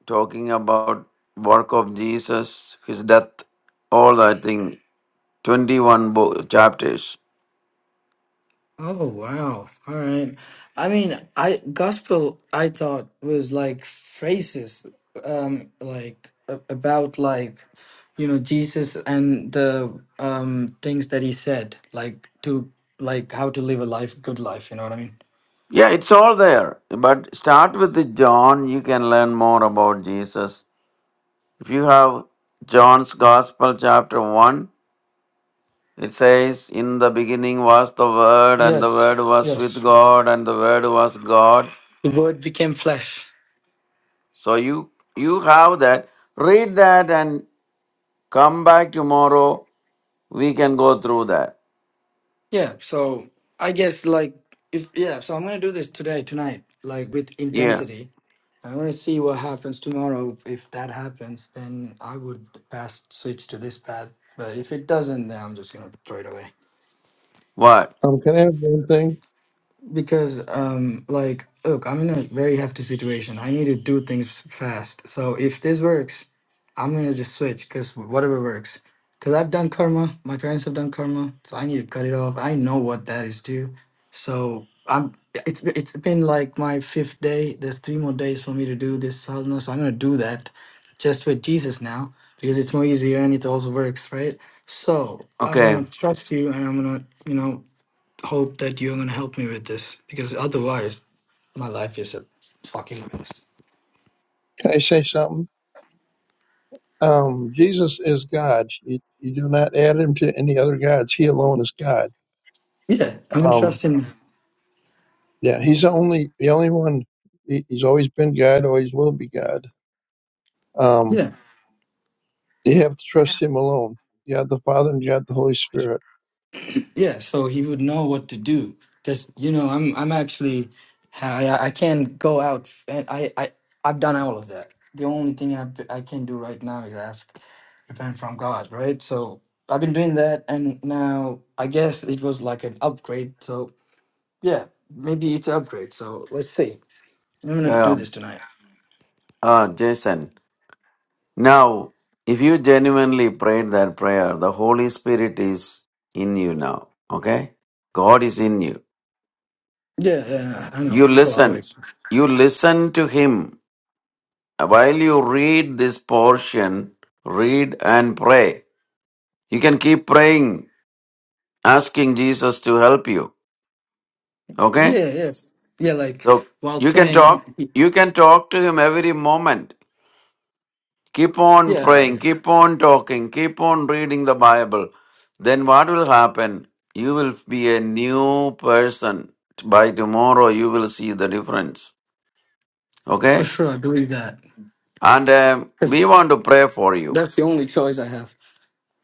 talking about work of Jesus, his death, all that thing. 21 bo- chapters.
Oh wow. All right. I mean, I gospel I thought was like phrases um like a- about like you know Jesus and the um things that he said like to like how to live a life good life, you know what I mean?
Yeah, it's all there. But start with the John, you can learn more about Jesus. If you have John's Gospel chapter 1, It says, In the beginning was the Word, and the
Yes.
Word was with
Yes.
God, and the Word was God.
The word became flesh.
So you you have that. Read that and come back tomorrow. We can go through that.
Yeah, so I guess like if yeah, so I'm going to do this today tonight like with
Yeah.
intensity I want to see what happens tomorrow. If that happens, then I would pass switch to this path. But if it doesn't, then I'm just gonna throw it away.
What?
um, can I have one thing?
because um like look i'm in a very hefty situation i need to do things fast so if this works i'm gonna just switch because whatever works because i've done karma my parents have done karma so i need to cut it off i know what that is too so i'm it's it's been like my fifth day there's three more days for me to do this sadhana so i'm gonna do that just with jesus now because it's more easier and it also works right so i'm
Okay.
gonna trust you and i'm gonna you know hope that you're gonna help me with this because otherwise my life is a fucking mess.
Can I say something? Um, Jesus is God. You, you do not add him to any other gods. He alone is God.
Yeah, I'm gonna
Um,
trust him.
yeah, he's the only, the only one. He, he's always been God, always will be God. Um.
Yeah,
You have to trust Him alone. God the Father and God the Holy Spirit.
yeah. So he would know what to do because you know I'm I'm actually I I can't go out f- and I I I've done all of that. The only thing I I can do right now is ask repent from God, right? So I've been doing that, and now I guess it was like an upgrade. So yeah, maybe it's an upgrade. So let's see. I'm gonna do
Yeah.
this tonight.
Uh, Jason. Now, if you genuinely prayed that prayer, the Holy Spirit is in you now. Okay? God is in you.
Yeah, yeah, I know.
You
It's called
listen.
always.
You listen to Him While you read this portion, read and pray. You can keep praying, asking Jesus to help you.
Yeah,
Okay?
yes. Yeah, yeah, like
So
while
you can talk,
praying.
you can talk to him every moment. Keep on
Yeah,
praying, keep on talking, keep on reading the Bible. Then what will happen? You will be a new person. By tomorrow, you will see the difference.
for
Okay?
sure. I believe that.
And um,
Because
we want to pray for you.
that's the only choice I have.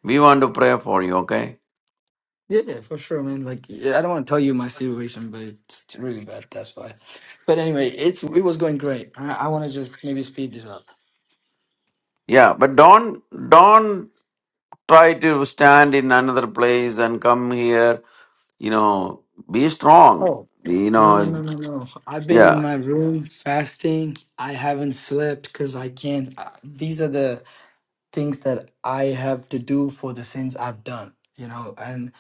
We want to pray for you, okay?
Yeah, yeah, for sure, man. Like, yeah, I don't want to tell you my situation, but it's really bad. That's why. But anyway, it's it was going great. I, I want to just maybe speed this up.
Yeah, but don't don't try to stand in another place and come here. You know, be strong.
Oh,
You
no, no,
know,
no, no, no. I've been in
yeah.
my room fasting. I haven't slept because I can't. I, these are the things that I have to do for the sins I've done, you know? And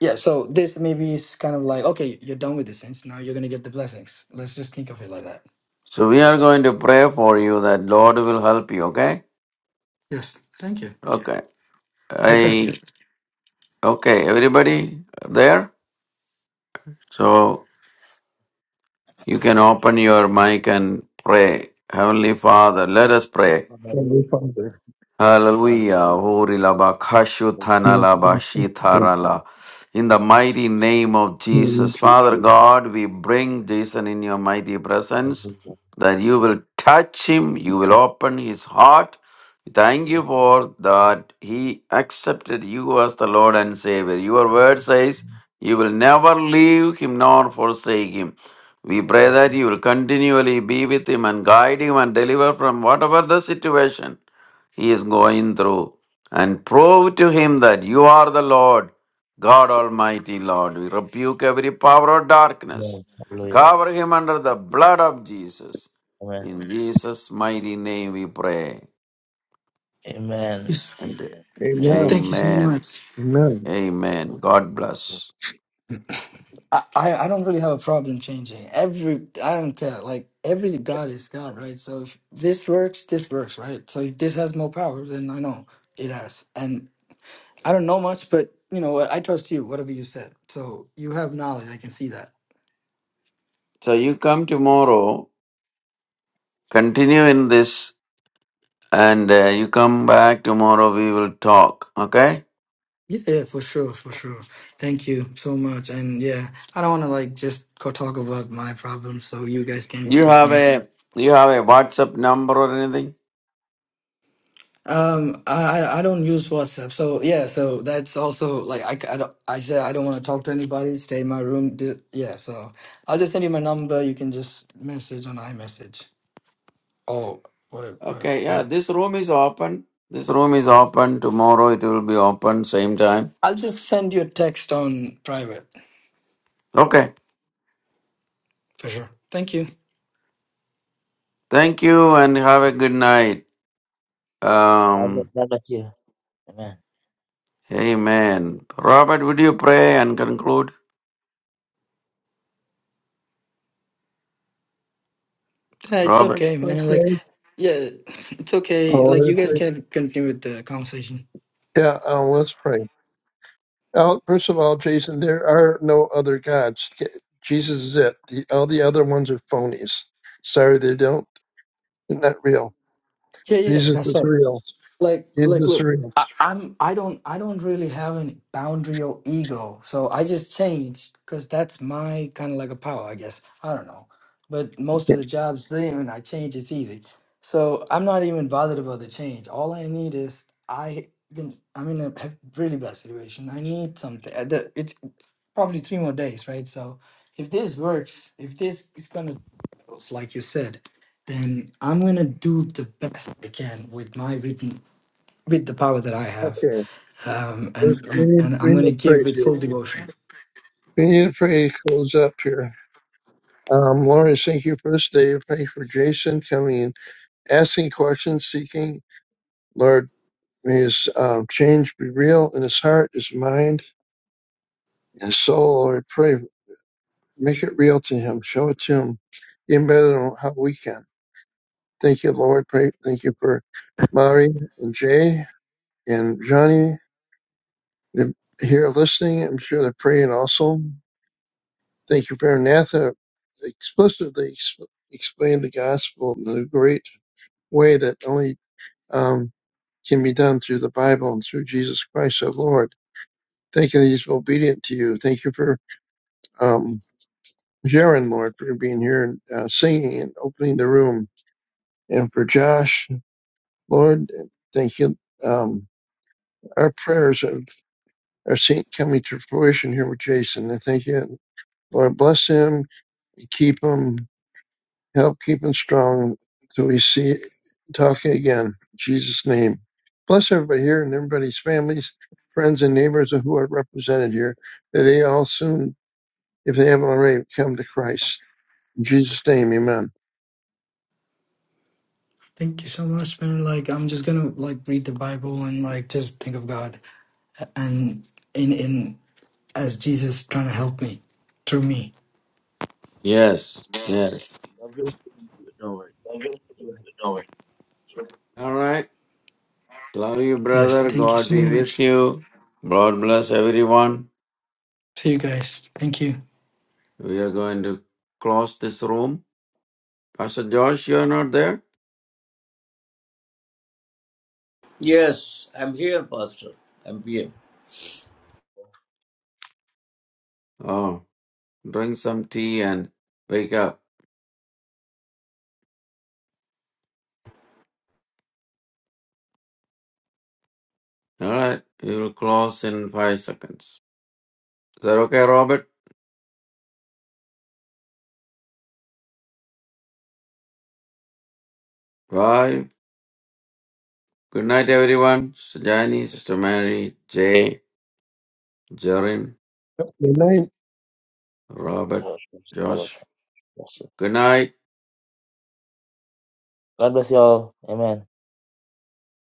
yeah, so this maybe is kind of like, okay, you're done with the sins. Now you're going to get the blessings. Let's just think of it like that.
So we are going to pray for you that Lord will help you. Okay,
Yes. Thank you.
okay.
I trust you.
I okay. Everybody there, so you can open your mic and pray. Heavenly Father, let us pray.
Hallelujah.
Heavenly Father.
My Father,
Hallelujah. Hori laba kashu thana
hallelujah.
God,
laba
thank you.
shithara la. In the mighty name of
Lord
Jesus, Father
Jesus.
God, we bring Jason in your mighty presence that you
Jesus,
will touch him, you will open his heart. Thank you for that he accepted you as the Lord and Savior. Your word says you will never leave him nor forsake him. We pray
hallelujah.
that you will continually be with him and guide him and deliver from whatever the situation he is going through and prove to him that you are the Lord, God Almighty Lord. We rebuke every power of
Hallelujah.
darkness.
Amen. Hallelujah.
Cover him under the blood of Jesus.
Amen.
In Jesus' mighty name we pray.
Amen.
Yes,
And
Amen.
Amen.
Thank you so
amen.
much.
Amen.
Amen. God
Amen.
bless.
I, I I don't really have a problem changing. Every I don't care. Like every God is God, right? So if this works, this works, right? So if this has more power, then I know it has. And I don't know much, but you know what? I trust you. Whatever you said. So you have knowledge. I can see that.
So you come tomorrow, continue in this, and uh, you come back tomorrow. We will talk. Okay?
Yeah, yeah, for sure, for sure. Thank you so much. And yeah, I don't want to like just go talk about my problems, so you guys can
You have
continue.
a you have a WhatsApp number or anything?
Um, I I I don't use WhatsApp, so yeah, so that's also like I c- I don't I said I don't want to talk to anybody. Stay in my room. Di- Yeah, so I'll just send you my number. You can just message on iMessage or whatever. whatever
Okay, yeah,
that.
this room is open. This room is open. Tomorrow it will be open, same time.
I'll just send you a text on private
Okay,
for sure. Thank you.
thank you and have a good night.
God bless
Um,
God bless you. Amen.
amen. Robert, would you pray and conclude?
Yeah, it's
Robert?
okay, man. Like,
Okay.
yeah, it's okay.
Oh,
Like, you
let's
guys
pray.
can continue with the conversation.
Yeah, uh, let's pray. Uh, first of all, Jason, there are no other gods. Jesus is it. The, all the other ones are phonies. Sorry, they don't. They're not real.
Yeah, yeah,
Jesus
that's
is
right.
real.
like
Jesus
like
is
look
real.
I, i'm i don't i don't really have any boundary or ego so i just change because that's my kind of like a power i guess i don't know but most of
Okay.
the jobs they and i change it's easy so i'm not even bothered about the change all i need is i been i'm in a have really bad situation i need something uh, the- it's probably three more days right so if this works if this is gonna like you said then i'm gonna do the best i can with my written with the power that I have,
Okay.
um,
Let's,
and
we need
and
we
I'm gonna
need to
give
pray,
with full
Jason.
devotion.
We need to pray. Close up here. Um, Lord, I thank you for this day. I pray for Jason coming in, asking questions, seeking. Lord, may his um, change be real in his heart, his mind, and his soul. Lord, I pray, make it real to him. Show it to him even better than how we can. Thank you, Lord. Pray. Thank you for Mari and Jay and Johnny. They're here listening. I'm sure they're praying also. Thank you for Natha explicitly ex- explained the gospel in a great way that only um, can be done through the Bible and through Jesus Christ, our Lord. Thank you that He's obedient to you. Thank you for um, Jaron, Lord, for being here and uh, singing and opening the room. And for Josh, Lord, thank you. Um, our prayers are, are seeing, coming to fruition here with Jason. I thank you. Lord, bless him and keep him. Help keep him strong till we see Taka again. In Jesus' name. Bless everybody here and everybody's families, friends, and neighbors who are represented here. That they all soon, if they haven't already, come to Christ. In Jesus' name, amen.
Thank you so much, man. Like I'm just gonna like read the Bible and like just think of God and in in as Jesus trying to help me through me.
Yes, yes.
God bless you. Don't worry.
All right. Love you,
Yes,
brother.
thank you
God
so
be with
much.
you. God bless everyone.
See you guys. Thank you.
We are going to close this room. Pastor Josh, you are not there?
Yes, I'm here, Pastor. I'm here.
Oh, drink some tea and wake up. All right, we will close in five seconds. Is that okay, Robert? Five. Good night, everyone. Sister Jani, Sister Mary, Jay, Jarin,
Amen.
God
Robert,
bless you. will have to watch this. God bless
Josh.
you.
Good night.
God bless you all. Amen.